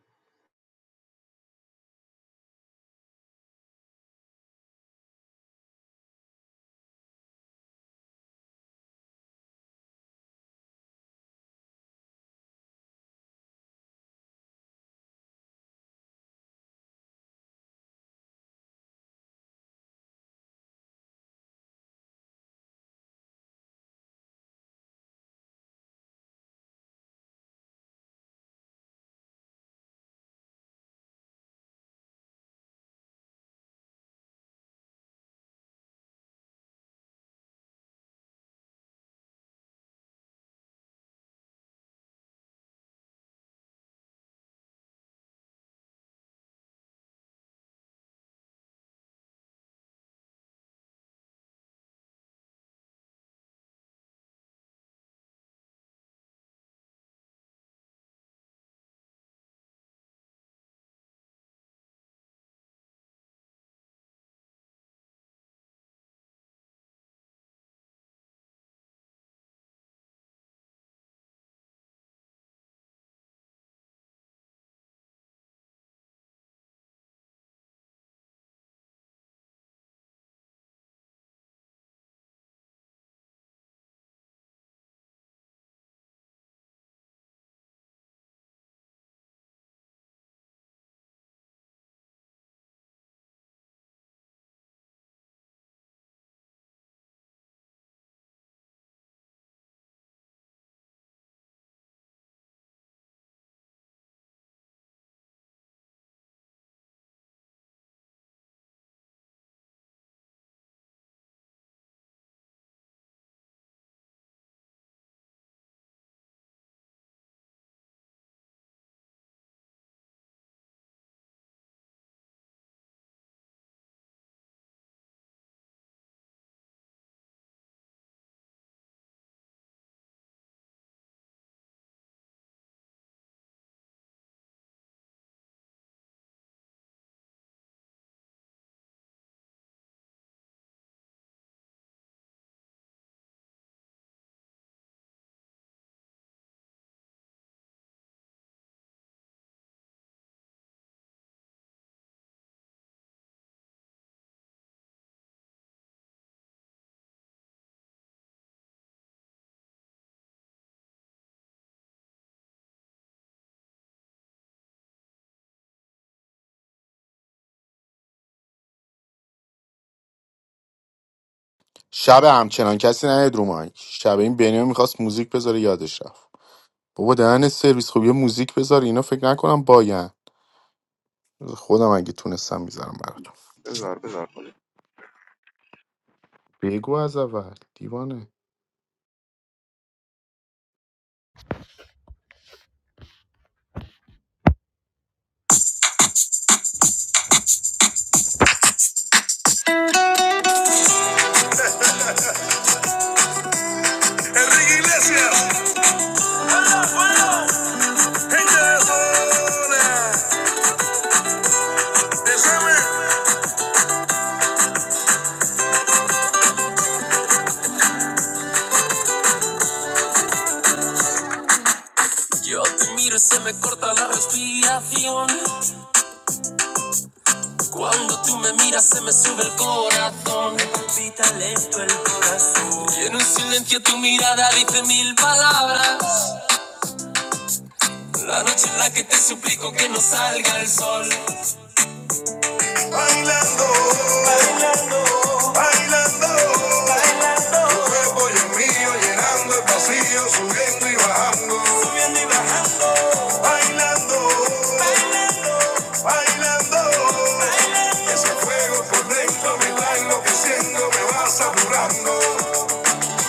Speaker 5: شب همچنان کسی نه رو مایک شب این بنیام میخواست موزیک بذاره یادش رفت بابا دهن سرویس خب یه موزیک بذار اینا فکر نکنم باین خودم اگه تونستم میذارم براتون
Speaker 12: بذار بذار خودش.
Speaker 5: بگو از اول دیوانه Enrique Iglesias. Yo te miro y se me corta la respiración. Cuando tú me miras se me sube el corazón, me palpita lento el corazón. Y en un silencio tu mirada dice mil palabras. La noche en la que te suplico que no salga el sol. Bailando, bailando, bailando, bailando. Tu cuerpo y el mío llenando el vacío, subiendo y bajando. Subiendo y bajando. Bailando, bailando. Bailando, ese fuego por dentro me va enloqueciendo, me va saturando.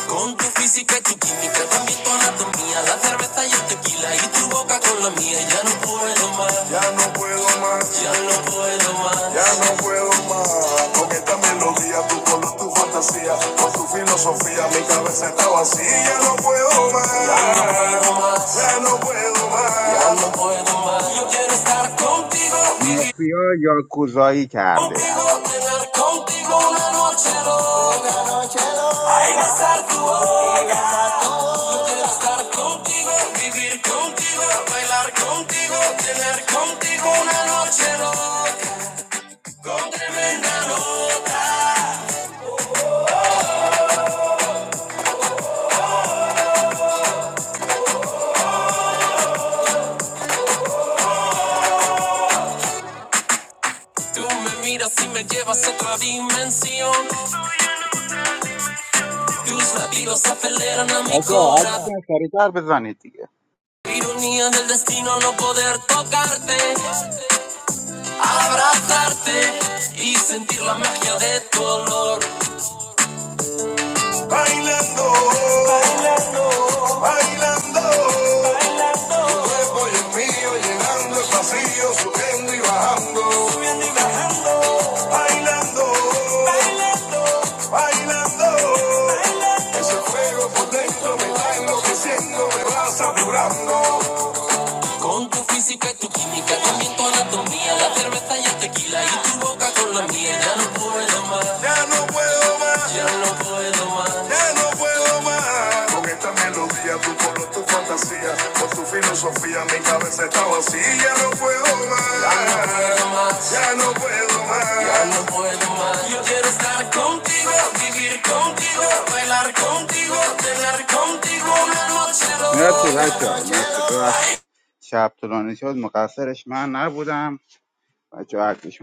Speaker 5: Con tu física y tu química, también tu anatomía, la cerveza y el tequila y tu boca con la mía, ya no puedo más, Ya no puedo más, ya no puedo más. ya no puedo más. Con esta melodía, tu color, tu fantasía, con tu filosofía, mi cabeza está vacía. Ya no puedo más, ya no puedo más, ya no puedo más. ya no puedo más. Yo quiero estar contigo, vivir
Speaker 12: مافیا یا کوزایی کرده
Speaker 5: Contigo, tener contigo una noche loca. Ay, besar tu boca, estar contigo, vivir contigo, bailar contigo, tener contigo una noche loca. Con tremenda nota. Tú me miras y me llevas a otra dimensión. Tus latidos aceleran a mi
Speaker 12: بچه ها هرچیتون
Speaker 5: corazón.
Speaker 12: سریعتر بزنید دیگه
Speaker 5: Ironía del destino no poder tocarte, abrazarte y sentir la magia de tu olor. Bailando, bailando, bailando. Tu cuerpo y el llenando el vacío, subiendo y bajando. Subiendo y bajando. Bailando, bailando, bailando. Ese fuego por dentro me está enloqueciendo, me va Con tu física y tu química, también tu anatomía, la cerveza y el tequila y tu boca con la mía. Ya no puedo más. Ya no puedo más con esta melodía, tu color, tu fantasía, con tu filosofía, mi cabeza está vacía. Ya no puedo más, ya no puedo más, ya no puedo más. Yo quiero estar contigo, vivir contigo, bailar contigo, tener contigo una noche
Speaker 12: مرسی
Speaker 5: loca.
Speaker 12: بچه ها مرسی ببخش شب طولانی شد مقصرش من نبودم بچه حرفش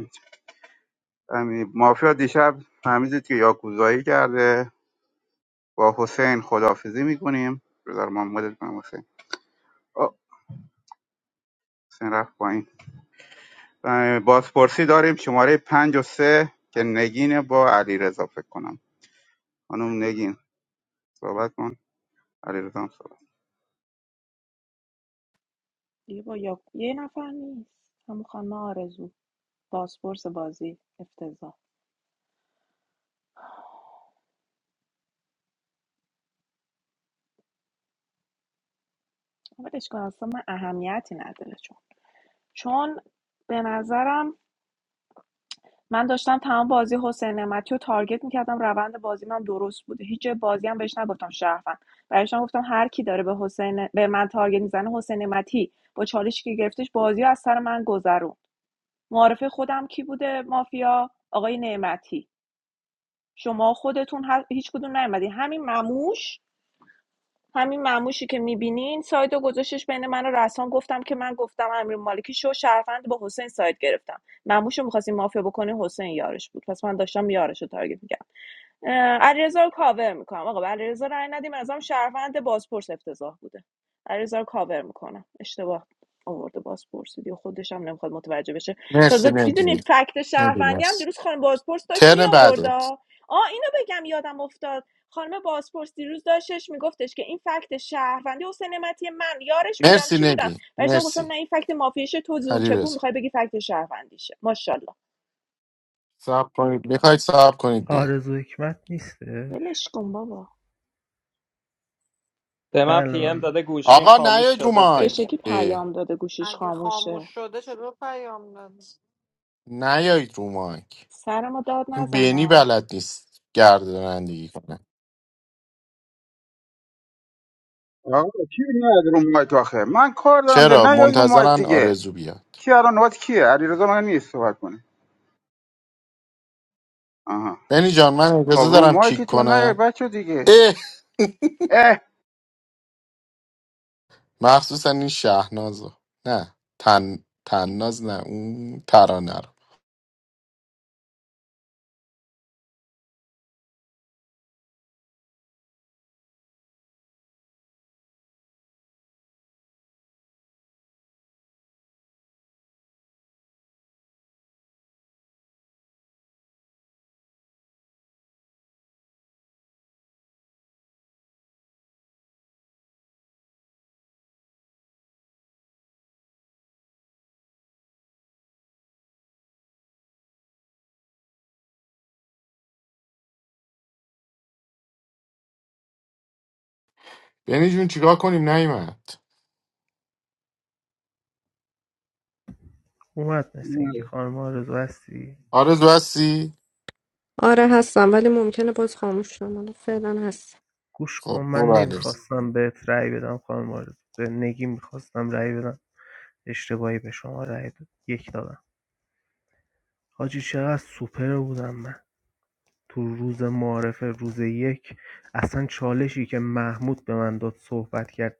Speaker 12: میزنه مافیا دیشب فهمیدید که یاکوزایی کرده با حسین خدافزی میکنیم بذار ما مدت کنم حسین آه، حسین رفت پایین اه، بازپرسی داریم شماره پنج و سه که نگینه با علی رضا فکر کنم خانم نگین صحبت کن علی رضا هم صحبت
Speaker 7: دیگه با یا... یه نفر نیست همون خانم آرزو پاسپورت بازی افتضاح اولش کن اصلا من اهمیتی نداره چون چون به نظرم من داشتم تمام بازی حسین نعمتی رو تارگت میکردم روند بازی من درست بوده هیچ جای بازی هم بهش نگفتم شرفن برایش گفتم هر کی داره به حسین به من تارگت میزنه حسین نعمتی با چالشی که گرفتش بازی رو از سر من گذروند معارف خودم کی بوده مافیا آقای نعمتی شما خودتون هر- هیچ کدوم نیومدی همین مموش همین مموشی که میبینین سایدو گذاشتش بین من و رسان گفتم که من گفتم امیر مالکی شو شهروند با حسین ساید گرفتم مموشو میخواستی مافیا بکنه حسین یارش بود پس من داشتم یارش رو تارگت می‌کردم. علیرضا رو کاور میکنم آقا به علیرضا رأی ندیم از هم شهروند بازپرس افتضاح بوده علیرضا رو کاور میکنم اشتباه آورده بازپرسی دیگه خودش هم نمیخواد متوجه بشه
Speaker 5: مرسی
Speaker 7: تازه
Speaker 5: نگی
Speaker 7: میدونی فکت
Speaker 5: نگی
Speaker 7: شهروندی هم
Speaker 5: مرسی
Speaker 7: دیروز خانم بازپرس داشت می
Speaker 5: ترن
Speaker 7: آورد
Speaker 5: بعده
Speaker 7: آ آه، اینو بگم یادم افتاد خانم بازپرس دیروز داشتش میگفتش که این فکت شهروندی حسین نعمتی من یارش بودم
Speaker 5: مرسی
Speaker 7: چی بودم
Speaker 5: نگی
Speaker 7: بهش گفتم نه
Speaker 5: مرسی
Speaker 7: این فکت مافیشه تو زور
Speaker 5: علی
Speaker 7: چپون میخوای
Speaker 5: رضا
Speaker 7: بگی فکت شهروندیشه ماشاءالله
Speaker 5: کنید میخواید صاحب کنید بیاد.
Speaker 18: آره
Speaker 7: ولش کن بابا
Speaker 9: به من
Speaker 18: بله
Speaker 9: پی ام
Speaker 18: من
Speaker 9: داده گوشیم
Speaker 5: آقا
Speaker 9: خاموش
Speaker 5: نیاید رو
Speaker 9: شده
Speaker 5: مایک
Speaker 7: چشکی
Speaker 9: بمونید
Speaker 5: اه،
Speaker 7: پیام داده گوشیش
Speaker 14: اگه خاموش
Speaker 7: خاموشه
Speaker 14: شده چرا پیام دادی؟
Speaker 5: نیاید رو مایک
Speaker 7: سر ما داد
Speaker 5: این بینی
Speaker 7: نزنا
Speaker 5: بلد نیست گردانندگی کنه
Speaker 12: آقا کی نیاد رو مایک آخه من کار دارم ده
Speaker 5: چرا
Speaker 12: نیاد رو مایک
Speaker 5: منتظرن
Speaker 12: دیگه
Speaker 5: آرزو بیاد
Speaker 12: کی الان نوبت کیه علی رضا من نیست صحبت کنه آها
Speaker 5: بینی جان من
Speaker 12: خب
Speaker 5: اجازه
Speaker 12: رو
Speaker 5: دارم
Speaker 12: مایک
Speaker 5: کیک
Speaker 12: تو نیاد
Speaker 5: کنم
Speaker 12: بچه دیگه
Speaker 5: اه [LAUGHS]
Speaker 12: اه
Speaker 5: مخصوصا این شهنازو نه تن تناز نه اون ترانه رو بینی جون چیکار کنیم نیومد
Speaker 18: اومد مثل اینکه خانم آرزو هستی
Speaker 5: آرزو هستی
Speaker 6: آره هستم ولی ممکنه باز خاموش شم حالا فعلا هست
Speaker 18: گوش کن
Speaker 5: خب
Speaker 18: من
Speaker 5: برو علیس
Speaker 18: نمیخواستم بهت رأی بدم خانم آرزو به نگین میخواستم رأی بدم اشتباهی به شما رأی داد یک دادم حاجی چقدر سوپر بودم من تو روز معارفه روز یک اصلا چالشی که محمود به من داد صحبت کرد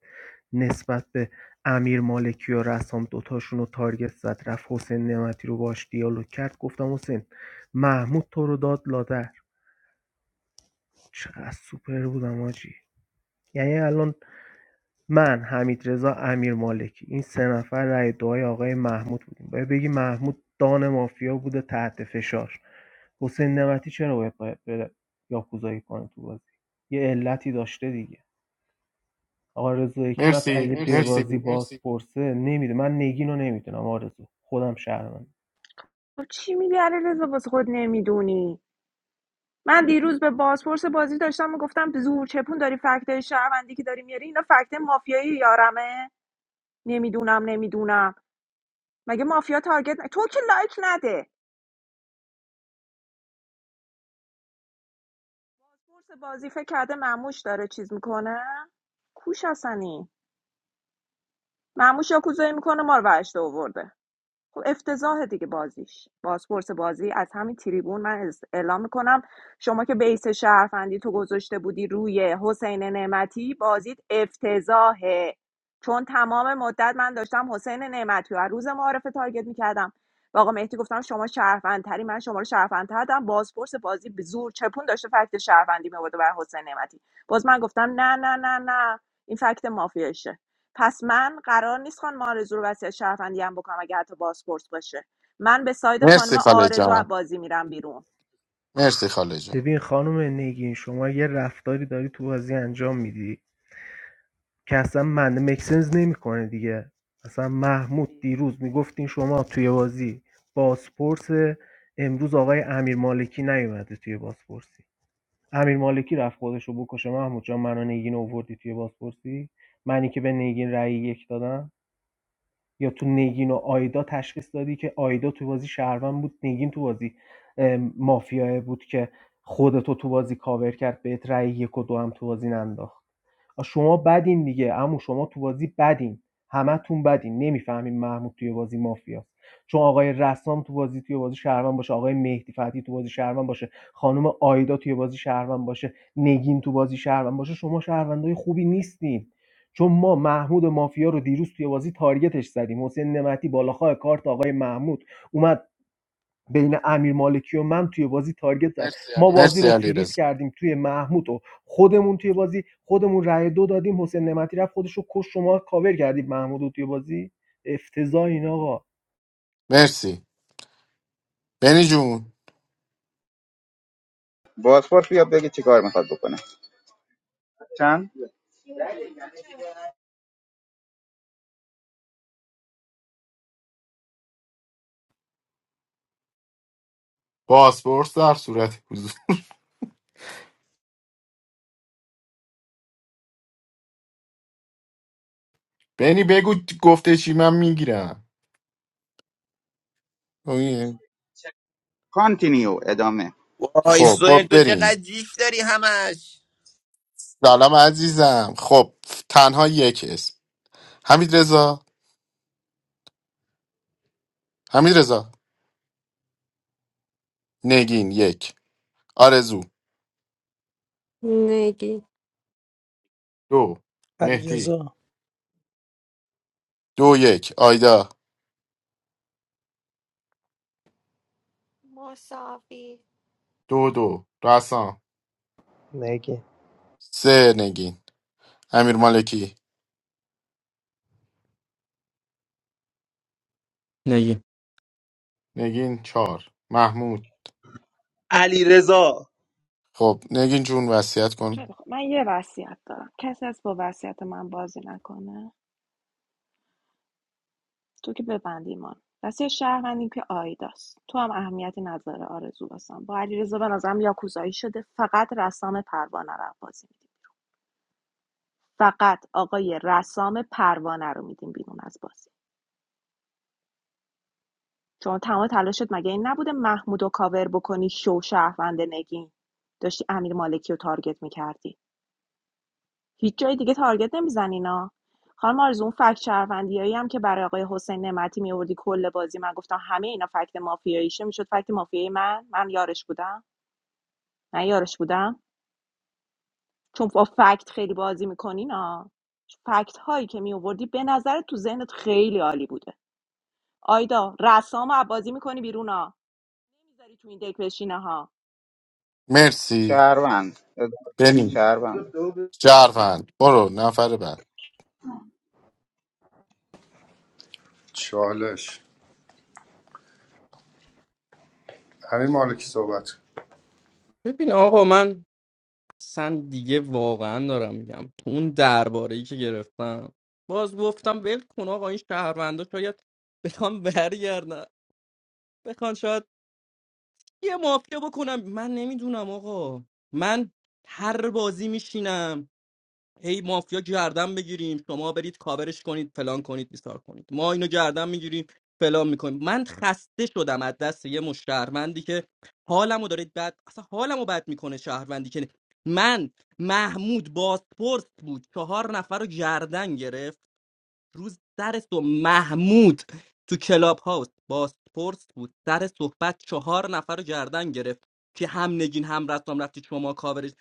Speaker 18: نسبت به امیر مالکی و رسام دوتاشون رو تارگت زد رفت حسین نعمتی رو باش دیالوگ کرد گفتم حسین محمود تو رو داد لادر چقدر سوپر بودم حاجی یعنی الان من حمیدرضا امیرمالکی این سه نفر رأی دعای آقای محمود بودیم باید بگی محمود دان مافیا بوده تحت فشار حسین نمتی چرا باید باید بره یاکوزایی کنه تو بازی یه علتی داشته دیگه آقا رضا حکمت
Speaker 5: مرسی
Speaker 18: اگه توی بازی
Speaker 5: مرسی
Speaker 18: باز پرسه نمیده من نگین رو نمیدونم آرزو خودم شهرمند
Speaker 7: خب چی میگی علیرضا واسه خود نمیدونی من دیروز به بازپرس بازی داشتم میگفتم زور چپون داری فکتای شهروندی که داری میاری اینا فکت مافیایی یارمه نمیدونم نمیدونم مگه مافیا تارگت ن... تو که لایک نده بازپرس بازی فکر کرده مموش داره چیز میکنه کوش حسنی مموش یا کوزایی میکنه ما رو ورشته آورده خب افتضاح دیگه بازیش بازپرس بازی از همین تریبون من از- اعلام میکنم شما که بیس شهروندی تو گذاشته بودی روی حسین نعمتی بازیت افتضاحه چون تمام مدت من داشتم حسین نعمتی رو از روز معارفه تارگت میکردم و آقا مهدی گفتم شما شهروندتری من شما رو شهروندتر دارم بازپرس بازی به زور چپون داشته فکت شهروندی میورده برای حسین نعمتی باز من گفتم نه نه نه نه این فکت مافیاشه پس من قرار نیست خانم آرزو رو وصیت شرفندی هم بکنم اگه حتی بازپرس باشه من به ساید
Speaker 5: مرسی
Speaker 7: خانم
Speaker 5: خاله
Speaker 7: آرزو از
Speaker 5: جان
Speaker 7: بازی میرم بیرون
Speaker 5: مرسی خاله جان
Speaker 18: ببین خانم نگین شما یه رفتاری داری تو بازی انجام میدی که اصلا منده مکسنز نمیکنه دیگه اصلا محمود
Speaker 7: خوبی
Speaker 18: دیروز میگفتین شما توی بازی بازپرس امروز آقای امیر مالکی نیومده توی بازپرسی امیر مالکی رفت خودش رو بکشه محمود جان منو نگین اووردی توی بازپرسی منی که به نگین رأی یک دادم یا تو نگین و آیدا تشخیص دادی که آیدا تو بازی شهروند بود نگین تو بازی ام، بود که خودتو تو بازی کاور کرد بهت رأی یک و دو هم تو بازی ننداخت شما بدین دیگه عمو شما تو بازی بدین همتون بدین نمیفهمین محمود توی بازی مافیاست چون آقای رسام تو بازی توی بازی شهرمن باشه آقای مهدی فتی تو بازی شهرمن باشه خانم آیدا توی بازی شهرمن باشه نگین تو بازی شهرمن باشه شما شهروندای خوبی نیستین چون ما محمود مافیا رو دیروز توی بازی تارگتش زدیم حسین نمتی بالاخواه کارت آقای محمود اومد بین امیر مالکی و من توی بازی تارگت زد ما بازی
Speaker 5: مرسی
Speaker 18: رو فریز
Speaker 5: علیرضا
Speaker 18: کردیم توی محمود و خودمون توی بازی خودمون رأی دو دادیم حسین نعمتی رفت خودش رو کش شما کاور کردیم محمود رو توی بازی افتضاح این آقا
Speaker 5: مرسی بینی جون
Speaker 12: بازپرس بیا بگه چی کار میخواد بکنه چند
Speaker 5: پاسپورت در صورت حضور بنی بگو گفته چی من میگیرم
Speaker 12: کانتینیو ادامه
Speaker 21: Oh, it's
Speaker 5: خب
Speaker 21: so
Speaker 5: با
Speaker 21: into the
Speaker 5: برین
Speaker 21: gadgets they're hamming.
Speaker 5: سلام عزیزم خب تنها یک اسم حمید رضا حمید رضا نگین یک آرزو
Speaker 6: نگی
Speaker 5: دو مهدی
Speaker 16: علیرضا
Speaker 5: دو یک آیدا
Speaker 14: مساوی
Speaker 5: دو دو رسام
Speaker 9: نگی
Speaker 5: سه نگین امیر مالکی
Speaker 8: نگی
Speaker 5: نگین چهار محمود
Speaker 3: علی رضا
Speaker 5: خب نگین جون وصیت
Speaker 7: خیلی
Speaker 5: کن
Speaker 7: خوب من یه وصیت دارم کسی از با وصیت من بازی نکنه تو که ببندی من وصیت شهروندیم که آیداست تو هم اهمیتی نظر آرزو واسم با علیرضا به نظرم یاکوزایی شده فقط رسام پروانه رو بازی میدیم فقط آقای رسام پروانه رو میدیم بیرون از بازی چون تمام تلاشت مگه این نبوده محمود و کاور بکنی شو شهروند نگین داشتی امیر مالکی رو تارگت میکردی هیچ جای دیگه تارگت نمیزنی نا خانم آرزو اون فکت شهروندیایی هم که برای آقای حسین نعمتی میوردی کل بازی من گفتم همه اینا فکت مافیاییشه میشد فکت مافیایی من من یارش بودم من یارش بودم چون با فکت خیلی بازی میکنی نا فکت هایی که می آوردی به نظر تو ذهنت خیلی عالی بوده آیدا رسام بازی میکنی بیرون ها نمیذاری تو این دک بشینه ها
Speaker 5: مرسی
Speaker 12: شهروند اد-
Speaker 5: بنی
Speaker 12: شهروند هستم،
Speaker 5: شرفند برو نفر بعد
Speaker 4: چالش همین مالکی صحبت
Speaker 8: ببین آقا من اصلا دیگه واقعا دارم میگم تو اون درباره ای که گرفتم باز گفتم ول کن آقا این شهروندا شاید بخوام برگردن بخوان شاید یه مافیا بکنم من نمیدونم آقا من هر بازی میشینم هی مافیا گردن بگیریم شما برید کاورش کنید فلان کنید بیسار کنید ما اینو گردن میگیریم فلان میکنیم من خسته شدم از دست یه مش شهروندی که حالمو داره بد اصلا حالمو بد میکنه شهروندی که من محمود باسپورس بود چهار نفر رو گردن گرفت روز سر تو محمود تو کلاب هاوس باسپورس بود سر صحبت چهار نفر رو گردن گرفت که هم نگین هم رسام رفتی شما کاورش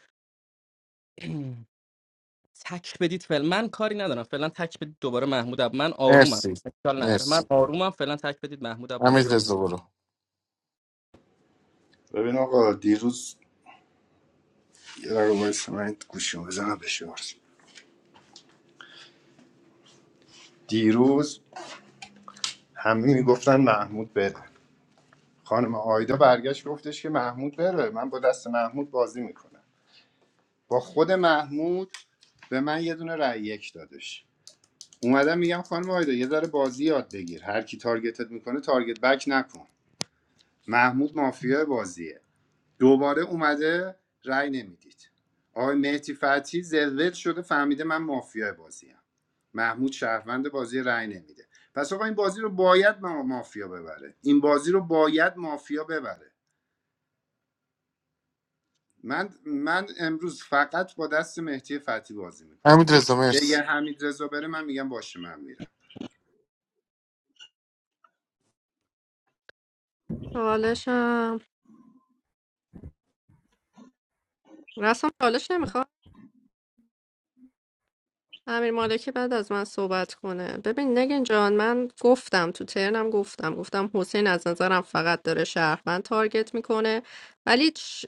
Speaker 8: تک بدید فعلا من کاری ندارم فعلا تک بدید دوباره محمود اب من آرومم
Speaker 5: مرسی
Speaker 8: اشکال نره
Speaker 5: مرسی
Speaker 8: من آرومم فعلا تک بدید محمود اب بازی
Speaker 5: حمید
Speaker 8: بره
Speaker 5: رضا برو
Speaker 4: ببین آقا دیروز یه دقیقه وایس من گوشیمو بزنم بشه شارژ دیروز همه میگفتن محمود بره خانم آیدا برگشت گفتش که محمود بره من با دست محمود بازی میکنم با خود محمود به من یه دونه رأی یک دادش اومدم میگم خانم آیدا یه ذره بازی یاد بگیر هر کی تارگتت میکنه تارگت بک نکن محمود مافیا بازیه دوباره اومده رأی نمیدید آقای مهدی فتحی زلزل شده فهمیده من مافیا بازیم محمود شهروند بازی رأی نمیده پس آقا این بازی رو باید ما مافیا ببره این بازی رو باید مافیا ببره من من امروز فقط با دست مهدی فتحی بازی میکنم
Speaker 5: حمید رضا
Speaker 4: اگر
Speaker 5: مرسی
Speaker 4: حمید رضا بره من میگم باشه من میرم
Speaker 6: حالشم رسم حالش امیر مالکی بعد از من صحبت کنه ببین نگین جان من گفتم تو ترنم گفتم گفتم حسین از نظرم فقط داره شهروند تارگت میکنه ولی چ-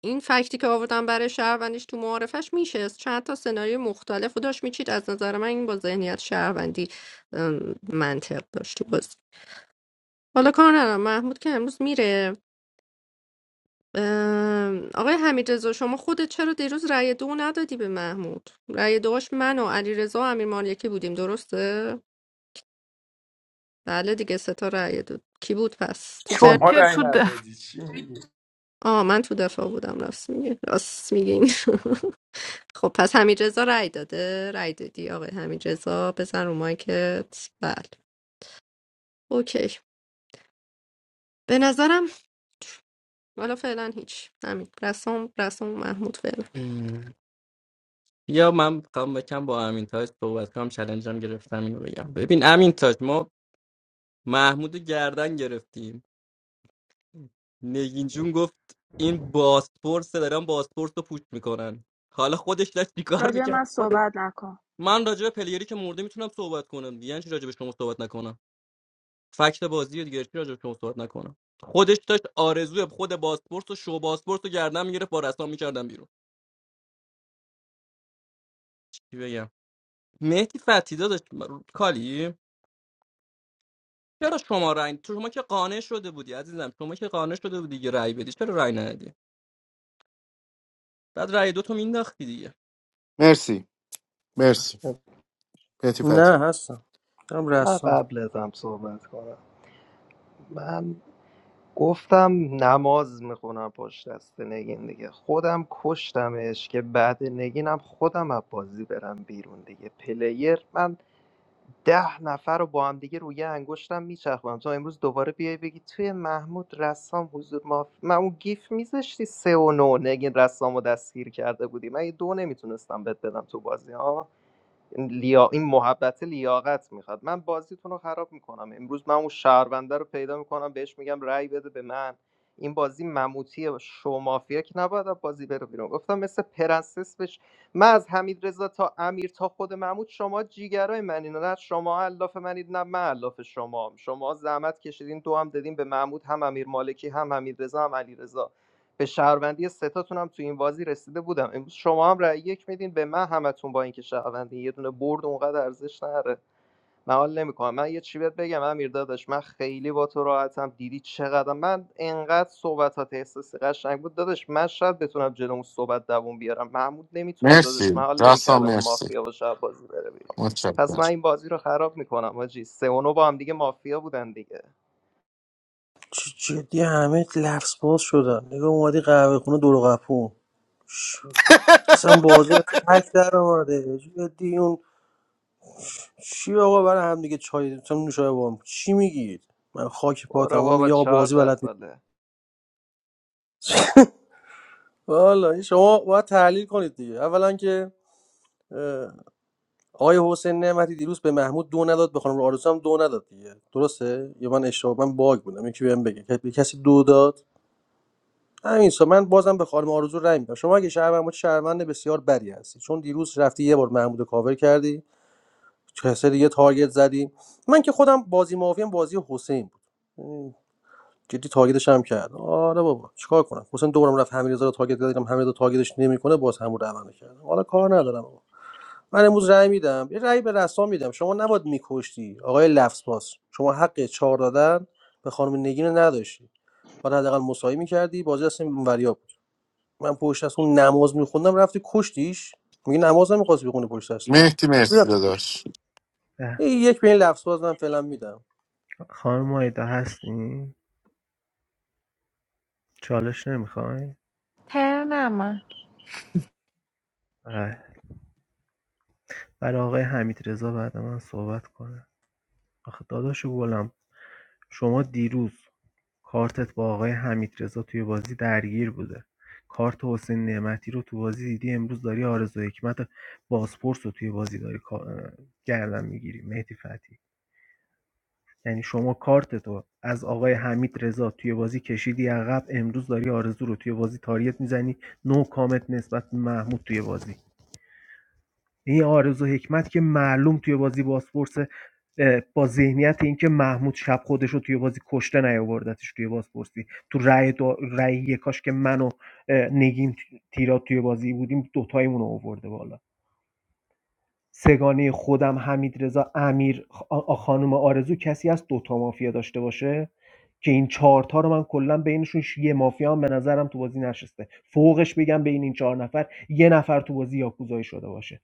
Speaker 6: این فکتی که آوردم برای شهروندیش تو معارفش میشه چند تا سناریو مختلف رو داشت میچید از نظر من این با ذهنیت شهروندی ام، منطق داشت تو بازی حالا کار ندارم محمود که امروز میره ام، آقای حمیدرضا شما خودت چرا دیروز رأی دو ندادی به محمود رأی دوش من و علیرضا و امیر مالکی بودیم درسته بله دیگه سه تا رأی دو کی بود پس تو
Speaker 14: تو
Speaker 6: ترن
Speaker 4: شما
Speaker 14: که
Speaker 4: رأی
Speaker 14: تو د-
Speaker 4: ندادی چی
Speaker 6: آه من تو دفاع بودم راست میگه راست میگین [LAUGHS] خب پس حمیدرضا رأی داده رأی دادی آقای حمیدرضا بزن رو مایکت بله اوکی به نظرم حالا فعلا هیچ همین رسام رسام محمود فعلا
Speaker 8: ام. یا من میخوام بکم با امین تاج صحبت کنم چلنجم گرفتم اینو بگم ببین امین تاج ما محمود رو گردن گرفتیم نگین جون گفت این باسپورس دارن باسپورس رو پوچ میکنن حالا خودش داشت چیکار
Speaker 7: راجع به
Speaker 8: میکرد
Speaker 7: من
Speaker 8: خودش
Speaker 7: صحبت نکن
Speaker 8: من راجع به پلیری که مرده میتونم صحبت کنم دیگه یعنی چی راجع به شما صحبت نکنم فکت بازی رو دیگه چی راجع به صحبت نکنم خودش داشت آرزوی خود باسپورت و شو باسپورت رو گردن میگرفت با رسام میکردن بیرون چی بگم مهدی فتیدا داشت کالی چرا شما رای تو شما که قانع شده بودی عزیزم شما که قانع شده بودی که رای بدی چرا رای ندی بعد رای دو تو مینداختی دیگه
Speaker 5: مرسی مرسی پتی پتی
Speaker 16: نه هستم دارم
Speaker 9: من
Speaker 16: رسام
Speaker 9: قبل ازم صحبت کنم من گفتم نماز میخونم پشت دست نگین دیگه خودم کشتمش که بعد نگینم خودم از بازی برم بیرون دیگه پلیر من ده نفر رو با هم دیگه روی انگشتم میچرخونم تو امروز دوباره بیای بگی توی محمود رسام حضور ما من اون گیف میذاشتی سه و نو نگین رسام رو دستگیر کرده بودی من یه دو نمیتونستم بهت بدم تو بازی ها لیا... این محبت لیاقت میخواد من بازیتون رو خراب میکنم امروز من اون شهرونده رو پیدا میکنم بهش میگم رأی بده به من این بازی مموتی شو مافیا که نباید از بازی بره بیرون گفتم مثل پرنسس بش من از حمید رضا تا امیر تا خود محمود شما جیگرای منین نه شما علاف منید نه من علاف شما شما زحمت کشیدین دو هم دادین به محمود هم امیر مالکی هم حمید رضا هم علی رضا. به شهروندی ستاتون هم تو این بازی رسیده بودم امروز شما هم رأی یک میدین به من همتون با اینکه شهروندی یه دونه برد اونقدر ارزش نره من حال نمیکنم من یه چی بهت بگم امیر داداش من خیلی با تو راحتم دیدی چقدر من انقدر صحبتات احساسی قشنگ بود داداش من شاید بتونم جلو اون صحبت دووم بیارم محمود نمیتونه
Speaker 5: مرسی
Speaker 9: داداش من حال
Speaker 5: راستا
Speaker 9: نمیکردم این
Speaker 5: مرسی
Speaker 9: مافیا باشه بازی بره بیرون
Speaker 5: متشکرم
Speaker 9: پس من این بازی رو خراب میکنم آجی سه و نو با هم دیگه مافیا بودن دیگه
Speaker 16: جدی همه لفظ باز شدن نگاه اومدی قهوه خونه دور و قپو اصلا بازی از تک در اومده جدی اون چی آقا برای هم دیگه چای مثلا نوشابه بام چی میگید من خاک پاتم
Speaker 9: برو
Speaker 16: اون
Speaker 9: بابا
Speaker 16: میگه آقا
Speaker 9: چهار
Speaker 16: بازی بلد
Speaker 9: دست
Speaker 16: نیست
Speaker 9: ساله
Speaker 16: [LAUGHS] والا این شما باید تحلیل کنید دیگه اولا که اه، آقای حسین نعمتی دیروز به محمود دو نداد به خانم آرزو هم دو نداد دیگه درسته یا من اشتباه من باگ بودم یکی بهم بگه که- به کسی دو داد همین سو من بازم به خانم آرزو رای میدم شما اگه شهروند باشی شهروند بسیار بری هستی چون دیروز رفتی یه بار محمود رو کاور کردی کسی دیگه تارگت زدی من که خودم بازی مافیم بازی حسین بود ام، جدی تارگتش هم کرد آره بابا چیکار کنم حسین دورم رفت همین رو تارگت کردم همین رو تارگتش نمیکنه باز همون روند رو عمل کرد حالا کار ندارم بابا. من امروز رأی میدم یه رأی به رسام میدم شما نباید میکشتی آقای لفظ باز شما حق چهار دادن به خانم نگین رو نداشتی باید حداقل مساوی میکردی بازی اصلا اونوریا من پشت از اون نماز میخوندم رفتی کشتیش میگه نماز هم میخواست بخونه پشت دستش
Speaker 5: مهدی مرسی
Speaker 16: رفتی کشتیش
Speaker 5: داداش
Speaker 18: اه،
Speaker 16: ای، یک به این لفظ باز من فعلا میدم
Speaker 18: خانم آیدا هستین چالش نمیخواین
Speaker 14: ترنمه
Speaker 18: برای آقای حمید رضا بعد من صحبت کنه آخه داداشو گلم شما دیروز کارتت با آقای حمیدرضا توی بازی درگیر بوده کارت حسین نعمتی رو تو بازی دیدی امروز داری آرزو حکمت بازپرس رو توی بازی داری کا- گردن میگیری مهدی فتی یعنی شما کارت تو از آقای حمید رضا توی بازی کشیدی عقب امروز داری آرزو رو توی بازی تاریت میزنی نو کامت نسبت محمود توی بازی این آرزو حکمت که معلوم توی بازی بازپرس با ذهنیت اینکه محمود شب خودش رو توی بازی کشته نیاوردتش توی بازپرسی تو رأی دو... رأی یکاش که من و نگین تیرات توی بازی بودیم دوتایمون رو آورده بالا سگانه خودم حمید رضا امیر خ- آ- خانم آرزو کسی از دوتا مافیا داشته باشه که این چهارتا رو من کلا بینشون ش- یه مافیا هم به نظرم تو بازی نشسته فوقش بگم بین این چهار نفر یه نفر تو بازی یاکوزایی شده باشه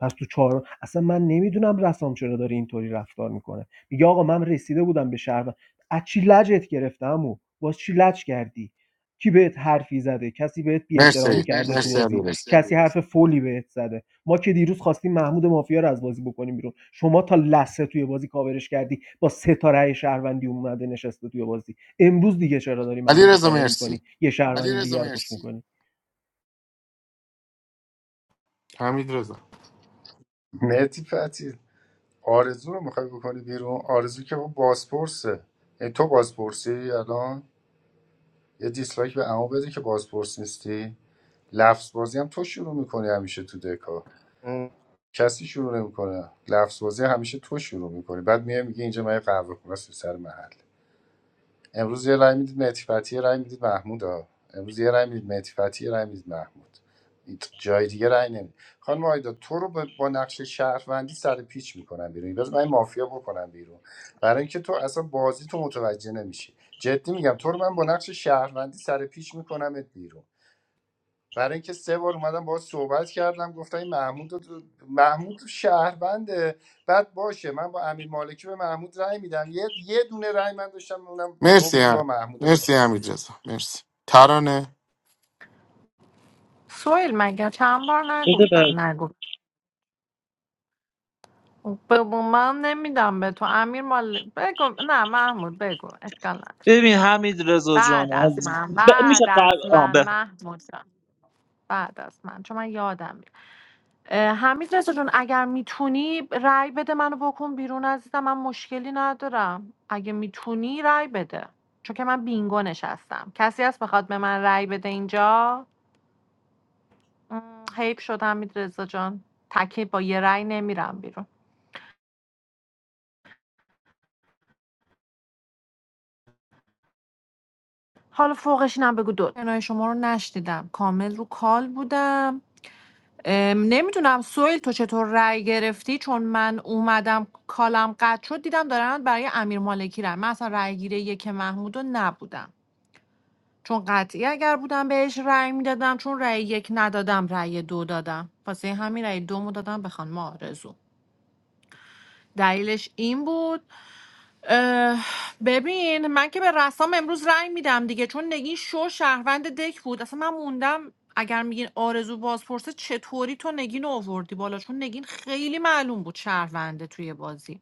Speaker 18: پس تو چهار اصلا من نمیدونم رسام چرا داره اینطوری رفتار میکنه میگه آقا من رسیده بودم به شهر از چی لجت گرفتم و باز چی لج کردی کی بهت حرفی زده کسی بهت بی
Speaker 5: مرسی
Speaker 18: احترامی کرده تو
Speaker 5: مرسی علی
Speaker 18: بازی
Speaker 5: رضا
Speaker 18: کسی حرف فولی بهت زده ما که دیروز خواستیم محمود مافیا رو از بازی بکنیم بیرون شما تا لسه توی بازی کاورش کردی با ستاره شهروندی اومده نشسته توی بازی امروز دیگه چرا داری
Speaker 5: علی
Speaker 18: محمود
Speaker 5: رضا
Speaker 18: کاور
Speaker 5: مرسی
Speaker 18: میکنی یه شهروند میکنی
Speaker 5: حمید رضا
Speaker 4: مهدی فتی آرزو رو میخوای بکنی بیرون آرزو که با بازپرسه یعنی تو بازپرسی الان یه دیسلایک به عمو بده که بازپرس نیستی لفظ بازی هم تو شروع میکنی همیشه تو دکا کسی شروع نمیکنه لفظ بازی همیشه تو شروع میکنی بعد میای میگه اینجا من یه قهوه خونه است تو سر محل امروز یه رای میدید مهدی فتحی، یه رای میدید محمود ها امروز یه رای میدید مهدی فتحی، یه رای میدید محمود جای دیگه رای نمیدید خانم آیدا تو رو با با نقش شهروندی سر پیچ میکنم بیرون باز من این مافیا بکنم بیرون برای اینکه تو اصلا بازی تو متوجه نمیشی جدی میگم تو رو من با نقش شهروندی سر پیچ میکنمت بیرون برای اینکه سه بار اومدم باهاش صحبت کردم گفتم این محمود رو- محمود شهربنده بعد باشه من با امیر مالکی به محمود رأی میدم یه یه دونه رأی من داشتم اونم تو
Speaker 5: مرسی
Speaker 4: بودی با
Speaker 5: ح-
Speaker 4: محمود
Speaker 5: مرسی
Speaker 4: مافیا
Speaker 5: حمید رضا مرسی ترانه
Speaker 14: سویل مگه چند بار نگفتم نگو به من نمیدم به تو امیر مال بگو نه محمود بگو اشکال نداره.
Speaker 3: ببین حمید رضا جان
Speaker 14: بعد از
Speaker 3: از-
Speaker 14: من
Speaker 3: ب- میشه
Speaker 14: بعد
Speaker 3: قل...
Speaker 14: از
Speaker 3: آه،
Speaker 14: من
Speaker 3: ب-
Speaker 14: محمود جان بعد از من چون من یادم میاد اه، حمید رضا جون اگر میتونی رأی بده منو بکن بیرون عزیزم من مشکلی ندارم اگه میتونی رأی بده چون که من بینگو نشستم کسی هست بخواد به من رأی بده اینجا م، حیف شد حمید رضا جان تکه با یه رأی نمیرم بیرون حالا فوقش اینم بگو دو کنای شما رو نشنیدم کامل رو کال بودم نمیدونم سویل تو چطور رأی گرفتی چون من اومدم کالم قطع شد دیدم دارن برای امیر مالکی رأی من اصلا رأی گیره یک محمود رو نبودم چون قطعی اگر بودم بهش رأی میدادم چون رأی یک ندادم رأی دو دادم واسه همین رأی دومو دادم به خانم آرزو دلیلش این بود اه، ببین من که به رسام امروز رأی میدم دیگه چون نگین شو شهروند دک بود اصلا من موندم اگر میگین آرزو بازپرسه چطوری تو نگین رو آوردی بالا چون نگین خیلی معلوم بود شهرونده توی بازی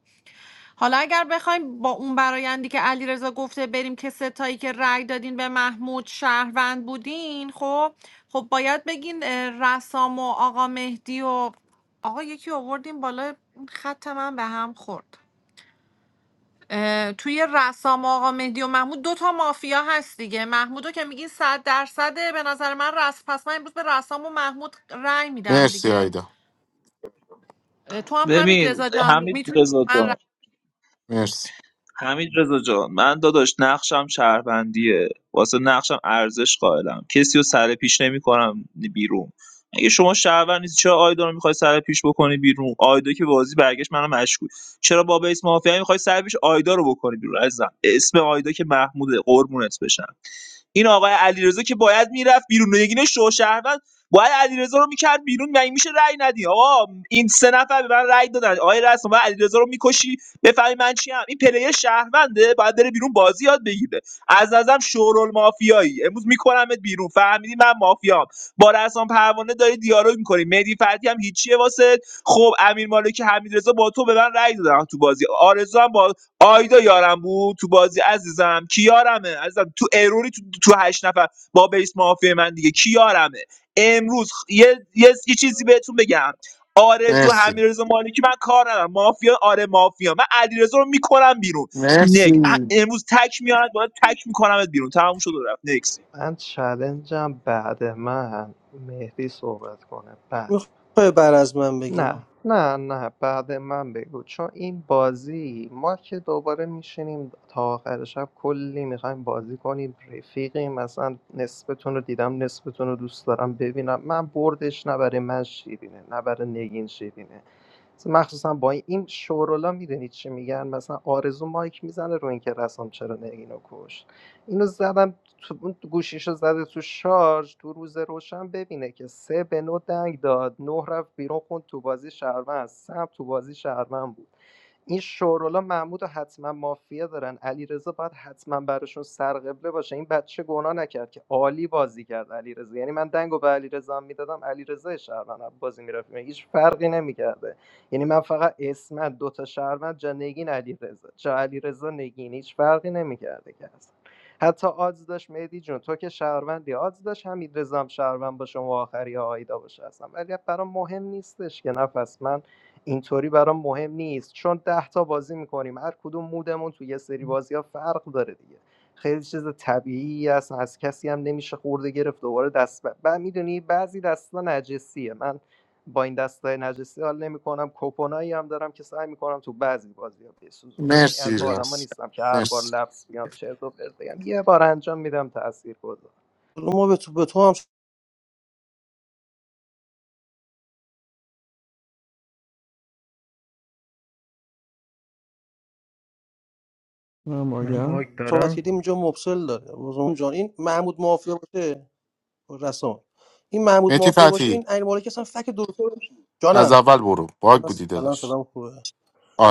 Speaker 14: حالا اگر بخوایم با اون برایندی که علیرضا گفته بریم که ستایی که رأی دادین به محمود شهروند بودین خب خب باید بگین اه، رسام و آقا مهدی و آقا یکی آوردین بالا این خط من به هم خورد اه، توی رسام آقا مهدی و محمود دو تا مافیا هست دیگه محمودو که میگین صد درصده به نظر من رس پس من امروز به رسام و محمود رأی میدم
Speaker 5: مرسی
Speaker 14: دیگه
Speaker 5: آیدا
Speaker 14: اه، تو هم همین
Speaker 3: ببین
Speaker 14: رضا جان
Speaker 3: حمید
Speaker 14: میتونی
Speaker 3: رضا
Speaker 14: من رأی
Speaker 3: جان
Speaker 5: مرسی
Speaker 3: حمید رضا جان من داداش نقشم شهروندیه واسه نقشم ارزش قائلم کسی رو سر پیش نمیکنم بیرون اگه شما شهروند نیست چرا آیدا رو میخوای سر پیش بکنی بیرون آیدا که بازی برگشت منم مشکوک چرا با بیس مافیا میخوای سر پیش آیدا رو بکنی بیرون عزیزم اسم آیدا که محموده قربونت بشم این آقای علیرضا که باید میرفت بیرون نگین شو شهروند باید علیرضا رو میکرد بیرون و این میشه رأی ندی آقا این سه نفر به من رأی دادن آقای رسم باید علیرضا رو میکشی بفهمی من چی هم این پلیر شهرونده باید بره بیرون بازی یاد بگیره از نظرم شورول مافیایی امروز میکنمت بیرون فهمیدی من مافیام با رسام پروانه داری دیالوگ میکنی مهدی فردی هم هیچیه واسه خب امیر مالکی حمیدرضا با تو به من رأی دادن تو بازی آرزو هم با آیدا یارم بود تو بازی عزیزم کی یارمه عزیزم تو اروری تو, تو هشت نفر با بیس مافیا من دیگه کی یارمه امروز خ- یه, یه, یه چیزی بهتون بگم آرزو
Speaker 5: مرسی
Speaker 3: همیرزو مالکی من کار ندارم مافیا آره مافیا من علیرضا رو میکنم بیرون
Speaker 5: مرسی
Speaker 3: نگ ه- امروز تک میارن باید تک میکنمت بیرون تموم شد و رفت نکس
Speaker 9: من چلنجم بعد من مهدی صحبت کنه بعد
Speaker 16: میخوای بر از من
Speaker 9: نه
Speaker 16: بگی
Speaker 9: نه نه بعد من بگو چون این بازی ما که دوباره میشینیم تا آخر شب کلی میخوایم بازی کنیم رفیقیم مثلا نصفتون رو دیدم نصفتون رو دوست دارم ببینم من بردش نه برای من شیرینه نه برای نگین شیرینه مثلا مخصوصا با این این شورولا میدونید چی میگن مثلا آرزو مایک میزنه رو اینکه رسام چرا نه اینو کشت اینو زدم تو اون گوشیشو زده تو شارژ تو روز روشن ببینه که سه به نو دنگ داد نه رفت بیرون خوند تو بازی شهروند سم تو بازی شهروند بود این شورولا محمود و حتما مافیا دارن علی باید حتما براشون سرقبله باشه این بچه گناه نکرد که عالی بازی کرد علیرضا یعنی من دنگو به علیرضا میدادم علیرضا رضا شهروند بازی میرفت هیچ فرقی نمیکرده یعنی من فقط اسمت دوتا شهروند جا نگین علی جا علیرضا رضا نگین هیچ فرقی نمیکرده که اصلا حتی آدز داشت مهدی جون تو که شهروندی آدز داشت حمید رضا هم شهروند باشه و آخری آیدا باشه اصلا ولی خب برام مهم نیستش که نفس من اینطوری برام مهم نیست چون ده تا بازی میکنیم هر کدوم مودمون تو یه سری بازی ها فرق داره دیگه خیلی چیز طبیعی است از کسی هم نمیشه خورده گرفت دوباره دست بعد ب... میدونی بعضی دستا نجسیه من با این دستای نجسی حال نمیکنم کوپنایی هم دارم که سعی میکنم تو بعضی بازی ها بسوزونم یعنی
Speaker 5: مرسی
Speaker 9: از اون آدما
Speaker 5: راست
Speaker 9: نیستم که هر بار
Speaker 5: مرسی
Speaker 9: لفظ میاد چرت و پرت بگم یه بار انجام میدم تاثیر گذار
Speaker 16: حالا ما به تو, به تو هم
Speaker 8: من
Speaker 18: من باگ
Speaker 8: باگم
Speaker 16: صحبت
Speaker 18: دارم
Speaker 16: کردیم اینجا مبسل داره بازم جان این محمود مافیا باشه رسام این محمود
Speaker 5: مهدی
Speaker 16: مافیا باشه
Speaker 5: فتی
Speaker 16: این عین مالک اصلا فک دکتر میشه
Speaker 5: از
Speaker 16: جانم
Speaker 5: اول برو باگ
Speaker 16: الان
Speaker 5: بودی
Speaker 16: الان
Speaker 5: داداش
Speaker 16: سلام خوبه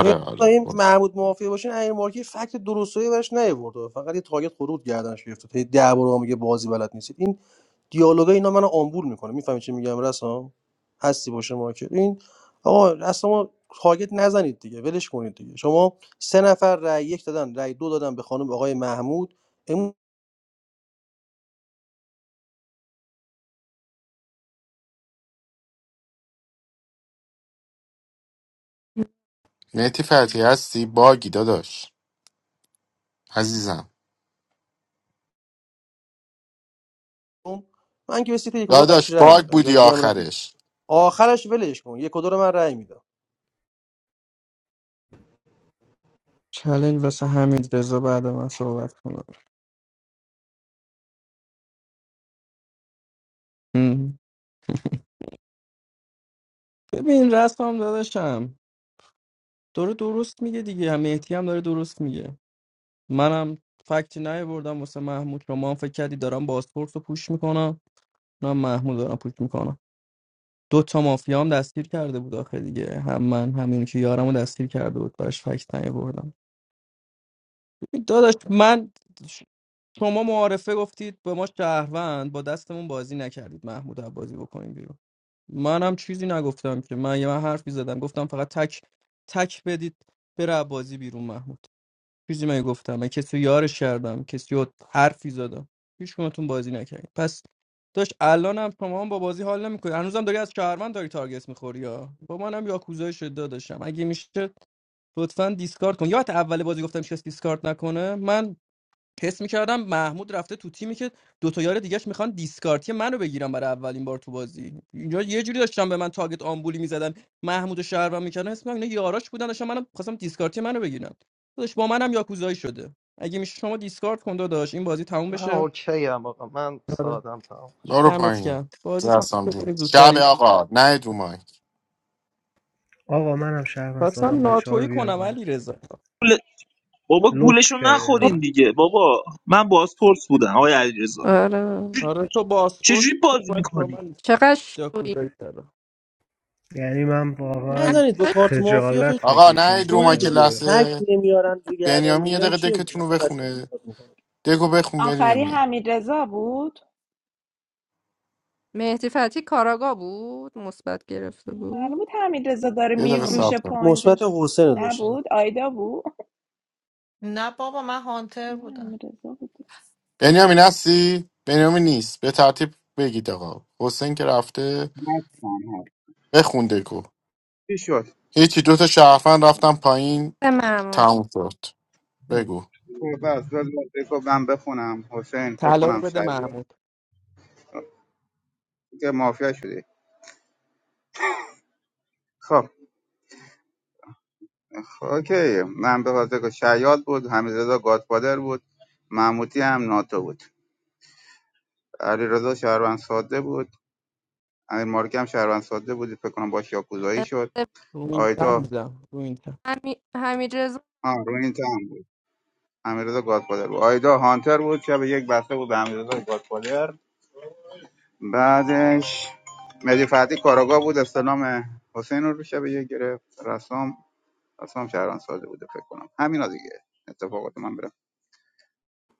Speaker 16: این این
Speaker 5: آره
Speaker 16: محمود موافقه باشه این امیر مالکی فکت درستایی براش نیورده فقط یه تاگت خروج گردنش گرفته هی ده بار به ما میگه بازی بلد نیست دیالوگا اینا منو آمبول میکنه میفهمی چی میگم رسام هستی باشه ما که این آقا رسام تارگت نزنید دیگه ولش کنید دیگه شما سه نفر رای یک دادن رای دو دادن به خانم آقای محمود امروز
Speaker 5: مهدی فتحی هستی باگی داداش عزیزم
Speaker 16: من که به سیت یک و دو
Speaker 5: داداش
Speaker 16: قطعی رای
Speaker 5: باگ
Speaker 16: میدم جای
Speaker 5: بودی
Speaker 16: دیگه هم رای می‌دم.
Speaker 5: آخرش
Speaker 16: آخرش ولش کن یک و دو رو من رای میدم
Speaker 8: چلنج واسه حمید رضا بعد من صحبت کنم هم. ببین رسام داداشم داره درست میگه دیگه هم مهدی هم داره درست میگه منم فکتی بردم واسه محمود شما هم فکر کردی دارم بازپورس رو پوش میکنم نه محمود دارم پوش میکنم دو تا مافیا هم دستگیر کرده بود آخه دیگه هم من همین که یارم رو دستگیر کرده بود براش فکت بردم داداش من شما معارفه گفتید به ما شهروند با دستمون بازی نکردید محمود رو بازی بکنیم بیرون منم چیزی نگفتم که من یه من حرفی زدم گفتم فقط تک تک بدید بره بازی بیرون محمود چیزی من گفتم من کسی رو یارش کردم کسی رو حرفی زدم هیچ کدومتون بازی نکردین پس داشت الان هم شما هم با بازی حال نمیکنی هنوزم داری از شهرمند داری تارگت میخوری یا با منم یاکوزای شده داشتم اگه میشه لطفا دیسکارد کن یا حتی اول بازی گفتم کسی دیسکارد نکنه من حس میکردم محمود رفته تو تیمی که دو تا یار دیگهش میخوان دیسکارتی منو بگیرن برای اولین بار تو بازی اینجا یه جوری داشتم به من تاگت آمبولی میزدن محمود و شهروند میکردن حس میکردم اینا یاراش بودن داشتم منم خواستم دیسکارتی منو بگیرن داداش با منم یاکوزایی شده اگه میشه شما دیسکارد کن داداش این بازی تموم
Speaker 9: من
Speaker 8: بشه
Speaker 9: اوکی ام آقا من
Speaker 8: آره
Speaker 9: سادم تمام شد
Speaker 5: برو
Speaker 8: دمت
Speaker 5: پایین
Speaker 8: گرم بازی تموم
Speaker 5: رسام
Speaker 8: بشه
Speaker 5: جون
Speaker 8: بریم
Speaker 5: شب
Speaker 8: زودتری
Speaker 5: آقا نه رو مایک
Speaker 18: آقا منم شهروند
Speaker 8: خواستم
Speaker 18: سادم بچه ها رو
Speaker 8: ناتویی
Speaker 18: بیار
Speaker 8: کنم
Speaker 18: بالا.
Speaker 8: علی رضا
Speaker 3: بابا
Speaker 18: لطف
Speaker 3: گولشو
Speaker 18: کردین
Speaker 3: نخورین
Speaker 18: ها.
Speaker 3: دیگه بابا من بازپرس بودم آقای علیرضا
Speaker 6: آره
Speaker 8: آره تو باسپورت
Speaker 3: چجوری بازی
Speaker 8: باید با
Speaker 3: میکنی
Speaker 8: من
Speaker 6: چقدر شوی
Speaker 8: یاکوزایی کنم.
Speaker 18: یعنی من واقعا
Speaker 16: نزنید با کارت مافیا خیلی
Speaker 18: خجالت
Speaker 5: آقا نه
Speaker 18: بکشیم با
Speaker 5: رو
Speaker 16: شوه
Speaker 5: مایک
Speaker 18: بازی
Speaker 16: دیگه
Speaker 18: ها
Speaker 16: فکت
Speaker 5: لحظه
Speaker 16: نمیارن دیگه گردن
Speaker 5: بنیامین یه
Speaker 16: میگیرن
Speaker 5: دقیقه
Speaker 16: چیه بود
Speaker 5: دکتون رو
Speaker 16: اصلا بچه
Speaker 5: بخونه
Speaker 16: استفاده میکنه
Speaker 5: دکو بخون
Speaker 7: آخری
Speaker 5: بنیامین
Speaker 7: حمیدرضا بود
Speaker 6: مهدی فتی کاراگاه بود مثبت گرفته
Speaker 7: معلوم
Speaker 6: بود
Speaker 7: بود حمیدرضا داره
Speaker 5: یه دقیقه صبر
Speaker 7: میفروشه
Speaker 5: کن
Speaker 16: مثبت
Speaker 7: پوینتش
Speaker 16: حسین داشتم
Speaker 7: نبود آیدا بود
Speaker 14: نه بابا من هانتر
Speaker 7: نه،
Speaker 14: بودم
Speaker 7: حمیدرضا بود
Speaker 5: بنیامین هستی بنیامین نیست به ترتیب بگید آقا حسین که رفته
Speaker 12: هست.
Speaker 5: بخون دکو
Speaker 12: چی شد
Speaker 5: هیچی دوتا شرفن رفتم پایین
Speaker 6: ممنون
Speaker 5: تموم شد بگو
Speaker 12: خب بس بذار بگو من بخونم حسین فکر
Speaker 8: طلا رو
Speaker 12: کنم
Speaker 8: بده
Speaker 12: شیاد
Speaker 8: محمود
Speaker 12: که مافیا شدی خب اوکی من به حاضر شیاد بود حمیدرضا گادفادر بود محمودی هم ناتو بود علیرضا شهروند ساده بود امیر مارکی هم شهروند ساده بود فکر کنم باش یاکوزایی شد
Speaker 8: رو این تم
Speaker 12: آیدا
Speaker 8: بودم رو این تم.
Speaker 6: همی... حمید رضا
Speaker 12: ها روی این تن بود. امیررضا گادفادر بود آیدا هانتر بود شب یک بسته بود به امیررضا گادفادر بعدش مهدی فتحی کاراگاه بود استلام حسین رو شب یک گرفت رسام رسام شهران ساده بوده فکر کنم همینا دیگه اتفاقات من برم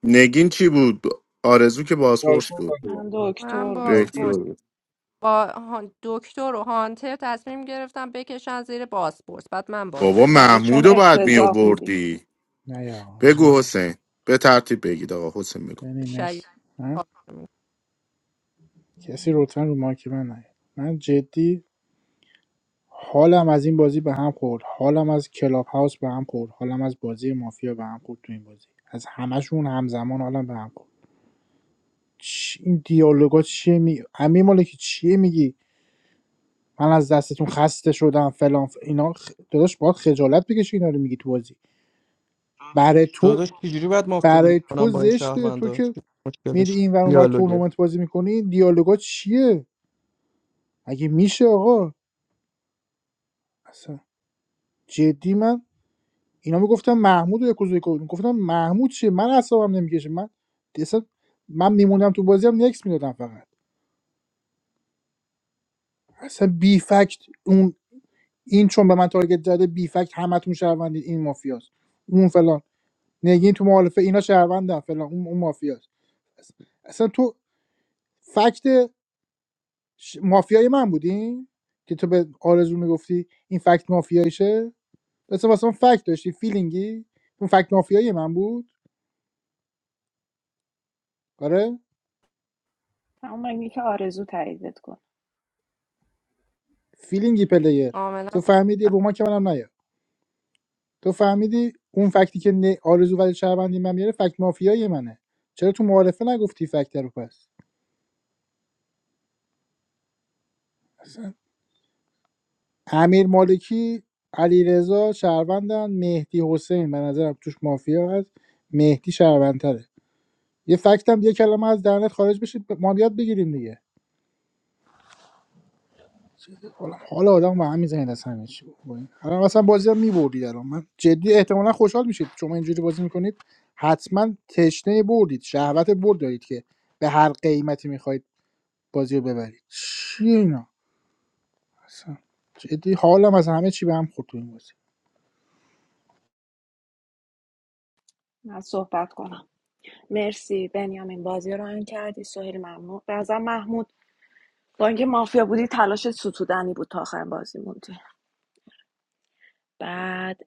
Speaker 5: نگین چی بود آرزو که بازپرس بود
Speaker 7: من
Speaker 6: من
Speaker 7: دکتر بودم
Speaker 6: بازپرس
Speaker 12: نگین
Speaker 5: دکتر
Speaker 6: با هان- دکتر و هانتر تصمیم گرفتم بکشن زیر بازپرس بعد من
Speaker 5: بابا
Speaker 6: بازیم
Speaker 7: آره
Speaker 6: بده
Speaker 5: محمود
Speaker 7: چون
Speaker 5: رو باید می
Speaker 7: افتضاح بودی
Speaker 5: آوردی
Speaker 2: نه یا نه
Speaker 5: بگو حسین به ترتیب بگید آقا حسین بگو
Speaker 2: بنی
Speaker 6: شاید
Speaker 2: مرسی من کسی لطفا رو ماکی من نه من جدی حالم از این بازی به هم خورد، حالم از کلاب هاوس به هم خورد، حالم از بازی مافیا به هم خورد تو این بازی. از همشون همزمان حالم به هم خورد. چی این دیالوگا چیه می امیر مالکی چیه میگی؟ من از دستتون خسته شدم فلان ف... اینا خ... داداش باید خجالت بکشی اینا رو میگی تو بازی. برای تو
Speaker 8: داداش چجوری باید مافیا بیرون
Speaker 2: برای
Speaker 8: کنم
Speaker 2: تو
Speaker 8: با این
Speaker 2: زشته تو
Speaker 8: شهروندا
Speaker 2: که
Speaker 8: چی
Speaker 2: میری
Speaker 8: مشکلش
Speaker 2: این ور اونور
Speaker 8: دیالوگه
Speaker 2: تورنمنت بازی میکنی دیالوگا چیه؟ مگه میشه آقا؟ اصلا جدی من اینا میگفتن محمود و یکوزای کنیم محمود چیه من اعصابم نمیکشه من اصلا من میموندم تو بازی هم نکس میدادم فقط اصلا بی فکت اون این چون به من تارگت زده بی فکت همتون شهروندید این مافیاست اون فلان نگین تو مخالفه اینا شهروندن فلان اون, اون مافیاست اصلا تو فکت ش- مافیای من بودی که تو به آرزو میگفتی این فکت مافیایشه پس واسه من فکت داشتی فیلینگی اون فکت مافیای من بود آره
Speaker 7: تمام اینی که آرزو تاییدت کن
Speaker 2: فیلینگی پلیر
Speaker 6: کاملا
Speaker 2: تو فهمیدی روما که منم نیا تو فهمیدی اون فکتی که نه- آرزو ولی شهروندی من میاره فکت مافیایی منه چرا تو معارفه نگفتی فکت رو پس اصلا امیر مالکی علیرضا شهروندن مهدی حسین به نظرم توش مافیا هست مهدی شهروندتره یه فکتم یه کلمه از دهنت خارج بشه ما بیاد بگیریم دیگه حالا حالا آدم به هم میزنید از همه چی بابا. الان مثلا بازی رو میبردید الان من جدی احتمالا خوشحال میشید شما اینجوری بازی میکنید حتما تشنه بردید شهوت برد دارید که به هر قیمتی میخواید بازی رو ببرید چی اینا اصلا جدی حالم از همه چی به هم خورد تو این بازی
Speaker 7: من صحبت کنم مرسی بنیامین بازی رو آن کردی سهیل ممنون به نظر محمود با اینکه مافیا بودی تلاش ستودنی بود تا آخر بازی موندی بعد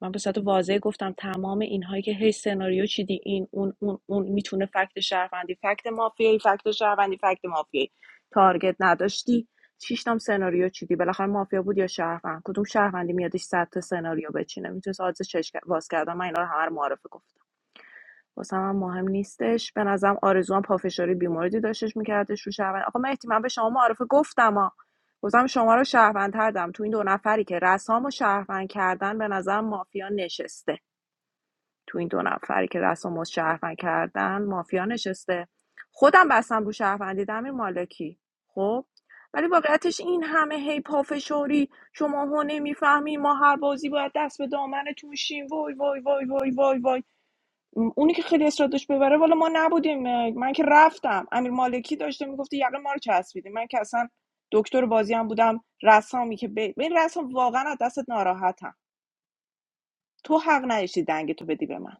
Speaker 7: من به صورت واضح گفتم تمام اینهایی که هی سناریو چیدی این اون اون اون میتونه فکت شهروندی فکت مافیایی فکت شهروندی فکت مافیایی تارگت نداشتی شش شیشتام سناریو چیدی بالاخره مافیا بود یا شهروند کدوم شهروندی میادش صد تا سناریو بچینه میتونست آدرس چشم باز کردم من اینا رو هر معرفه گفتم واسم هم مهم نیستش به نظرم آرزو هم پافشاری بیموردی داشتش میکردش رو شهروند آقا مهدی من به شما معرفه گفتم ها گفتم شما رو شهروند کردم تو این دو نفری که رسام و شهروند کردن به نظر مافیا نشسته تو این دو نفری که رسام و شهروند کردن مافیا نشسته خودم بستم رو شهروندی دمیر مالکی خب ولی واقعیتش این همه هی پافشاری شما هو نمیفهمی ما هر بازی باید دست به دامنتون شیم وای وای وای وای وای وای اونی که خیلی اصرار داشت ببره والا ما نبودیم من که رفتم امیر مالکی داشته میگفته یقه ما رو چسبیده من که اصلا دکتر بازی هم بودم رسامی که به به این رسام واقعا از دستت ناراحتم تو حق نداشتی دنگ تو بدی به من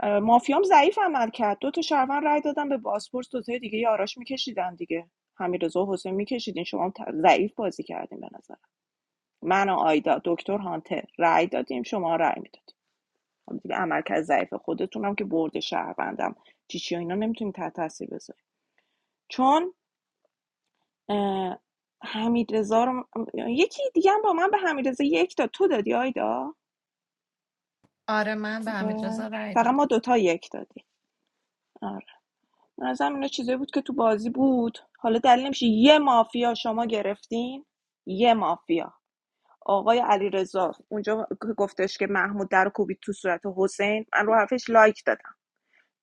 Speaker 7: اه، مافیام ضعیف عمل کرد دو تا شهروند رای دادم به باسپورس دو تای دیگه یاراش میکشیدن دیگه حمیدرضا و حسین میکشیدین شما هم ضعیف بازی کردین به نظر من و آیدا دکتر هانتر رای دادیم شما رای میدادین حالا دیگه عملکرد ضعیف خودتونم که برد شهروندم چی چی و اینا نمیتونیم تحت تاثیر بذاریم چون حمید رضا رو یکی دیگه هم با من به حمید رضا یک داد تو دادی آیدا
Speaker 14: آره من به حمید رضا
Speaker 7: آره.
Speaker 14: رأی
Speaker 7: فقط
Speaker 14: دادم
Speaker 7: ما دوتا یک دادی آره به نظرم اینا چیزایی بود که تو بازی بود حالا دلیل نمیشه یه مافیا شما گرفتین یه مافیا آقای علیرضا اونجا که گفتش که محمود در رو کوبید تو صورت حسین من رو حرفش لایک دادم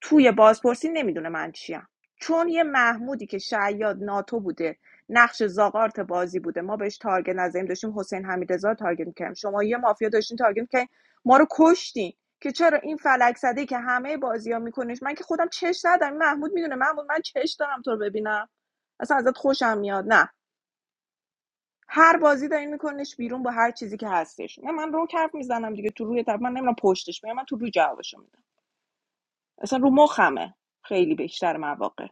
Speaker 7: توی بازپرسی نمیدونه من چیم چون یه محمودی که شعیاد ناتو بوده نقش زاغارت بازی بوده ما بهش تارگت نزدیم داشتیم حسین حمیدرضا رو تارگت میکردیم شما یه مافیا داشتین تارگت که ما رو کشتین که چرا این فلک زده که همه بازی ها من که خودم چش ندارم محمود میدونه محمود من چش دارم تو رو ببینم اصلا ازت خوشم میاد نه هر بازی داری میکنش بیرون با هر چیزی که هستش نه من رو حرف میزنم دیگه تو روی طرف من نمیدونم پشتش میام من تو روی جوابشو میدم اصلا رو مخمه خیلی بیشتر مواقع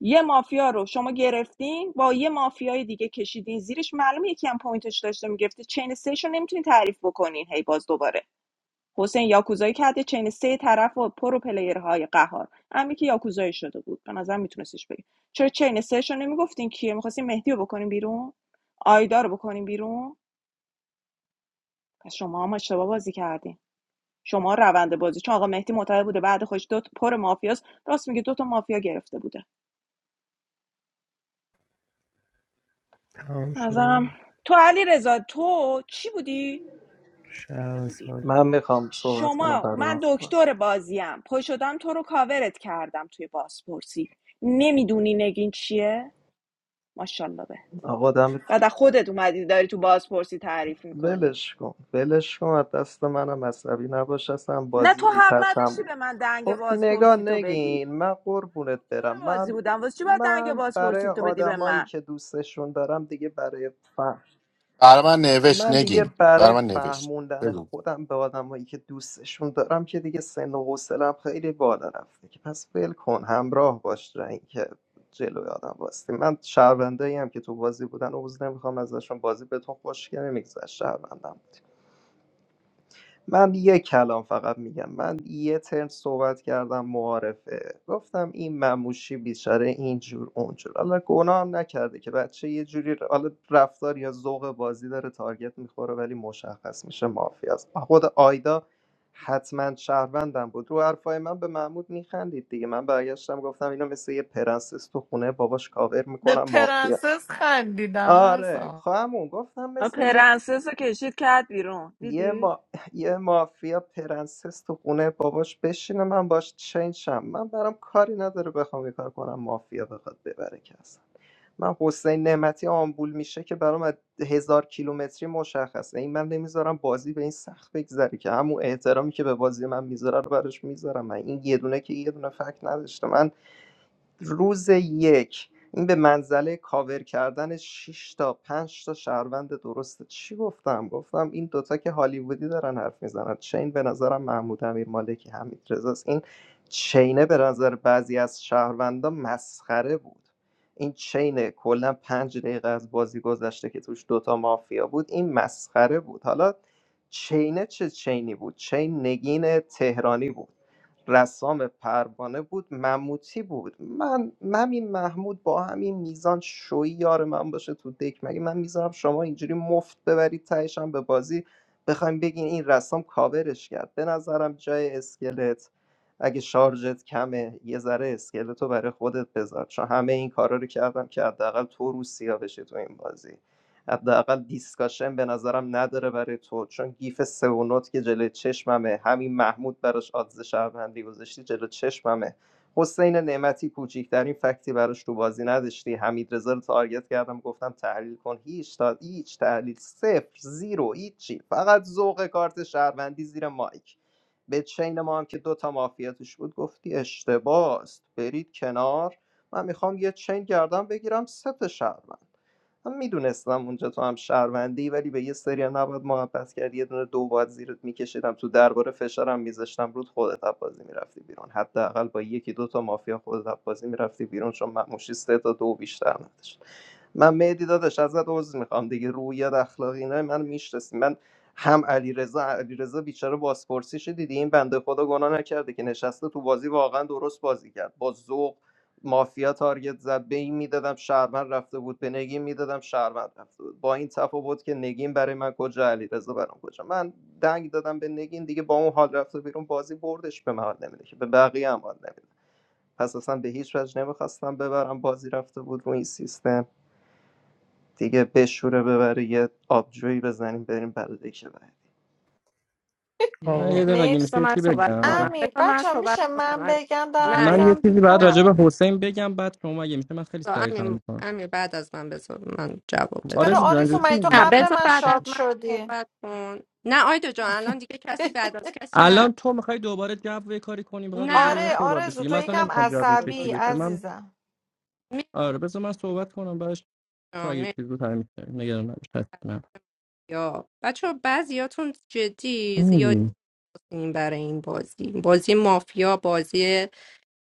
Speaker 7: یه مافیا رو شما گرفتین با یه مافیای دیگه کشیدین زیرش معلومه یکی هم پوینتش داشته میگفته چین سهش رو نمیتونین تعریف بکنین هی باز دوباره حسین یاکوزایی کرده چین سه طرف و پرو پلیرهای قهار امی که یاکوزایی شده بود به نظر میتونستش بگی چرا چین سهش رو نمیگفتین کیه میخواستین مهدی رو بکنین بیرون آیدا رو بکنین بیرون پس شما هم اشتباه بازی کردین شما روند بازی چون آقا مهدی معتقد بوده بعد خوش دو تا پر مافیاست راست میگه دو تا مافیا گرفته بوده
Speaker 18: تمام
Speaker 7: نظرم
Speaker 18: شد
Speaker 7: تو علی رضا تو چی بودی؟ ساده
Speaker 18: شهر
Speaker 7: بودی
Speaker 18: سال
Speaker 9: من میخوام صحبت کنم
Speaker 7: شما
Speaker 9: بعد من
Speaker 7: من
Speaker 9: صحبت
Speaker 7: دکتر
Speaker 9: کنم.
Speaker 7: بازیم پا شدم تو رو کاورت کردم توی بازپرسی نمیدونی نگین چیه؟ ماشاءالله. به
Speaker 9: آقا دمت
Speaker 7: بعد از خودت اومدی داری تو بازپرسی تعریف میکنی
Speaker 9: ولش کن ولش کن از دست منم عصبی نباش اصلا
Speaker 7: نه
Speaker 9: بازی
Speaker 7: تو حق
Speaker 9: رو تموم
Speaker 7: نداشتی به من دنگ
Speaker 9: خب نگاه
Speaker 7: بازپرسی تو بدی
Speaker 9: نگین من قربونت
Speaker 7: دکتر
Speaker 9: برم
Speaker 7: بازی
Speaker 9: من
Speaker 7: بودم واسه چی باید دنگ
Speaker 9: من برای
Speaker 7: بازپرسی تو بدی به
Speaker 9: آدمایی
Speaker 7: من
Speaker 9: که دوستشون دارم دیگه برای فهم
Speaker 5: برای من نوشت
Speaker 9: من دیگه
Speaker 5: نگین
Speaker 9: برای
Speaker 5: برای من نوشت
Speaker 9: فهموندن
Speaker 5: بگو
Speaker 9: خودم به آدمایی که دوستشون دارم که دیگه سن و حوصله‌ام خیلی بالا رفته که پس ول کن همراه باش تا اینکه جلوی آدم واستی من شهروندایی هم که تو بازی بودن عوض نمیخوام ازشون بازی بهتون خوشگل نمیگذشت شهروندم من یه کلام فقط میگم من یه ترم صحبت کردم معارفه گفتم این مموشی بیچاره اینجور اونجور حالا گناه هم نکرده که بچه یه جوری ر- حالا رفتار یا ذوق بازی داره تارگت میخوره ولی مشخص میشه مافیاست خود آیدا حتما شهروندم بود رو حرفای من به محمود میخندید دیگه من برگشتم گفتم اینا مثل یه پرنسس تو خونه باباش کاور
Speaker 14: به
Speaker 9: میکنم مافیا
Speaker 14: پرنسس خندیدم
Speaker 9: آره
Speaker 14: رسام
Speaker 9: خواهمون گفتم
Speaker 7: آه،
Speaker 9: مثل یه
Speaker 7: پرنسس رو کشید کرد بیرون
Speaker 9: یه,
Speaker 7: دیدی
Speaker 9: ما... یه مافیا پرنسس تو خونه باباش بشینه من باش چین شم من برام کاری نداره بخوام یه کار کنم مافیا بخواد ببره که اصلا من حسین نعمتی آمبول میشه که برام از هزار کیلومتری مشخصه این من نمیذارم بازی به این سخت بگذره که همون احترامی که به بازی من میذاره رو براش میذارم من این یه دونه که یه دونه فکت نداشته من روز یک این به منزله کاور کردن 6 تا 5 تا شهروند درسته چی گفتم گفتم این دوتا که هالیوودی دارن حرف میزنن چین به نظرم محمود امیر مالکی حمید رضاست این چینه به نظر بعضی از شهروندا مسخره بود این چینه کلا پنج دقیقه از بازی گذشته که توش دوتا مافیا بود این مسخره بود حالا چینه چه چینی بود چین نگین تهرانی بود رسام پروانه بود مموتی بود من همین محمود با همین میزان شوی یار من باشه تو دک مگه من میذارم شما اینجوری مفت ببرید تهش هم به بازی بخوایم بگین این رسام کاورش کرد به نظرم جای اسکلت اگه شارژت کمه یه ذره اسکلت رو برای خودت بذار چون همه این کارا رو کردم که حداقل تو روسیا بشه تو این بازی حداقل دیسکاشن به نظرم نداره برای تو چون گیف سه و نوت که جلوی چشممه همین محمود براش آدز شهروندی گذاشتی جلو چشممه حسین نعمتی کوچیکترین فکتی براش تو بازی نداشتی حمید رو تارگت کردم گفتم تحلیل کن هیچ تا هیچ تحلیل صفر زیرو هیچی فقط ذوق کارت شهروندی زیر مایک به چین ما هم که دو تا مافیا توش بود گفتی اشتباس برید کنار من میخوام یه چین گردم بگیرم سه تا شهروند من میدونستم اونجا تو هم شهروندی ولی به یه سریا نباید محبت کرد یه دونه دو باید زیرت میکشیدم تو درباره فشارم میذاشتم رود خودت از بازی میرفتی بیرون حداقل با یکی دو تا مافیا خودت از بازی میرفتی بیرون چون مموشی سه تا دو بیشتر نداشت من مهدی داداش ازت عذر میخوام دیگه رویت اخلاقی اینا من میشناسی من هم علیرضا علیرضا بیچاره بازپرسیش دیدی این بنده خدا گناه نکرده که نشسته تو بازی واقعا درست بازی کرد با ذوق مافیا تارگت زد به این میدادم شهروند رفته بود به نگین میدادم شهروند رفته بود با این تفاوت که نگین برای من کجا علیرضا برام کجا من دنگ دادم به نگین دیگه با اون حال رفته بیرون بازی بردش به من حال نمیده که به بقیه هم حال نمیده پس اصلا به هیچ وجه نمیخواستم ببرم بازی رفته بود رو این سیستم دیگه بشوره ببره یه آبجویی بزنیم بریم بلده که بره.
Speaker 8: من یه
Speaker 18: آقا
Speaker 8: دقیقه اگه
Speaker 14: مرسی
Speaker 8: میشه
Speaker 6: بذار
Speaker 8: یه
Speaker 6: من
Speaker 8: چی
Speaker 6: صحبت کنم
Speaker 8: بگم
Speaker 14: امیر
Speaker 6: بذار من
Speaker 14: بچه
Speaker 6: صحبت
Speaker 14: میشه
Speaker 6: کنم
Speaker 14: من
Speaker 6: امیر.
Speaker 14: بگم دارم
Speaker 6: نه
Speaker 8: من
Speaker 6: نه
Speaker 8: یه
Speaker 14: میرم
Speaker 8: چیزی بعد
Speaker 6: نه
Speaker 8: راجع
Speaker 14: بیرون
Speaker 8: به حسین بگم بعد شما اگه میشه من خیلی
Speaker 6: بذار
Speaker 8: سریع تمام
Speaker 6: امیر
Speaker 8: میکنم
Speaker 6: امیر بعد از من بذار من جواب بدم
Speaker 14: چرا
Speaker 8: آرزو جان
Speaker 14: آرزو
Speaker 8: جدی
Speaker 14: من تو
Speaker 8: میگی
Speaker 6: نه
Speaker 14: قبل
Speaker 6: بذار
Speaker 14: من
Speaker 6: بعد از
Speaker 14: شاد
Speaker 6: من
Speaker 14: شدی
Speaker 6: صحبت کن نه آیدا جان الان دیگه کسی
Speaker 14: [LAUGHS]
Speaker 6: بعد از کسی نرفت
Speaker 8: الان تو میخوای دوباره جو یه کاری کنی بخواد راجع به
Speaker 6: نه
Speaker 8: اینا
Speaker 14: آره
Speaker 6: امیر
Speaker 8: صحبت
Speaker 14: آرزو
Speaker 8: بشه
Speaker 14: تو
Speaker 8: من اصلا
Speaker 14: یکم
Speaker 6: ببرم
Speaker 8: نمیخوام جو این
Speaker 14: عصبی
Speaker 8: شکلی
Speaker 6: لطفا
Speaker 8: بشه من
Speaker 14: عزیزم
Speaker 8: آره بذار من صحبت کنم بعدش تو
Speaker 6: میان
Speaker 8: اگه چیزی رو تعریف کنی نگران نباش حتما
Speaker 6: مهدیا بچه ها، بعضیاتون جدی زیاد
Speaker 8: میگی
Speaker 6: این برای این بازی بازی مافیا بازی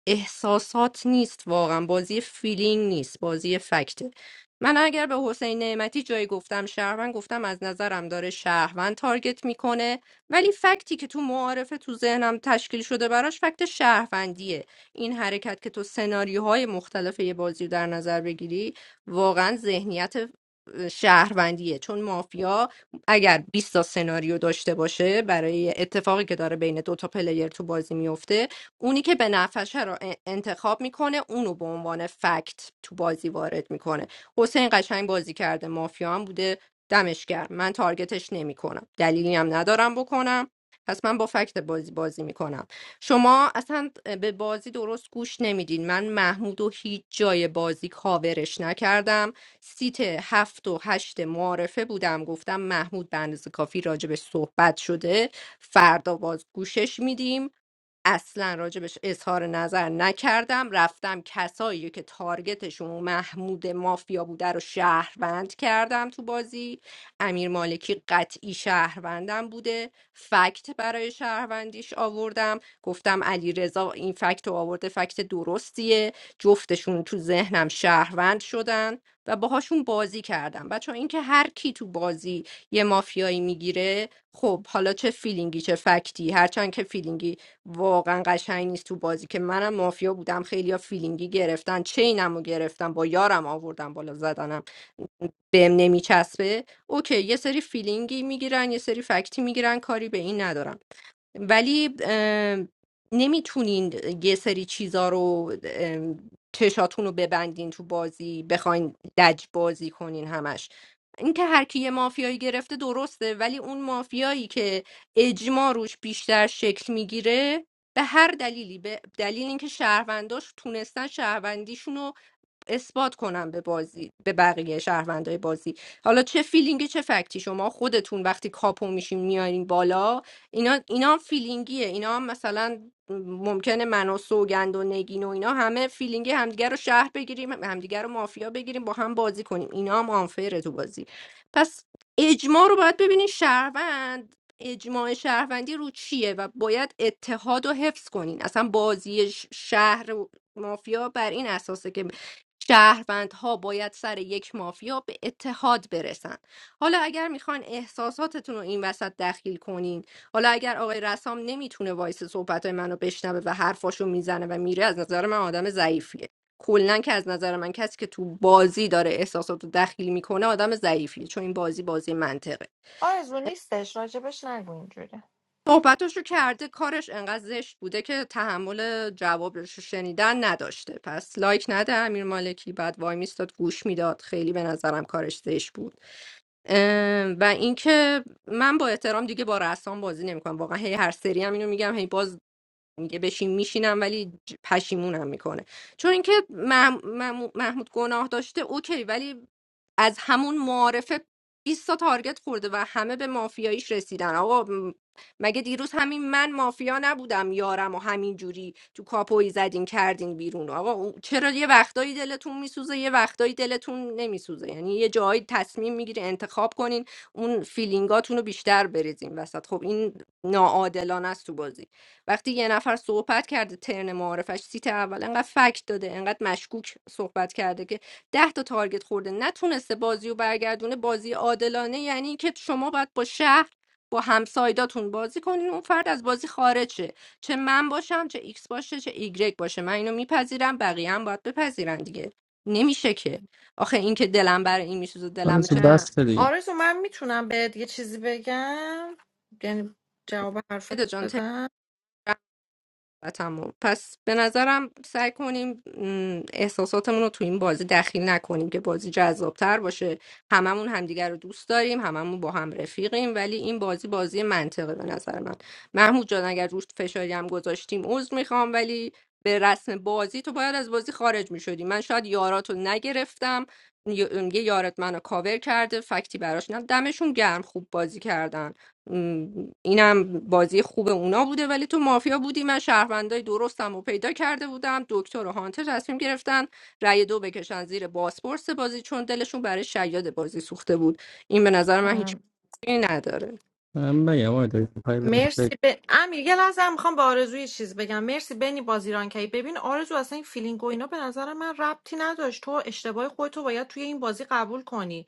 Speaker 6: احساسات نیست واقعا بازی فیلینگ نیست بازی فکته من اگر به حسین نعمتی جایی گفتم شهروند گفتم از نظرم داره شهروند تارگت میکنه ولی فکتی که تو معارفه تو ذهنم تشکیل شده براش فکت شهروندیه این حرکت که تو سناریوهای مختلف یه بازی رو در نظر بگیری واقعا ذهنیت شهروندیه چون مافیا اگر 20 تا سناریو داشته باشه برای اتفاقی که داره بین دو تا پلیر تو بازی میفته اونی که به نفشه رو انتخاب میکنه اونو به عنوان فکت تو بازی وارد میکنه حسین قشنگ بازی کرده مافیا هم بوده دمش گرم من تارگتش نمیکنم دلیلی هم ندارم بکنم پس من با فکت بازی بازی میکنم شما اصلا به بازی درست گوش نمیدین من محمود و هیچ جای بازی کاورش نکردم سیت هفت و هشت معارفه بودم گفتم محمود به اندازه کافی راجبش صحبت شده فردا باز گوشش میدیم اصلا راجبش اظهار نظر نکردم رفتم کسایی که تارگتشون محمود مافیا بوده رو شهروند کردم تو بازی امیر مالکی قطعی شهروندم بوده فکت برای شهروندیش آوردم گفتم علی رضا این فکت رو آورده فکت درستیه جفتشون تو ذهنم شهروند شدن و باهاشون بازی کردم بچه اینکه هر کی تو بازی یه مافیایی میگیره خب حالا چه فیلینگی چه فکتی هرچند که فیلینگی واقعا قشنگ نیست تو بازی که منم مافیا بودم خیلیا فیلینگی گرفتن چینمو گرفتم با یارم آوردم بالا زدنم بهم نمیچسبه اوکی یه سری فیلینگی میگیرن یه سری فکتی میگیرن کاری به این ندارم ولی ام، نمیتونین یه سری چیزا رو ام، چشاتون رو ببندین تو بازی بخواین لج بازی کنین همش اینکه هر کی یه مافیایی گرفته درسته ولی اون مافیایی که اجماع روش بیشتر شکل میگیره به هر دلیلی به دلیل اینکه شهرونداش تونستن شهروندیشون اثبات کنم به بازی به بقیه شهروندای بازی حالا چه فیلینگی چه فکتی شما خودتون وقتی کاپو میشین میارین بالا اینا اینا هم فیلینگیه اینا هم مثلا ممکنه من و سوگند و نگین و اینا همه فیلینگی همدیگه رو شهر بگیریم همدیگه رو مافیا بگیریم با هم بازی کنیم اینا هم آنفره تو بازی پس اجماع رو باید ببینین شهروند اجماع شهروندی رو چیه و باید اتحاد رو حفظ کنین اصلا بازی ش- شهر و مافیا بر این اساسه که شهروندها باید سر یک مافیا به اتحاد برسن حالا اگر میخوان احساساتتون رو این وسط دخیل کنین حالا اگر آقای رسام نمیتونه وایس صحبت منو بشنوه و حرفاشو میزنه و میره از نظر من آدم ضعیفیه کلا که از نظر من کسی که تو بازی داره احساسات رو دخیل میکنه آدم ضعیفیه چون این بازی بازی منطقه
Speaker 14: آرزو نیستش راجبش نگو اینجوری
Speaker 6: صحبتاشو کرده کارش انقدر زشت بوده که تحمل جوابش رو شنیدن نداشته پس لایک نده امیر مالکی بعد وای میستاد گوش میداد خیلی به نظرم کارش زشت بود اه، و اینکه من با احترام دیگه با رسام بازی نمیکنم واقعا هی هر سری هم اینو میگم هی باز میگه بشین میشینم ولی ج- پشیمونم میکنه چون اینکه مح- مح- محمود گناه داشته اوکی ولی از همون معارفه 20 تا تارگت خورده و همه به مافیاییش رسیدن آقا م- مگه دیروز همین من مافیا نبودم یارم و همین جوری تو کاپوی زدین کردین بیرون آقا او- چرا یه وقتایی دلتون میسوزه یه وقتایی دلتون نمیسوزه یعنی یه جایی تصمیم میگیره انتخاب کنین اون فیلینگاتون رو بیشتر بریزین وسط خب این ناعادلانه است تو بازی وقتی یه نفر صحبت کرده ترن معارفش سیت اول انقدر فکت داده انقدر مشکوک صحبت کرده که ده تا تارگت خورده نتونسته بازی رو برگردونه بازی عادلانه یعنی که شما باید با شهر با همسایداتون بازی کنین اون فرد از بازی خارج شه چه من باشم چه ایکس باشه چه ایگرگ باشه من اینو میپذیرم بقیه هم باید بپذیرن دیگه نمیشه که آخه این که دلم برای این میسوزه دلم
Speaker 8: آرزو
Speaker 6: چه
Speaker 14: اه.
Speaker 8: بس دیگه
Speaker 14: آرزو من میتونم بهت یه چیزی بگم یعنی جواب
Speaker 6: بده
Speaker 14: حرفتو
Speaker 6: جان
Speaker 14: بدم
Speaker 6: محبتمون. پس به نظرم سعی کنیم م، احساساتمون رو تو این بازی دخیل نکنیم که بازی جذابتر باشه هممون همدیگر رو دوست داریم هممون با هم رفیقیم ولی این بازی بازی منطقه به نظر من محمود جان اگر روش فشاری هم گذاشتیم عذر میخوام ولی به رسم بازی تو باید از بازی خارج میشدی من شاید یاراتو نگرفتم ی- یه یارت منو کاور کرده فکتی براش نه دمشون گرم خوب بازی کردن م، اینم بازی خوب اونا بوده ولی تو مافیا بودی من شهروندای درستم رو پیدا کرده بودم دکتر و هانتر تصمیم گرفتن رأی دو بکشن زیر بازپرس بازی چون دلشون برای شیاد بازی سوخته بود این به نظر من هیچ معنی نداره
Speaker 8: من بگم آره داری پای بگم
Speaker 14: مرسی به امیر یه لحظه میخوام به آرزو یه چیز بگم مرسی بنی بازیران کی ببین آرزو اصلا این فیلینگ و اینا به نظر من ربطی نداشت تو اشتباه خودتو باید توی این بازی قبول کنی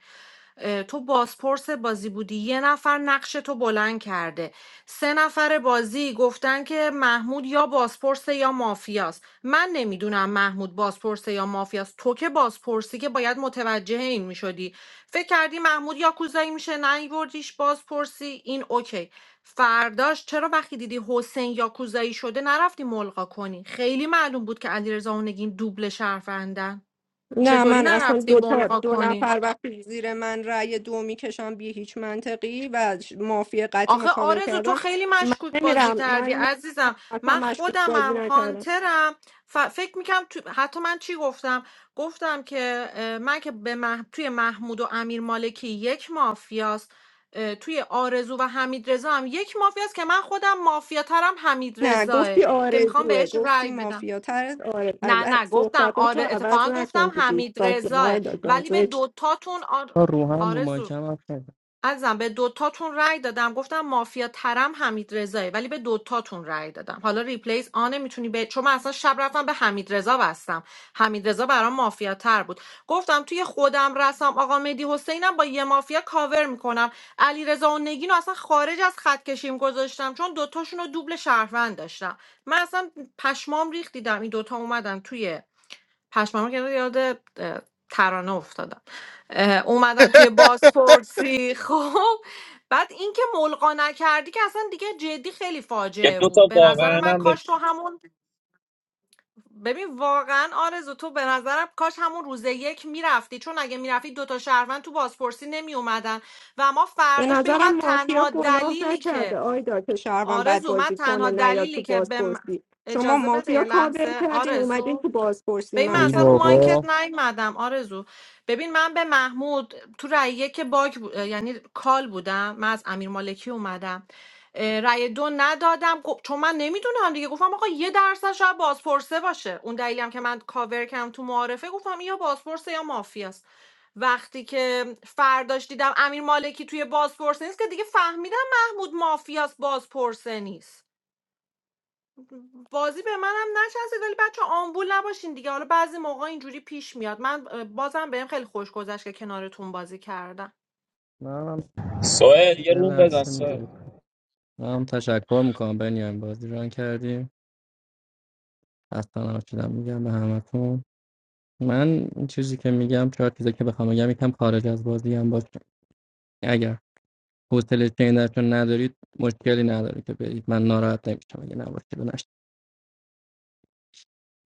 Speaker 14: اه، تو بازپرس بازی بودی یه نفر نقش تو بلند کرده سه نفر بازی گفتن که محمود یا بازپرس یا مافیاست من نمیدونم محمود بازپرس یا مافیاست تو که بازپرسی که باید متوجه این میشدی فکر کردی محمود یا کوزایی میشه نیوردیش بازپرسی این اوکی فرداش چرا وقتی دیدی حسین یاکوزایی شده نرفتی ملغا کنی خیلی معلوم بود که علیرضا اونگین دوبل شهروندن
Speaker 6: نه
Speaker 14: چطوری
Speaker 6: من اصلا
Speaker 14: نرفتی
Speaker 6: دو, تا
Speaker 14: ملغا
Speaker 6: دو
Speaker 14: کنی
Speaker 6: نفر وقتی زیر من رأی دو میکشن بی هیچ منطقی و ش- مافیا قطعی
Speaker 14: آخه
Speaker 6: مکاور
Speaker 14: آرزو تو
Speaker 6: کردن
Speaker 14: خیلی
Speaker 6: من
Speaker 14: مشکوک بازی
Speaker 6: نمیرم
Speaker 14: کردی
Speaker 6: من
Speaker 14: عزیزم
Speaker 6: اصلا
Speaker 14: من
Speaker 6: مشکوک بازی
Speaker 14: خودمم
Speaker 6: نکردم
Speaker 14: هانترم ف... فکر میکنم تو... حتی من چی گفتم گفتم که اه، من که به مح... توی محمود و امیر مالکی یک مافیاست اه، توی آرزو و حمید رضا هم یک مافیاست که من خودم مافیاترم حمید
Speaker 6: نه
Speaker 14: رضاه
Speaker 6: گفتی
Speaker 14: که میخوام
Speaker 6: آرزوه
Speaker 14: بهش
Speaker 6: گفتی
Speaker 14: رأی بدم
Speaker 6: مافیا تر از آرز از
Speaker 14: نه
Speaker 6: از
Speaker 14: نه گفتم
Speaker 6: صحبتاتو
Speaker 14: آره
Speaker 6: عوض
Speaker 14: اتفاقا
Speaker 6: نکن
Speaker 14: گفتم
Speaker 6: تو
Speaker 14: حمید
Speaker 6: دیسکاشن
Speaker 14: رضاه
Speaker 6: آیدا جان
Speaker 14: ولی به
Speaker 6: زشت.
Speaker 14: دوتاتون آر...
Speaker 8: تا رو هم رو
Speaker 14: آرزو
Speaker 8: مایکم هست
Speaker 14: عزیزم به دوتاتون رای دادم گفتم مافیا ترم حمید رضایی ولی به دوتاتون رای دادم حالا ریپلیز آنه میتونی به چون من اصلا شب رفتم به حمیدرضا رضا بستم حمید برام مافیا تر بود گفتم توی خودم رسام آقا مهدی حسینم با یه مافیا کاور میکنم علی رضا و نگین رو اصلا خارج از خط کشیم گذاشتم چون دوتاشون رو دوبل شهروند داشتم من اصلا پشمام ریخت دیدم این دوتا اومدن توی پشمام که یاد اه، ترانه افتادم اه، اومدن توی بازپرسی [LAUGHS] خب بعد اینکه ملقا نکردی که اصلا دیگه جدی خیلی
Speaker 20: یه
Speaker 14: فاجعه
Speaker 20: دو تا
Speaker 14: بود به نظر
Speaker 20: واقعا
Speaker 14: من
Speaker 20: هم به
Speaker 14: کاش تو همون ببین واقعا آرزو تو به نظرم کاش همون روز یک میرفتی چون اگه میرفتی دوتا شهروند تو بازپرسی نمی اومدن و ما
Speaker 6: به
Speaker 14: فرداش ببین
Speaker 6: نظرم
Speaker 14: من
Speaker 6: مافیا
Speaker 14: تنها
Speaker 6: گناه
Speaker 14: دلیلی
Speaker 6: نکرده
Speaker 14: که
Speaker 6: آیدا که شهروند بد
Speaker 14: آرزو من
Speaker 6: بازی
Speaker 14: تنها
Speaker 6: کنه نه یا تو
Speaker 14: دلیلی که به من-
Speaker 6: بازپرسی شما
Speaker 14: اجازه بده
Speaker 6: مافیا
Speaker 14: یه
Speaker 6: کاور
Speaker 14: لحظه
Speaker 6: کردین
Speaker 14: آرزو
Speaker 6: اومدین تو بازپرسی
Speaker 14: ببین من
Speaker 8: ای
Speaker 14: اصلا رو
Speaker 6: منطق بازی
Speaker 14: مایکت
Speaker 8: بابا
Speaker 14: نیومدم آرزو ببین من به محمود تو رأی که باگ بود- یعنی کال بودم من از امیر مالکی اومدم اه، رأی دو ندادم گف- چون من نمیدونم دیگه گفتم آقا یه درصد شاید بازپرسه باشه اون دلیلی هم که من کاور کردم تو معارفه گفتم این یا بازپرسه یا مافیاست وقتی که فرداش دیدم امیر مالکی توی بازپرسه نیست که دیگه فهمیدم محمود مافیاست بازپرسه نیست بازی به منم نچسبید ولی بچه آمبول نباشین دیگه حالا بعضی موقع اینجوری پیش میاد من اه، بازم بهم خیلی خوش گذشت که کنارتون بازی کردم
Speaker 8: نه
Speaker 20: سوهل یه
Speaker 8: یه
Speaker 20: روم بزن
Speaker 8: لحظه
Speaker 20: سوهل
Speaker 8: میذاری هم تشکر میکنم بنیام بازی ران کردیم اصلا نشدم میگم به همتون من این چیزی که میگم چهار چیزی که بخوام بگم یکم خارج از بازی هم باشه اگر حوصله چینتون ندارید مشکلی نداره که برید من ناراحت نمیشم اگه نباشه بنش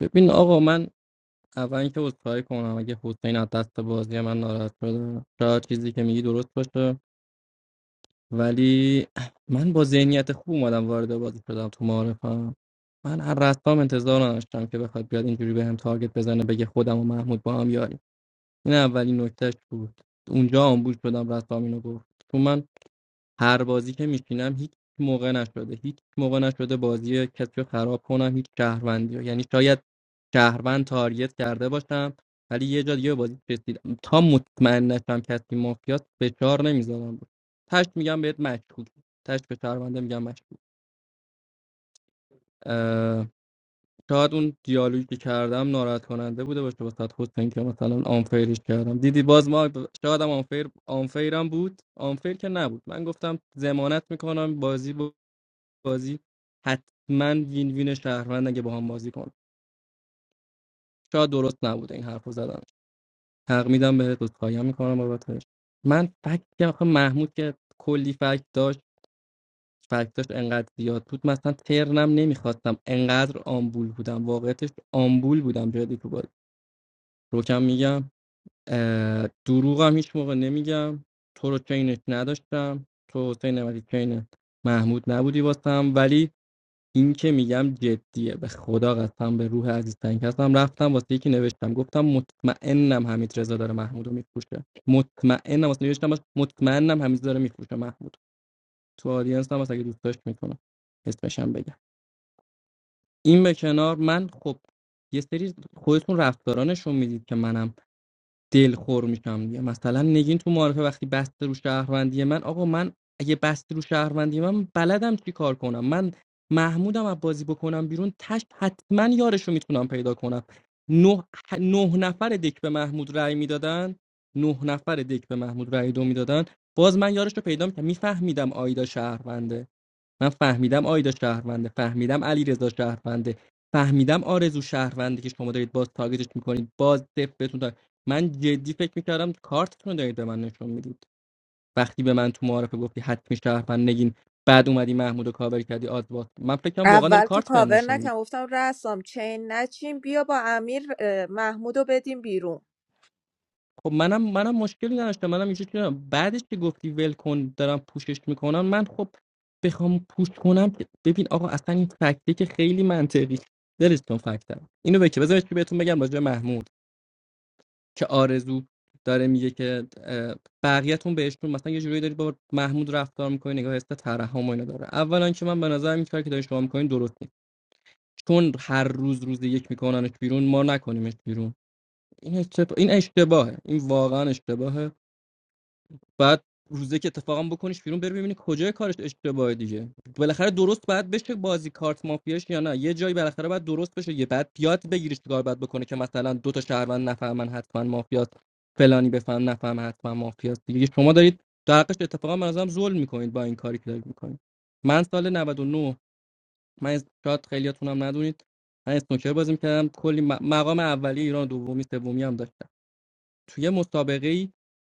Speaker 8: ببین آقا من اول اینکه عذرخواهی کنم اگه حسین از دست بازی من ناراحت شده چهار چیزی که میگی درست باشه ولی من با ذهنیت خوب اومدم وارد بازی شدم تو معارفم من از رستام انتظار نداشتم که بخواد بیاد اینجوری به هم تارگت بزنه بگه خودم و محمود با هم یاری این اولین نکتهش بود اونجا آمبول شدم رستام اینو گفت تو من هر بازی که میشینم هیچ موقع نشده هیچ موقع نشده بازی کسی رو خراب کنم هیچ شهروندی رو یعنی شاید شهروند تاریت کرده باشم ولی یه جا دیگه به بازی رسیدم تا مطمئن نشم کسی مافیاست فشار نمیذارم بود تش میگم بهت مشکوک تش به شهرونده میگم مشکوک اه، شاید اون دیالوگی که کردم ناراحت کننده بوده باشه واسه حسین که مثلا آنفیرش کردم دیدی باز ما شاید هم آنفیر آنفیرم بود آنفیر که نبود من گفتم ضمانت میکنم بازی بازی حتما وین وین شهروند اگه با هم بازی کن شاید درست نبوده این حرفو زدن حق میدم بهت عذرخواهی میکنم بابتش من فکت که آخه محمود که کلی فکت داشت فکتاش انقدر زیاد بود مثلا ترنم نمیخواستم انقدر آمبول بودم واقعیتش آمبول بودم جدی تو بازی روکم میگم اه، دروغم هیچ موقع نمیگم تو رو چینش نداشتم تو حسین نمدی چین محمود نبودی واسم ولی این که میگم جدیه به خدا قسم به روح عزیز تنگ هستم رفتم واسه یکی نوشتم گفتم مطمئنم حمید رضا داره محمود رو میفروشه مطمئنم واسه نوشتم باش مطمئنم حمید داره میفروشه محمود تو آدینس هم واسه اگه دوست داشت میکنم اسمشم بگم این به کنار من خب یه سری خودتون رفتارانشون میدید که منم دلخور میشم دیگه مثلا نگین تو معارفه وقتی بسته رو شهروندی من آقا من اگه بسته رو شهروندی من بلدم چی کار کنم من محمودم از بازی بکنم بیرون تش حتما یارشو میتونم پیدا کنم نه, نه نفر دک به محمود رأی میدادن نه نفر دک به محمود رأی دو میدادن باز من یارش رو پیدا میکنم میفهمیدم آیدا شهرونده من فهمیدم آیدا شهرونده فهمیدم علیرضا شهرونده فهمیدم آرزو شهرونده که شما دارید باز تارگتش میکنید باز دف بهتون تارگت- من جدی فکر میکردم کارتتون رو دارید به من نشون میدید وقتی به من تو معارفه گفتی حتمی شهروند نگین بعد اومدی محمود و کابر کردی آدوات من فکرم واقعا داری
Speaker 7: اول که
Speaker 8: کارت بهم
Speaker 7: کاور
Speaker 8: نشون میدی
Speaker 7: نکم گفتم رسام چین نچین بیا با امیر اه، محمود رو بدیم بیرون
Speaker 8: خب منم منم مشکلی نداشتم منم اینجوری کردم بعدش که گفتی ول کن دارم پوشش میکنم من خب بخوام پوش کنم که- ببین آقا اصلا این فکته که خیلی منطقی دلش کن فکتم اینو بگی بذارید که بهتون بگم راجع به محمود که آرزو داره میگه که اه، بقیه‌تون بهشون مثلا یه جوری دارید با محمود رفتار میکنید نگاه هست ترحم و اینا داره اولا که من به نظر این کاری که دارین شما میکنین درست نیست چون هر روز روز یک میکننش بیرون ما نکنیمش بیرون این اشتباه این اشتباهه این واقعا اشتباهه بعد روزه که اتفاقا بکنیش بیرون بری ببینی کجای کارش اشتباهه دیگه بالاخره درست باید بشه بازی کارت مافیاش یا نه یه جایی بالاخره باید درست بشه یه بعد یاد بگیریش چیکار باید بکنه که مثلا دو تا شهروند نفهمن حتما مافیاست فلانی بفهم نفهم حتما مافیاست دیگه شما دارید در حقش اتفاقا به نظرم ظلم میکنید با این کاری که دارید میکنید من سال 99 من از- شاید خیلیاتونم ندونید من اسنوکر بازی میکردم کلی م- مقام اولی ایران دومی سومی هم داشتم توی مسابقه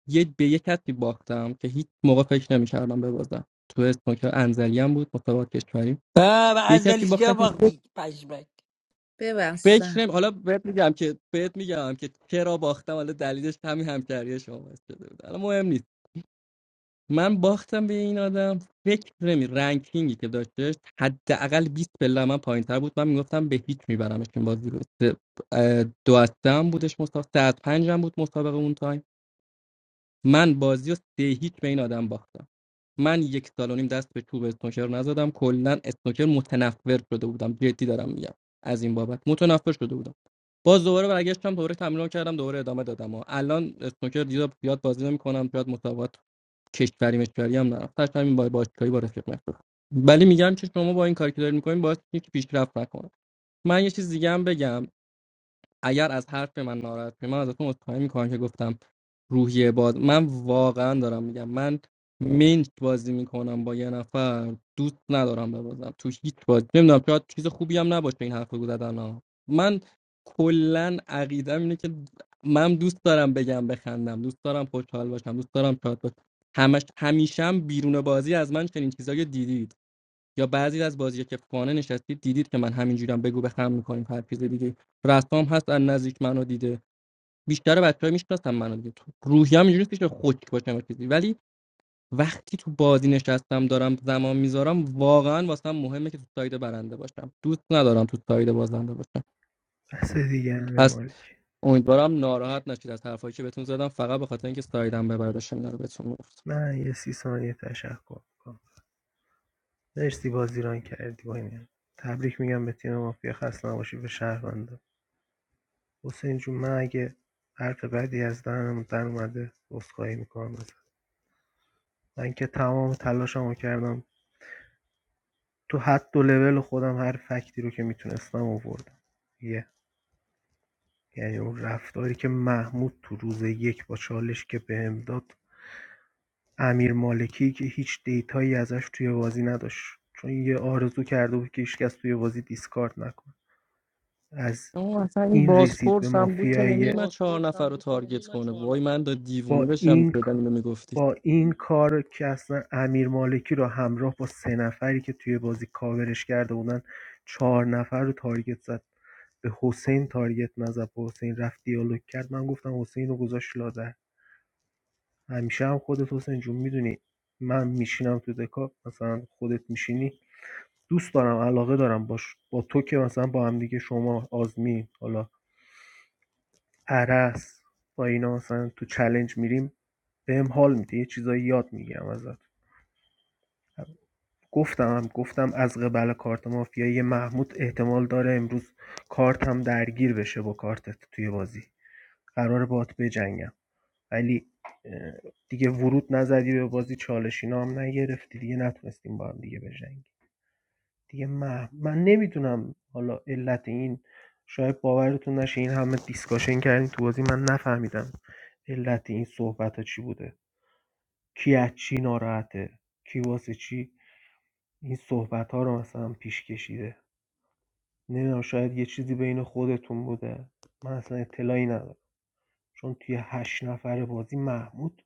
Speaker 8: یه به یه کسی باختم که هیچ موقع فکر نمی‌کردم ببازم تو اسنوکر انزلی هم بود مسابقات کشوری
Speaker 17: آه، به
Speaker 8: به یه کسی
Speaker 17: ازدلیش
Speaker 8: باختم
Speaker 17: ها
Speaker 8: که
Speaker 17: باختی پشمک
Speaker 8: فکر
Speaker 7: ببستم
Speaker 8: نمی حالا بهت میگم که بهت میگم که چرا باختم حالا دلیلش همین همکاری شما باعث شده بود حالا مهم نیست من باختم به این آدم فکر نمی رنکینگی که داشتش حداقل 20 پله من پایینتر بود من میگفتم به هیچ میبرمش این بازی رو سه- دو از بودش مسابقه سه از پنج هم بود مسابقه اون تایم من بازی و سه هیچ به این آدم باختم من یک سال و نیم دست به چوب اسنوکر نزدم کلا اسنوکر متنفر شده بودم جدی دارم میگم از این بابت متنفر شده بودم باز دوباره برگشتم دوباره تمرین کردم دوباره ادامه دادم و الان اسنوکر دیگه زیاد بازی نمیکنم زیاد مسابقات کشوری مشوری هم نرفت داشتم این با باشگاهی با رفیق مشغول. ولی میگم که شما با این کاری که دارین میکنین باعث میشه که پیشرفت نکنه من یه چیز دیگه هم بگم اگر از حرف من ناراحت شدی، من ازتون عذرخواهی میکنم که گفتم روحیه باد من واقعا دارم میگم من منچ بازی میکنم با یه نفر دوست ندارم ببازم تو هیچ بازی نمیدونم شاید چیز خوبی هم نباشه این حرف رو زدن ها. من کلا عقیدم اینه که من دوست دارم بگم بخندم دوست دارم خوشحال باشم دوست دارم شاد باشم همش همیشه هم بیرون بازی از من چنین چیزایی دیدید یا بعضی از بازی که خانه نشستید دیدید که من همینجوریم بگو بخم میکنیم هر چیز دیگه رسام هست از نزدیک منو دیده بیشتر بچه‌ها میشناسن منو دیگه تو روحی هم اینجوری نیست که خشک باشم چیزی ولی وقتی تو بازی نشستم دارم زمان میذارم واقعا واسم مهمه که تو ساید برنده باشم دوست ندارم تو ساید بازنده باشم
Speaker 18: بس دیگه امیر
Speaker 8: پس
Speaker 18: مالک
Speaker 8: امیدوارم ناراحت نشید از حرفایی که بهتون زدم فقط به خاطر اینکه سایدم ببرداشتم اینا رو بهتون گفتم
Speaker 18: من یه سی ثانیه تشکر میکنم مرسی بازیران کردی با این تبریک میگم به تیم مافیا خسته نباشی به شهروندا حسین جون من اگه حرف بدی از دهنم در اومده عذرخواهی میکنم ازت. من که تمام تلاشمو کردم تو حد و لول خودم هر فکتی رو که میتونستم آوردم یه یعنی اون رفتاری که محمود تو روز یک با چالش که بهم داد امیر مالکی که هیچ دیتایی ازش توی بازی نداشت چون یه آرزو کرده بود که هیچکس توی بازی دیسکارد نکنه از
Speaker 8: آه، اصلا این
Speaker 18: این رسید به
Speaker 8: بازپرس هم بود که
Speaker 18: مافیای
Speaker 8: نمیومد چهار نفر رو تارگت کنه وای من دا دیوونه
Speaker 18: با
Speaker 8: بشم
Speaker 18: این
Speaker 8: شدم اینو میگفتید
Speaker 18: با این کار که اصلا امیر مالکی رو همراه با سه نفری که توی بازی کاورش کرده بودن چهار نفر رو تارگت زد به حسین تارگت نزد با حسین رفت دیالوگ کرد من گفتم حسین رو گذاشت لادر همیشه هم خودت حسین جون میدونی من میشینم تو دکا مثلا خودت میشینی دوست دارم علاقه دارم باش با تو که مثلا با هم دیگه شما آزمین حالا عرض با اینا مثلا تو چلنج میریم بهم حال میده یه چیزایی یاد میگیرم ازت گفتم هم گفتم از قبل کارت مافیایی محمود احتمال داره امروز کارت هم درگیر بشه با کارتت توی بازی قرار باهات بجنگم ولی اه، دیگه ورود نزدی به بازی چالشینا هم نگرفتی دیگه نتونستیم با هم دیگه بجنگیم دیگه مه من نمیدونم حالا علت این شاید باورتون نشه این همه دیسکاشن کردیم تو بازی من نفهمیدم علت این صحبت ها چی بوده کی از چی ناراحته کی واسه چی این صحبت ها رو مثلا پیش کشیده نمیدونم شاید یه چیزی بین خودتون بوده من اصلا اطلاعی ندارم چون توی هشت نفر بازی محمود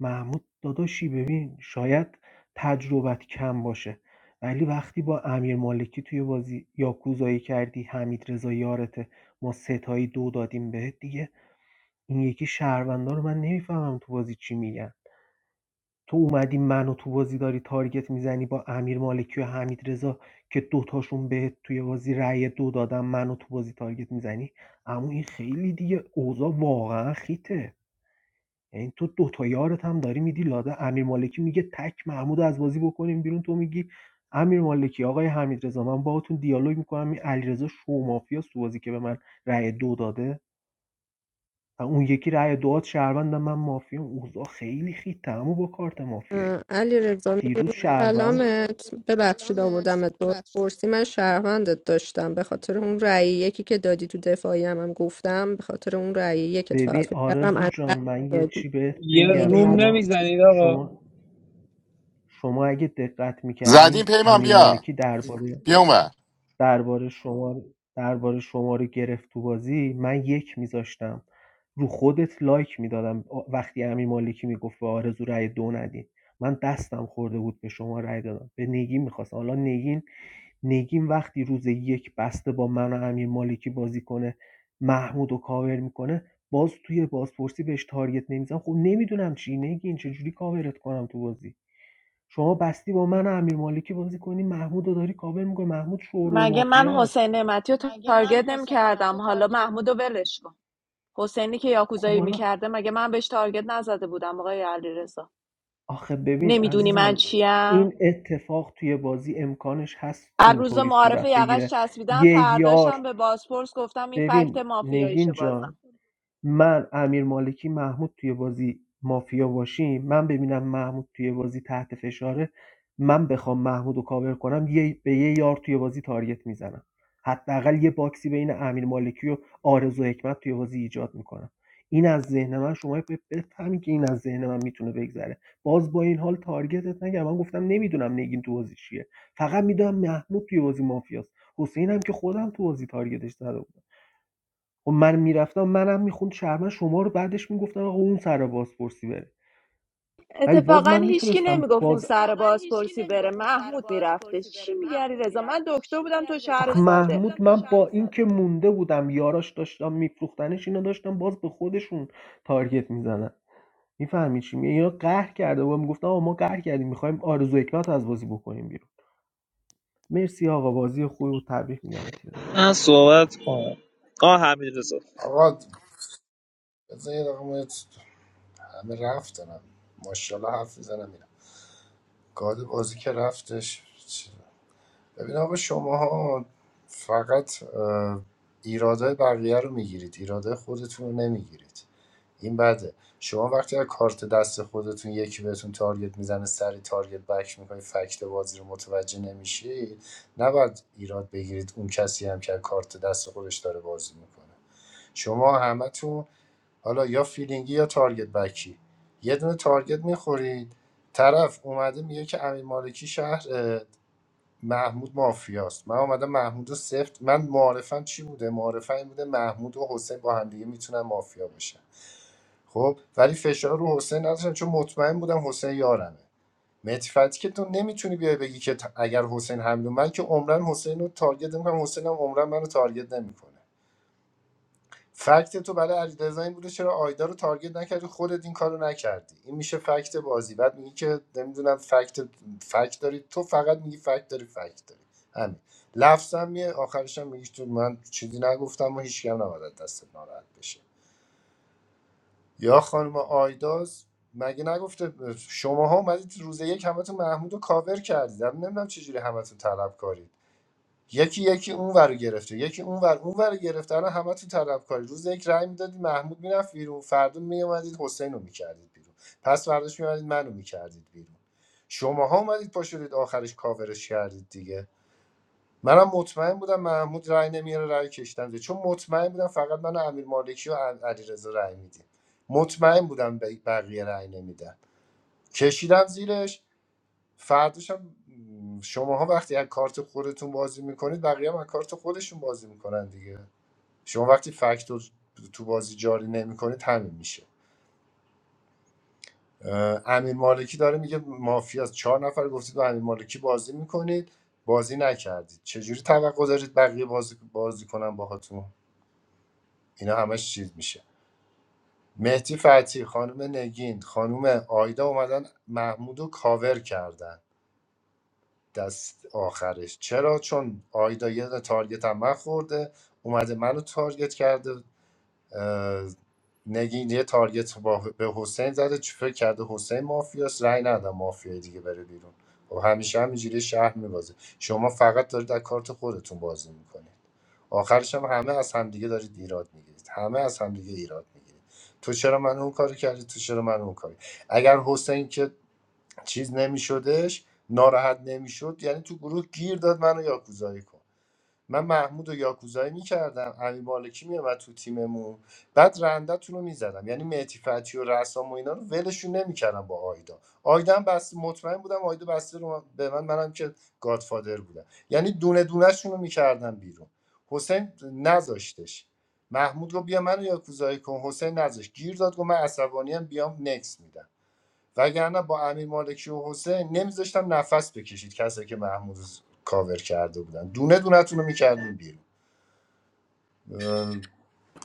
Speaker 18: محمود داداشی ببین شاید تجربت کم باشه ولی وقتی با امیر مالکی توی بازی یاکوزایی کردی حمید رضا یارته ما ستایی دو دادیم بهت دیگه این یکی شهروندا رو من نمیفهمم تو بازی چی میگن تو اومدی منو تو بازی داری تارگت میزنی با امیر مالکی و حمید رضا که دوتاشون بهت توی بازی رأی دو دادن منو تو بازی تارگت میزنی اما این خیلی دیگه اوضاع واقعا خیته یعنی تو دو تا یارت هم داری میدی لاده امیر مالکی میگه تک محمود از بازی بکنیم بیرون تو میگی امیر مالکی آقای حمید رضا من باهاتون دیالوگ میکنم این علیرضا شو مافیا تو بازی که به من رأی دو داده و اون یکی رأی دوات شهروندم من مافیا اوضاع خیلی خیته با کارت مافیایی
Speaker 6: اه، علی رضا
Speaker 18: دیروز
Speaker 6: می‌بینی
Speaker 18: شهروند
Speaker 6: سلامت ببخشید آوردمت بازپرسی من شهروندت داشتم به خاطر اون رأی یکی که دادی تو دفاعی هم, هم گفتم به خاطر اون رأی یکت فقط
Speaker 18: ببین
Speaker 6: فکر کردم
Speaker 18: آرزو
Speaker 6: از
Speaker 18: جان
Speaker 6: دست
Speaker 18: من یه
Speaker 6: دادی.
Speaker 18: چی بهت
Speaker 20: یه
Speaker 18: بگم
Speaker 6: خیلی
Speaker 20: روم
Speaker 6: مشکوک
Speaker 18: شما
Speaker 6: بود.
Speaker 20: نمیزنید آقا
Speaker 18: شما شما اگه دقت
Speaker 5: زدین
Speaker 18: میکردین
Speaker 5: پیمان
Speaker 18: امیر
Speaker 5: بیا
Speaker 18: مالکی درباره
Speaker 5: بیا اونور.
Speaker 18: درباره شما درباره شما رو گرفت تو بازی من یک میذاشتم رو خودت لایک میدادم وقتی امیر مالکی میگفت به آرزو رأی دو ندین من دستم خورده بود به شما رای دادم به نگین میخواستم حالا نگین نگین وقتی روز یک بسته با من و امیر مالکی بازی کنه محمود و کاور میکنه باز توی بازپرسی بهش تارگت نمیزنم خب نمیدونم چی نگین چجوری کاورت کنم تو بازی شما بستی با من و امیرمالکی بازی کنی محمود رو داری کاور میکنی محمود شورول
Speaker 7: مگه من
Speaker 18: مافیاست
Speaker 7: حسین نعمتی رو تارگت نمی کردم حالا محمود رو ولش کن حسینی که
Speaker 18: خب
Speaker 7: یاکوزایی
Speaker 18: حالا
Speaker 7: میکرده مگه من بهش تارگت نزده بودم آقای علیرضا
Speaker 18: آخه ببین
Speaker 7: نمیدونی من
Speaker 18: عزیزم
Speaker 7: چیم
Speaker 18: این اتفاق توی بازی امکانش هست
Speaker 7: هر روز
Speaker 18: اینطوری
Speaker 7: معارف
Speaker 18: صورت
Speaker 7: یقش
Speaker 18: بگیره
Speaker 7: چسبیدم
Speaker 18: یه یار
Speaker 7: فرداشم به بازپرس گفتم این فکت
Speaker 18: ببین نگین
Speaker 7: مافیاییشه بازم
Speaker 18: جان من امیر مالکی محمود توی بازی مافیا باشیم من ببینم محمود توی بازی تحت فشاره من بخوام محمود رو کاور کنم یه به یه یار توی بازی تارگت میزنم حداقل یه باکسی بین امیر مالکی و آرزو حکمت توی بازی ایجاد میکنم این از ذهن من شما ب- بفهمی که این از ذهن من میتونه بگذره باز با این حال تارگتت نگم من گفتم نمیدونم نگین تو بازی چیه فقط میدونم محمود توی بازی مافیاست حسینم که خودم تو بازی تارگتش زدم خب من میرفتم منم میخوند شهرمن شما رو بعدش میگفتن آقا اون سر بازپرسی بره ولی باز
Speaker 7: اتفاقا
Speaker 18: من
Speaker 7: هیچکی
Speaker 18: میتونستم
Speaker 7: نمیگفت اون
Speaker 18: باز
Speaker 7: سر بازپرسی بره محمود میرفتش چی میگری رضا من دکتر بودم تو شهر
Speaker 18: آخ
Speaker 7: ساده
Speaker 18: محمود من با اینکه ساده مونده بودم یاراش داشتم میفروختنش اینا داشتم باز به خودشون تارگت میزنن میفهمی چی میگه اینا قهر کرده بودم میگفتم آقا ما قهر کردیم میخوایم آرزو حکمت از بازی بکنیم بیرون مرسی آقا بازی خوبی و تبریک میگم به تیم ما.
Speaker 3: من صحبت کنم آه حمیدرضا
Speaker 4: آقا بذار یه دقیقه ما- همه رفتن ماشاءالله حرف میزنم میرم گاد بازی که رفتش چی- ببین آقا شما فقط اه، ایرادای بقیه رو میگیرید ایرادای خودتون رو نمیگیرید این بده شما وقتی از کارت دست خودتون یکی بهتون تارگت میزنه سری تارگت بک میکنی فکت بازی رو متوجه نمیشید نباید ایراد بگیرید اون کسی هم که کارت دست خودش داره بازی میکنه شما همتون حالا یا فیلینگی یا تارگت بکی یه دونه تارگت میخورید طرف اومده میگه که امیر مالکی شهر محمود مافیاست من اومدم محمود رو سفت من معارفم چی بوده معارفم این بوده محمود و حسین با هم دیگه میتونن مافیا بشن خب ولی فشار رو حسین نذاشتم چون مطمئن بودم حسین یارمه متفتی که تو نمیتونی بیای بگی که ت- اگر حسین حمله من که عمرن حسین رو تارگت نمیکنم حسین هم عمرن منو تارگت نمیکنه فکت تو برای علیرضا این بوده چرا آیدا رو تارگت نکردی خودت این کارو نکردی این میشه فکت بازی بعد میگی که نمیدونم فکت فکت داری تو فقط میگی فکت داری فکت داری همین لفظ هم میه آخرش هم میگی تو من چیزی نگفتم و هیچ کم نباید از دست ناراحت بشه یا خانم آیداز مگه نگفته شماها اومدید روز یک همتون محمود رو کاور کردید من نمیدونم چجوری همتون طلب یکی یکی اون ور رو گرفته یکی اون ور اون ور رو گرفته الان همه طلبکاری روز یک رای میدادی محمود میرفت بیرون فردا میومدید حسین رو میکردید بیرون پس فرداش میومدید منو میکردید بیرون شماها اومدید پا شدید آخرش کاورش کردید دیگه منم مطمئن بودم محمود رای نمیاره رای کشتم زیر. چون مطمئن بودم فقط من و امیر مالکی و علیرضا رای میدیم مطمئن بودم ب- بقیه رای نمیدن کشیدم زیرش فرداش هم شماها وقتی از کارت خودتون بازی میکنید بقیه هم از کارت خودشون بازی میکنن دیگه شما وقتی فکتور تو بازی جاری نمیکنید همین میشه اه، امیر مالکی داره میگه مافیا است. چهار نفر گفتید با امیر مالکی بازی میکنید بازی نکردید چجوری توقع دارید بقیه بازی, بازی کنن باهاتون اینا همش چیز میشه مهدی فتی خانم نگین خانم آیدا اومدن محمود رو کاور کردن دست آخرش چرا چون آیدا یه دونه تارگت هم من خورده اومده منو تارگت کرده اه، نگین یه تارگت با به حسین زده چه فکر کرده حسین مافیاست رأی ندادم مافیای دیگه بره بیرون خب همیشه همینجوری شهر میبازه شما فقط دارید از کارت خودتون بازی میکنید آخرش هم همه از همدیگه دارید ایراد میگیرید همه از همدیگه ایراد میگیرید تو چرا من اون کاری کردی تو چرا من اون کاری اگر حسین که چیز نمیشدش ناراحت نمیشد یعنی تو گروه گیر داد منو یاکوزایی کن من محمود و یاکوزایی میکردم امی مالکی میومد تو تیممون بعد رندتون رو میزدم یعنی مهتی فتی و رسام و اینا رو ولشون نمیکردم با آیدا آیدا هم بس مطمئن بودم آیدا بسته رو من- به من منم که گادفادر بودم یعنی دونه دونهشون رو میکردم بیرون حسین نذاشتش محمود گفت بیا منو یاکوزایی کن حسین نذاشت گیر داد گفت من عصبانیم بیام نکس میدم وگرنه با امیر مالکی و حسین نمیذاشتم نفس بکشید کسایی که محمود رو کاور کرده بودن دونه دونتون رو میکردیم بیرون اه،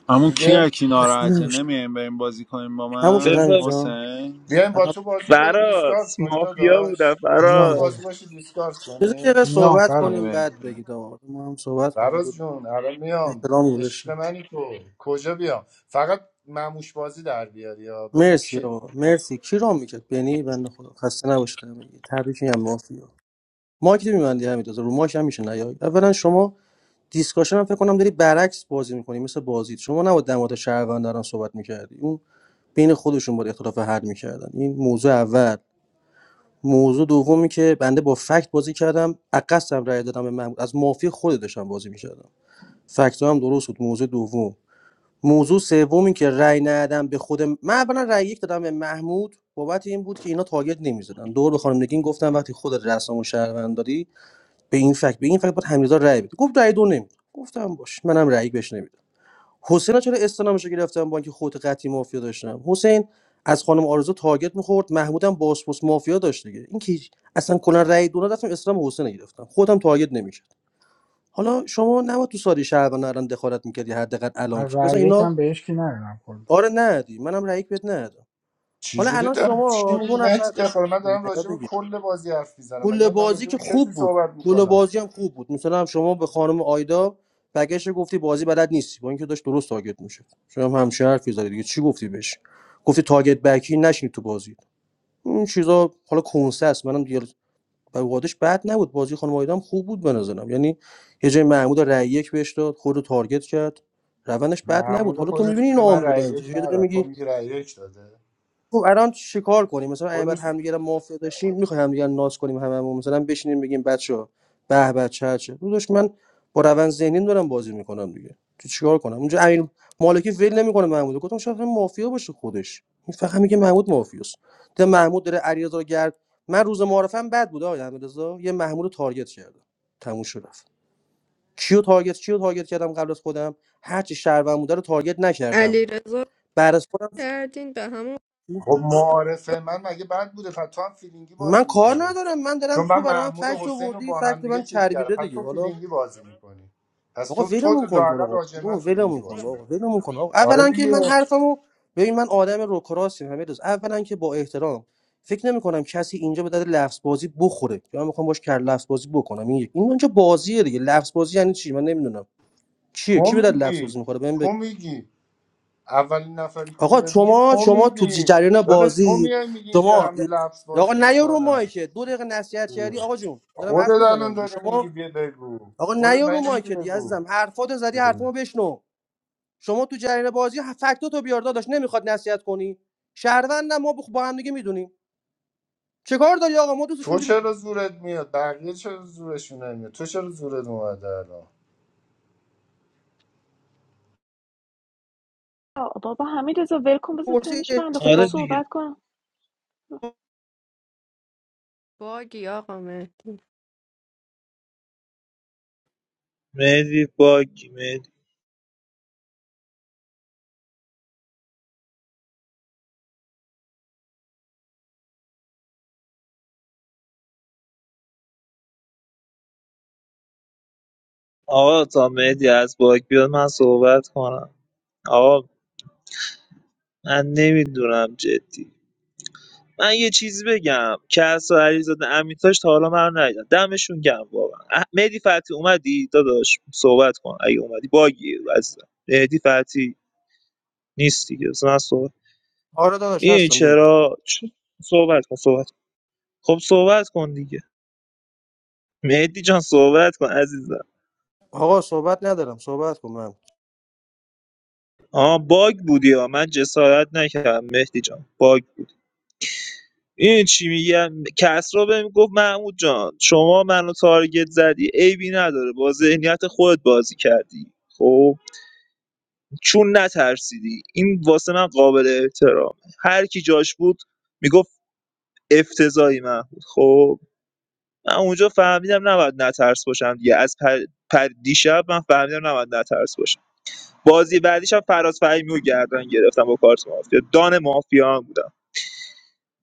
Speaker 22: همون
Speaker 4: دیگه
Speaker 22: کی کی
Speaker 16: اصلا
Speaker 22: ناراحته
Speaker 16: نباشه.
Speaker 22: نمیایم بریم بازی کنیم با
Speaker 16: تموم شد
Speaker 22: من
Speaker 16: همین جان
Speaker 22: حسین
Speaker 4: بیایم با تو بازی کنیم دیسکارد
Speaker 3: فراس
Speaker 4: کنی
Speaker 3: مافیا بودم
Speaker 4: داداش دکتر
Speaker 2: میام
Speaker 3: فراس
Speaker 2: دادا
Speaker 4: بازی باشی دیسکارد
Speaker 16: بذار یه
Speaker 4: کنی
Speaker 16: دقیقه
Speaker 2: میام
Speaker 16: صحبت
Speaker 22: بیا
Speaker 2: فراز
Speaker 16: کنیم بعد
Speaker 22: بریم
Speaker 16: بگید آقا ما هم صحبت کنیم
Speaker 4: فراز
Speaker 16: دو
Speaker 4: جون الان میام
Speaker 16: احترام
Speaker 4: عشق
Speaker 16: گذاشتیم
Speaker 4: منی تو کجا بیام فقط مموش بازی در بیاری یا بگو
Speaker 16: مرسی
Speaker 4: کی
Speaker 16: آقا مرسی کی رو میکرد بنی بنده خدا خسته نباشید بگید تبریک میگم مافیا مایک تو میبندی همین دازه رو مایک هم میشه نیاید اولا شما دیسکاشن هم فکر کنم داری برعکس بازی میکنی مثل بازید شما نباید در مورد شهروندان صحبت میکردی اون بین خودشون باید اختلاف حل میکردن این موضوع اول موضوع دومی که بنده با فکت بازی کردم عقصم رای دادم به محمود از مافی خود داشتم بازی میکردم فکت هم درست بود موضوع دوم موضوع سومی که رأی ندادم به خود من اولا رأی یک دادم به محمود بابت این بود که اینا تارگت نمی‌زدن دور به خانم نگین گفتم وقتی خودت رسام و شهروند داری به این فکت به این فکت باید حمیدزاد رأی بده گفت رأی دو نمی‌دم گفتم باش منم رأی یک بهش نمیدم حسین چرا استنامش گرفتم با اینکه خود قطعی مافیا داشتم حسین از خانم آرزو تارگت میخورد محمودم باسپوس مافیا داشت دیگه این که هیچ- اصلا کلا رأی دو ندادم اسلام حسین رو گرفتم خودم تارگت نمی‌شد حالا شما نباید تو ساری شهروند الان دخالت می‌کردی حداقل الان
Speaker 2: از
Speaker 16: که بزن
Speaker 2: رأی
Speaker 16: اینا
Speaker 2: یکم بهش که ندادم کلا
Speaker 16: آره ندی منم رأی یک بهت ندادم حالا
Speaker 4: چجوری
Speaker 16: الان
Speaker 4: دارم چی
Speaker 16: شما دو
Speaker 4: میگی مهدی
Speaker 16: نفر
Speaker 4: دخال من دارم
Speaker 16: نیا
Speaker 4: راجع به
Speaker 16: دیگه
Speaker 4: کل بازی حرف میزنم مگه
Speaker 16: کل
Speaker 4: من دارم
Speaker 16: بازی
Speaker 4: راجع
Speaker 16: که
Speaker 4: به کسی
Speaker 16: خوب بود
Speaker 4: صحبت
Speaker 16: کل
Speaker 4: میکنم
Speaker 16: بازی هم خوب بود مثلا شما به خانم آیدا بگش گفتی بازی بلد نیستی با اینکه داشت درست تاگت میشه شما هم همچین حرفی زدی دیگه چی گفتی بهش گفتی تاگت بکی نشین تو بازی این چیزا حالا کنسه است منم دیگه به وادش بد نبود بازی خانم آیدا هم خوب بود به نظرم یعنی یه جای محمود رأی یک بهش داد خود رو تارگت کرد روندش بد نبود
Speaker 4: محمود
Speaker 16: حالا تو
Speaker 4: خودش
Speaker 16: میبینی
Speaker 4: میگه
Speaker 16: اینا
Speaker 4: من
Speaker 16: آن
Speaker 4: رأی
Speaker 16: بودن
Speaker 4: یک
Speaker 16: چه داری
Speaker 4: ندارم تو
Speaker 16: میگی
Speaker 4: میگی رأی یک داده
Speaker 16: خب الان چیکار کنیم مثلا اگه بعد
Speaker 4: خودش
Speaker 16: همدیگه رو موافق داشتیم میخوایم همدیگه رو ناز کنیم هممون مثلا بشینیم بگیم بچه به به چه چه داداش من با روند ذهنی دارم بازی میکنم دیگه تو چیکار کنم اونجا امین مالکی ول نمیکنه محمود گفتم شاید هم مافیا باشه خودش این فقط میگه محمود مافیاست ده محمود داره علیرضا رو گرد من روز معارفم بد بود آقای احمدرضا یه محمود رو تارگت کردم تموم شد رفت کیو تارگت کیو تارگت کردم قبل از خودم هر چی شهروند بوده رو تارگت نکردم
Speaker 6: علی
Speaker 16: بعد از خودم
Speaker 6: کردین به همون
Speaker 4: خب معارفه من مگه بد بوده پس تو هم فیلینگی
Speaker 16: من
Speaker 4: بازی
Speaker 16: کار
Speaker 4: میکنی
Speaker 16: ندارم من دارم
Speaker 4: چون من
Speaker 16: تو برای من
Speaker 4: محمود و
Speaker 16: فکت
Speaker 4: حسین رو
Speaker 16: آوردی
Speaker 4: با
Speaker 16: فکت
Speaker 4: هم
Speaker 16: من
Speaker 4: دیگه چیز کردم
Speaker 16: چربیده
Speaker 4: پس تو
Speaker 16: دیگه حالا
Speaker 4: فیلینگی بازی میکنی پس
Speaker 16: آقا
Speaker 4: تو تو
Speaker 16: ولمون کن تو رو
Speaker 4: لااقل
Speaker 16: قرآن.
Speaker 4: راجع به من
Speaker 16: آقا
Speaker 4: فیلینگی
Speaker 16: ولمون کن
Speaker 4: بازی میکنی
Speaker 16: آقا ولمون کن آقا
Speaker 4: آره
Speaker 16: اولا که
Speaker 4: دیگه
Speaker 16: من حرفمو ببین من آدم روکراسی همه روز اولا که با احترام فکر نمی کنم کسی اینجا به درد لفظ بازی بخوره یا من میخوام باش کر لفظ بازی بکنم این یک این اونجا بازیه دیگه لفظ بازی یعنی چی من نمیدونم کیه
Speaker 4: تو
Speaker 16: کی به درد لفظ
Speaker 4: میگی
Speaker 16: بازی میخوره بهم
Speaker 4: تو
Speaker 16: بگی
Speaker 4: میگی اولین نفری که
Speaker 16: آقا
Speaker 4: میاد میگه
Speaker 16: شما
Speaker 4: تو
Speaker 16: شما تو
Speaker 4: میگی
Speaker 16: جریان
Speaker 4: داداش تو
Speaker 16: بازی
Speaker 4: میای میگی اینجا
Speaker 16: شما
Speaker 4: همه لفظ
Speaker 16: آقا
Speaker 4: بازی
Speaker 16: نیا رو
Speaker 4: میکنن
Speaker 16: مایکه دو دقیقه نصیحت کردی آقا جون دارم
Speaker 4: خودت
Speaker 16: حرف
Speaker 4: الان
Speaker 16: میزنم دیگه
Speaker 4: داری میگی
Speaker 16: شما
Speaker 4: بیا بگو
Speaker 16: آقا
Speaker 4: خودت
Speaker 16: نیا
Speaker 4: من
Speaker 16: رو
Speaker 4: نمیگی
Speaker 16: مایک دیگه
Speaker 4: بگو
Speaker 16: عزیزم حرفاتو زدی حرفمو بشنو شما تو جریان بازی فکتاتو بیار داداش نمیخواد نصیحت کنی شهروندم ما بخ- با هم دیگه میدونیم چه کار داری آقا ما دوستش
Speaker 4: تو
Speaker 16: اینجوری
Speaker 4: چرا زورت میاد بقیه چرا زورشون نمیاد تو چرا زورت اومده الان
Speaker 7: آه، بابا همین رضا ول کن بذار
Speaker 16: پرسی
Speaker 7: تنشو بنده خدا
Speaker 3: آره
Speaker 16: اشتباه.
Speaker 3: دیگه
Speaker 7: صحبت کنم [LAUGHS]
Speaker 6: باگی آقا مهدی
Speaker 3: مهدی. آقا تا مهدی از باک بیاد من صحبت کنم آقا من نمیدونم جدی من یه چیزی بگم کس و علیزاده امیتاش تا حالا من رو ندیدم دمشون گم واقعا اه، مهدی فتی اومدی داداش صحبت کن اگه اومدی باگی عزیزم مهدی فتی نیست دیگه مثلا صحبت
Speaker 16: آره داداش
Speaker 3: این
Speaker 16: هستم بگو
Speaker 3: چرا چ- صحبت کن صحبت کن. خب صحبت کن دیگه مهدی جان صحبت کن عزیزم
Speaker 16: آقا صحبت ندارم صحبت کن
Speaker 3: آها باگ بودی ها من جسارت نکردم مهدی جان باگ بود این چی میگم کسرا بهم گفت محمود جان شما منو تارگت زدی عیبی نداره با ذهنیت خودت بازی کردی خب چون نترسیدی این واسه من قابل احترام هر کی جاش بود میگفت افتضاحی محمود خب من اونجا فهمیدم نباید نترس باشم دیگه از پر... پر دیشب من فهمیدم نباید نترس باشم بازی بعدیش هم فراز فهیمی رو گردن گرفتم با کارت مافیا دان مافیا هم بودم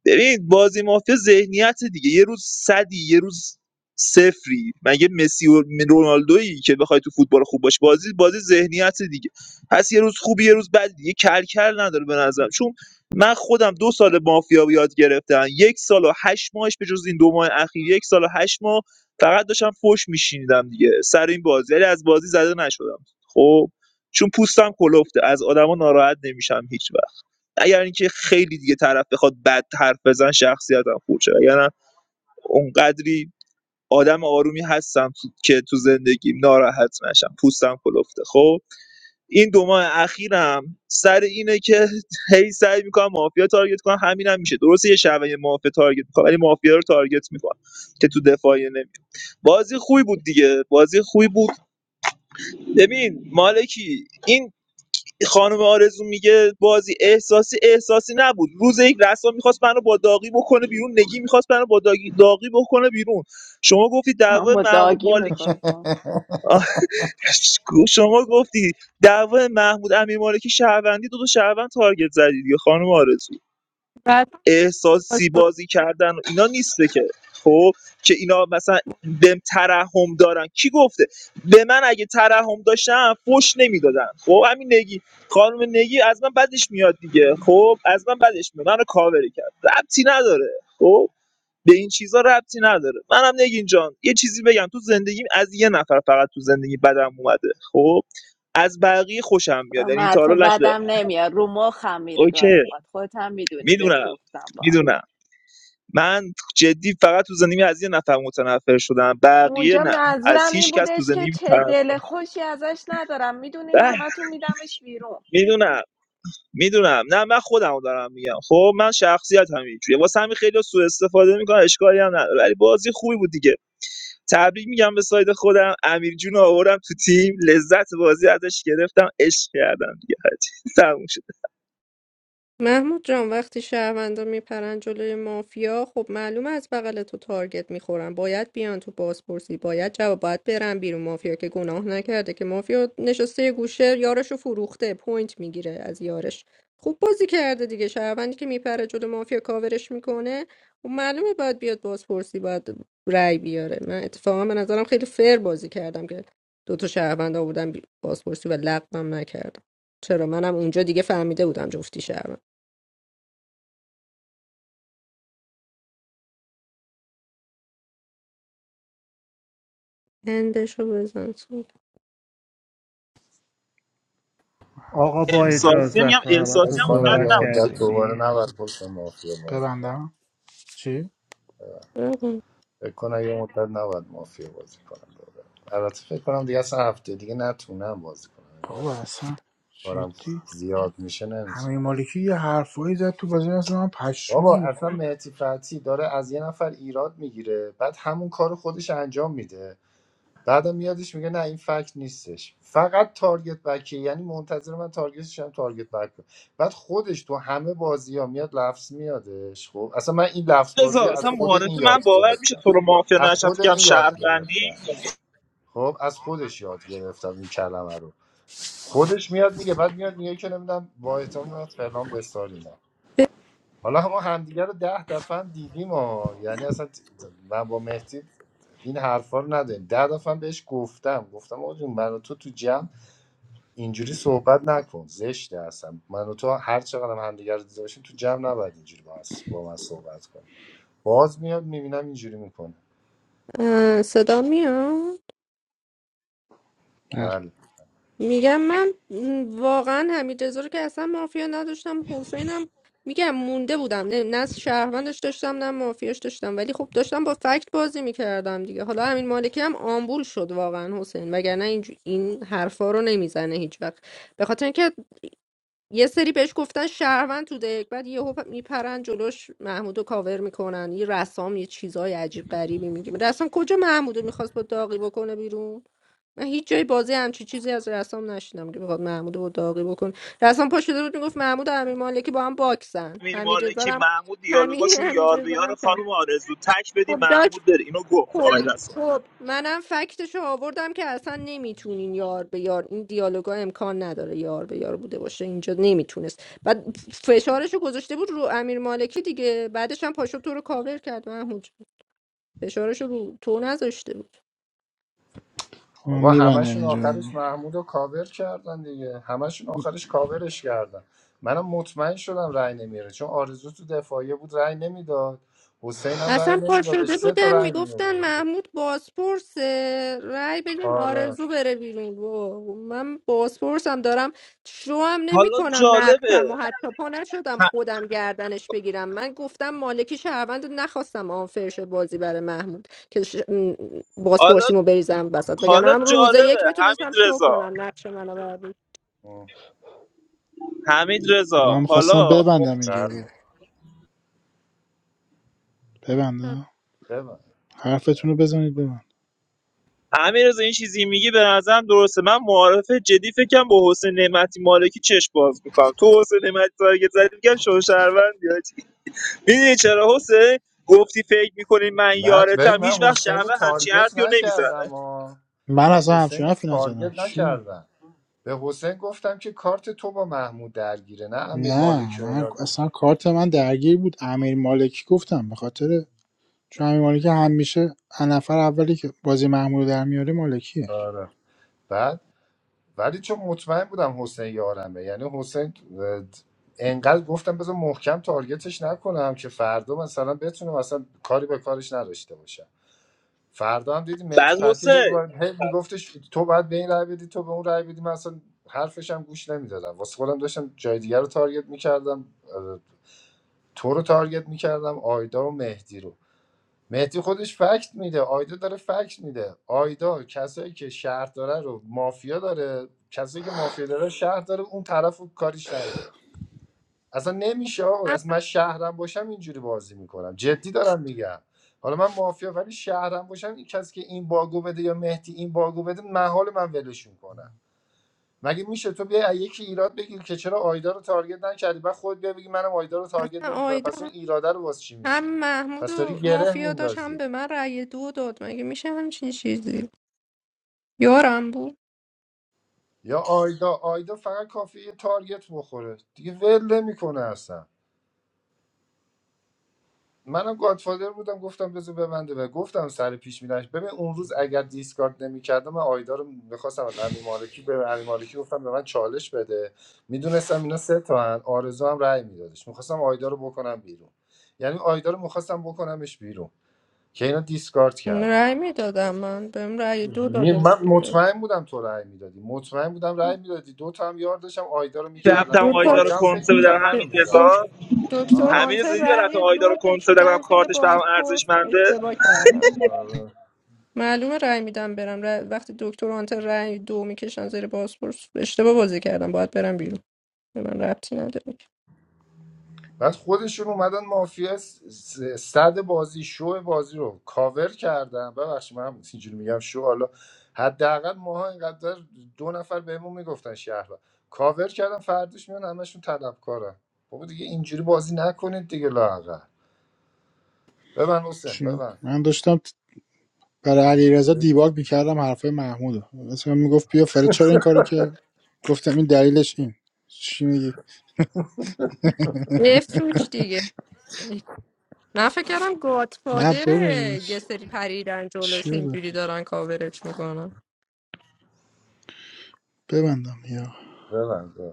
Speaker 3: ببین بازی مافیا ذهنیت دیگه یه روز صدی یه روز صفری مگه مسی و رونالدویی که بخوای تو فوتبال خوب باش بازی بازی ذهنیت دیگه پس یه روز خوبی یه روز بد دیگه کلکل نداره به نظرم چون من خودم دو سال مافیا یاد گرفتم یک سال و هشت ماهش به جز این دو ماه اخیر یک سال و هشت ماه فقط داشتم فوش میشینیدم دیگه سر این بازی ولی از بازی زده نشدم خب چون پوستم کلفته از آدما ناراحت نمیشم هیچ وقت اگر اینکه خیلی دیگه طرف بخواد بد حرف بزن شخصیتم خورد شه اگر نه اونقدری آدم آرومی هستم که تو زندگیم ناراحت نشم پوستم کلفته خب این دو ماه اخیرم سر اینه که هی سعی میکنم مافیا تارگت کنم همینم میشه درسته یه شبه یه مافیا تارگت میکنم ولی مافیا رو تارگت میکنم که تو دفاعیه نمیاد بازی خوبی بود دیگه بازی خوبی بود ببین مالکی این خانم آرزو میگه بازی احساسی احساسی نبود روز یک رسام میخواست منو با داغی بکنه بیرون نگی میخواست منو با داغی, داغی بکنه بیرون شما گفتی
Speaker 7: هم
Speaker 3: دعوای
Speaker 7: با
Speaker 3: محمود
Speaker 7: داگی
Speaker 3: مالکی
Speaker 7: میخواستم
Speaker 3: آه،
Speaker 2: [LAUGHS]
Speaker 3: شما گفتی دعوای محمود امیر مالکی شهروندی دو تا شهروند تارگت زدی دیگه خانم آرزو
Speaker 6: بعد
Speaker 3: احساسی بازی کردن و اینا نیسته که خب که اینا مثلا بهم ترحم دارن کی گفته به من اگه ترحم داشتن فوش نمیدادن خب همین نگی خانم نگی از من بدش میاد دیگه خب از من بدش میاد منو کاوری کرد ربطی نداره خب به این چیزا ربطی نداره منم نگین جان یه چیزی بگم تو زندگیم از یه نفر فقط تو زندگی بدم اومده خب از بقیه خوشم میاد یعنی
Speaker 7: من
Speaker 3: تا
Speaker 7: تو
Speaker 3: حالا نشده
Speaker 7: بعدم نمیاد رو مخم میری
Speaker 3: اوکی
Speaker 7: گاهی اوقات خودت هم میدونی بهت
Speaker 3: میدونم
Speaker 7: گفتم بار
Speaker 3: میدونم من جدی فقط تو زندگی از یه نفر متنفر شدم بقیه
Speaker 7: اونجا
Speaker 3: نه از
Speaker 7: منظورم این
Speaker 3: هیچ کس تو
Speaker 7: بودش که
Speaker 3: زندگی
Speaker 7: چه
Speaker 3: طرف
Speaker 7: دل خوشی ازش ندارم میدونین
Speaker 3: اه،
Speaker 7: همتون میدمش بیرون
Speaker 3: میدونم میدونم نه من خودمو دارم میگم خب من شخصیت هم اینجوریه واسه همین خیلی سوء استفاده میکنم اشکالی هم نداره ولی بازی خوبی بود دیگه تبریک میگم به ساید خودم امیر جون رو آوردم تو تیم لذت بازی ازش گرفتم عشق کردم دیگه حاجی [LAUGHS] تموم شد
Speaker 6: محمود جان وقتی شهروندا میپرن جلوی مافیا خب معلومه از بغل تو تارگت میخورن باید بیان تو بازپرسی باید جواب باید برن بیرون مافیا که گناه نکرده که مافیا نشسته یه گوشه یارشو فروخته پوینت میگیره از یارش خوب بازی کرده دیگه شهروندی که میپره جلو مافیا کاورش میکنه و معلومه باید بیاد بازپرسی باید رای بیاره من اتفاقا به نظرم خیلی فر بازی کردم که دو تا شهروند آوردم بازپرسی و لغوم نکردم چرا منم اونجا دیگه فهمیده بودم جفتی شهروند اندشو بزن
Speaker 18: آقا با
Speaker 2: میرم
Speaker 3: احساسی میگم
Speaker 18: اجازت ما همتون
Speaker 3: احساسی
Speaker 4: فکر
Speaker 3: هم
Speaker 4: کنم
Speaker 3: اونقدر
Speaker 18: صحبت
Speaker 4: یه
Speaker 3: نبود
Speaker 4: مدت
Speaker 18: کردیم
Speaker 4: دوباره
Speaker 18: دیگه
Speaker 4: نباید پشت مافیا بازی کنم
Speaker 2: ببندم چی
Speaker 6: سلطان.
Speaker 4: فکر کنم یه مدت نباید مافیا بازی کنم دوباره البته فکر کنم دیگه اصلا هفته دیگه نتونم بازی کنم یعنی
Speaker 2: بابا اصلا
Speaker 4: کارم
Speaker 2: جدی
Speaker 4: زیاد میشه نمیشه
Speaker 2: امیر مالکی یه حرفایی زد تو بازی اصلا من
Speaker 4: بابا
Speaker 2: پشمام
Speaker 4: اصلا
Speaker 2: میخورد
Speaker 4: مهتی فتی داره از یه نفر ایراد میگیره بعد همون کار خودش انجام میده بعدم میادش میگه نه این فکت نیستش فقط تارگت بکیه یعنی منتظر من تارگتش هم تارگت بک کنه. بعد خودش تو همه بازی ها میاد لفظ میادش خب اصلا من این لفظ بازی
Speaker 3: رضا اصلا
Speaker 4: از خود این
Speaker 3: معارفه من
Speaker 4: یاد
Speaker 3: باور میشه
Speaker 4: گرفتم
Speaker 3: تو رو مافیا
Speaker 4: از خود
Speaker 3: نشفت کم
Speaker 4: این یاد
Speaker 3: شهروندی
Speaker 4: گرفتم خب از خودش یاد گرفتم این کلمه رو خودش میاد میگه بعد میاد میگه که نمیدونم با احترام نمیدونم فلان بساری حالا ما همدیگه رو ده دفعه هم دیدیم ها یعنی اصلا ت- ت- من با مهدی این حرفا رو نداریم ده دفعه هم بهش گفتم گفتم آقا جون من و تو تو جمع اینجوری صحبت نکن زشته اصلا من و تو هر چقدر هم همدیگه رو دیده باشیم تو جمع نباید اینجوری با, من- با من صحبت کنیم باز میاد میبینم اینجوری میکنه
Speaker 6: اه، صدا میاد
Speaker 2: بله
Speaker 4: بله
Speaker 6: میگم من م، واقعا حمید رضا رو که اصلا مافیا نداشتم حسینم میگم مونده بودم نه نه شهروندش داشتم نه مافیاش داشتم ولی خب داشتم با فکت بازی میکردم دیگه حالا همین مالکی هم آمبول شد واقعا حسین وگرنه این, این حرفا رو نمیزنه هیچ وقت به خاطر اینکه یه سری بهش گفتن شهروند تو دک بعد یهو میپرن جلوش محمودو کاور میکنن یه رسام یه چیزای عجیب غریبی میگه رسام کجا محمودو میخواست با داغی بکنه بیرون من هیچ جای بازی همچی چیزی از رسام نشیدم که بخواد محمودو با داغی بکنه رسام پا شده بود میگفت محمود و امیر مالکی با هم باکسن
Speaker 3: امیر
Speaker 6: همین رضا
Speaker 3: مالکی
Speaker 6: هم
Speaker 3: محمود
Speaker 6: همین
Speaker 3: دیالوگاشون
Speaker 6: همین
Speaker 3: یار به
Speaker 6: رضا
Speaker 3: یار
Speaker 6: هم کرد.
Speaker 3: خانم آرزو تک بدی
Speaker 6: خب داش
Speaker 3: محمود بره اینو گفت
Speaker 6: خب
Speaker 3: آقای رسول
Speaker 6: خب منم فکتشو آوردم که اصلا نمیتونین یار به یار این دیالوگا امکان نداره یار به یار بوده باشه اینجا نمیتونست بعد فشارشو گذاشته بود رو امیر مالکی دیگه بعدش هم پاشو تو رو کاور کرد محمود جون. فشارشو رو تو نذاشته بود
Speaker 2: خب من
Speaker 4: بابا
Speaker 2: میبندم
Speaker 4: همشون
Speaker 2: اینجا رو
Speaker 4: آخرش
Speaker 2: دیگه
Speaker 4: محمود رو کاور کردن دیگه همشون آخرش کاورش کردن منم مطمئن شدم رأی نمیره چون آرزو تو دفاعیه بود رأی نمیداد حسین هم رأی
Speaker 6: اصلا پا
Speaker 4: نمیدادش
Speaker 6: شده
Speaker 4: سه تا
Speaker 6: بودن
Speaker 4: رأی
Speaker 6: میگفتن
Speaker 4: میورد
Speaker 6: محمود بازپرس رای بدیم
Speaker 4: آره
Speaker 6: آرزو بره بیرون و من بازپرسم دارم شو هم نمی
Speaker 3: حالا
Speaker 6: کنم نقشم و
Speaker 3: جالبه
Speaker 6: حتی پا نشدم
Speaker 3: ه-
Speaker 6: خودم گردنش بگیرم من گفتم مالکی شهروند رو نخواستم آنفرش بازی برای محمود که ش... م-
Speaker 3: حالا
Speaker 6: بازپرسیمو بریزم وسط وگرنه
Speaker 3: حالا
Speaker 6: هم روزه یک
Speaker 3: جالبه حمید
Speaker 6: میتونستم شو
Speaker 3: رضا
Speaker 6: کنم نقش منو بردی
Speaker 4: اه،
Speaker 3: حمید رضا
Speaker 2: آقا من میخواستم
Speaker 3: حالا خب
Speaker 2: ببندم اینجا
Speaker 4: بله
Speaker 2: رو
Speaker 6: هم
Speaker 2: ببندم
Speaker 4: ببین
Speaker 2: حرفتون رو بزنید ببند
Speaker 3: حمید رضا این چیزی میگی به نظرم درسته من معارفه جدی فکرم با حسین نعمتی مالکی چش باز میکنم تو حسین نعمتی تارگت زدی میگم شو شهروندی حاجی. میدونی چرا حسین گفتی فکر میکنی من
Speaker 4: من ببین،
Speaker 3: یارتم
Speaker 4: من
Speaker 3: هیچ وقت
Speaker 4: حسین رو
Speaker 3: شهروند همچین
Speaker 4: تارگت
Speaker 3: حرفی رو نمیزنه
Speaker 4: نکردم ها
Speaker 2: من
Speaker 4: من
Speaker 2: اصلا
Speaker 4: حسین رو
Speaker 2: همچنان فیلم زدم
Speaker 4: تارگت
Speaker 2: چی می-
Speaker 4: نکردم به حسین گفتم که کارت تو با محمود درگیره نه امیر
Speaker 2: نه
Speaker 4: مالکی و
Speaker 2: من
Speaker 4: اینا
Speaker 2: اصلا کارت من درگیر بود امیر مالکی گفتم به خاطر چون امیر مالکی همیشه هر نفر اولی که بازی محمود در میاره مالکیه
Speaker 4: آره بعد ولی چون مطمئن بودم حسین یارمه یعنی حسین اه، انقدر گفتم بذار محکم تارگتش نکنم که فردا مثلا بتونم اصلا کاری به کارش نداشته باشم فردا هم دیدی مهدی
Speaker 3: بعد
Speaker 4: فتحی هی
Speaker 3: حسین
Speaker 4: وارد- هی میگفتش تو باید به این رای بدی تو به اون رای بدی من اصلا حرفش هم گوش نمیدادم واسه خودم داشتم جای دیگر رو تارگت میکردم تو رو تارگت میکردم آیدا و مهدی رو مهدی خودش فکت میده آیدا داره فکت میده آیدا کسایی که شهر داره رو مافیا داره کسایی که مافیا داره شهر داره اون طرف رو کاریش نداره اصلا نمیشه آقا از من شهرم باشم اینجوری بازی میکنم جدی دارم میگم حالا من مافیا ولی شهرم باشم این کسی که این باگو بده یا مهدی این باگو بده محال من ولشون کنم مگه میشه تو بیای از یکی ایراد بگیر که چرا آیدا رو تارگت نکردی بعد خود بیا بگی منم آیدا رو تارگت
Speaker 6: اصلا
Speaker 4: نمیکنه پس اون
Speaker 6: آیدا
Speaker 4: ایراده رو واسه چی
Speaker 6: هم
Speaker 4: میگیری
Speaker 6: محمود
Speaker 4: پس داری
Speaker 6: و
Speaker 4: گره
Speaker 6: مافیا داشت
Speaker 4: میندازی
Speaker 6: هم به من رأی دو داد مگه میشه همچین چیزی یارم بود
Speaker 4: یا آیدا آیدا فقط کافیه یه تارگت بخوره دیگه ول نمیکنه اصلا منم گادفادر بودم گفتم بذار ببنده و گفتم سر پیش میرنش ببین اون روز اگر دیسکارد نمیکردم من آیدا رو میخواستم از امی مالکی به امی مالکی گفتم به من چالش بده میدونستم اینا سه تا هن. آرزو هم رأی میدادش میخواستم آیدا رو بکنم بیرون یعنی آیدا رو میخواستم بکنمش بیرون که اینا دیسکارد کردن
Speaker 6: رأی میدادم من بهم رأی دو
Speaker 4: می-
Speaker 6: داده بود
Speaker 4: من
Speaker 6: دیگه
Speaker 4: مطمئن بودم تو رأی میدادی مطمئن بودم رأی میدادی دو تا هم یار داشتم آیدا رو میکردم
Speaker 3: رفتم
Speaker 6: دو
Speaker 4: بیرون
Speaker 6: تا
Speaker 3: آیدا رو
Speaker 4: آیدا
Speaker 6: چ-
Speaker 4: هم فکر
Speaker 3: کنسه
Speaker 4: میکرد
Speaker 3: بدم
Speaker 4: منو
Speaker 3: همین
Speaker 4: میبره
Speaker 6: دک-
Speaker 3: رضا
Speaker 6: دکتر
Speaker 4: ها
Speaker 3: همین رضا
Speaker 6: هانتر
Speaker 3: دیدی رفتم
Speaker 6: رأی
Speaker 3: آیدا رو
Speaker 6: دو
Speaker 3: کنسه بدم
Speaker 6: کشیدن
Speaker 3: گفتم
Speaker 6: زیر
Speaker 3: کارتش برام
Speaker 6: بازپرس
Speaker 3: ارزشمنده
Speaker 6: اشتباه کردن
Speaker 4: آره.
Speaker 6: معلومه رأی میدم برم رأی- وقتی دکتر هانتر رأی دو میکشن زیر بازپرس اشتباه بازی کردم باید برم بیرون به من ربطی نداره
Speaker 4: بعد خودشون اومدن مافیا س- س- صد بازی شو بازی رو کاور کردن ببخشید من هم اینجوری میگم شو حالا حداقل ماها اینقدر دو نفر بهمون میگفتن شهر کاور کردن فردش میان همشون طلبکارن بابا دیگه اینجوری بازی نکنید دیگه لااقل ببن حسین
Speaker 2: چی؟
Speaker 4: ببن
Speaker 2: من داشتم برای علیرضا دیباگ میکردم حرفای محمودو مثلا میگفت بیا فرید چرا این کارو که گفتم این دلیلش این چی میگی
Speaker 6: بفروش دیگه من فکر کردم
Speaker 2: نه بابا
Speaker 6: گادفادره یه سری پریدن
Speaker 2: چی
Speaker 6: جلوش
Speaker 2: بگم؟
Speaker 6: اینجوری دارن کاورش میکنن
Speaker 2: ببندم یا
Speaker 4: ببن ببن.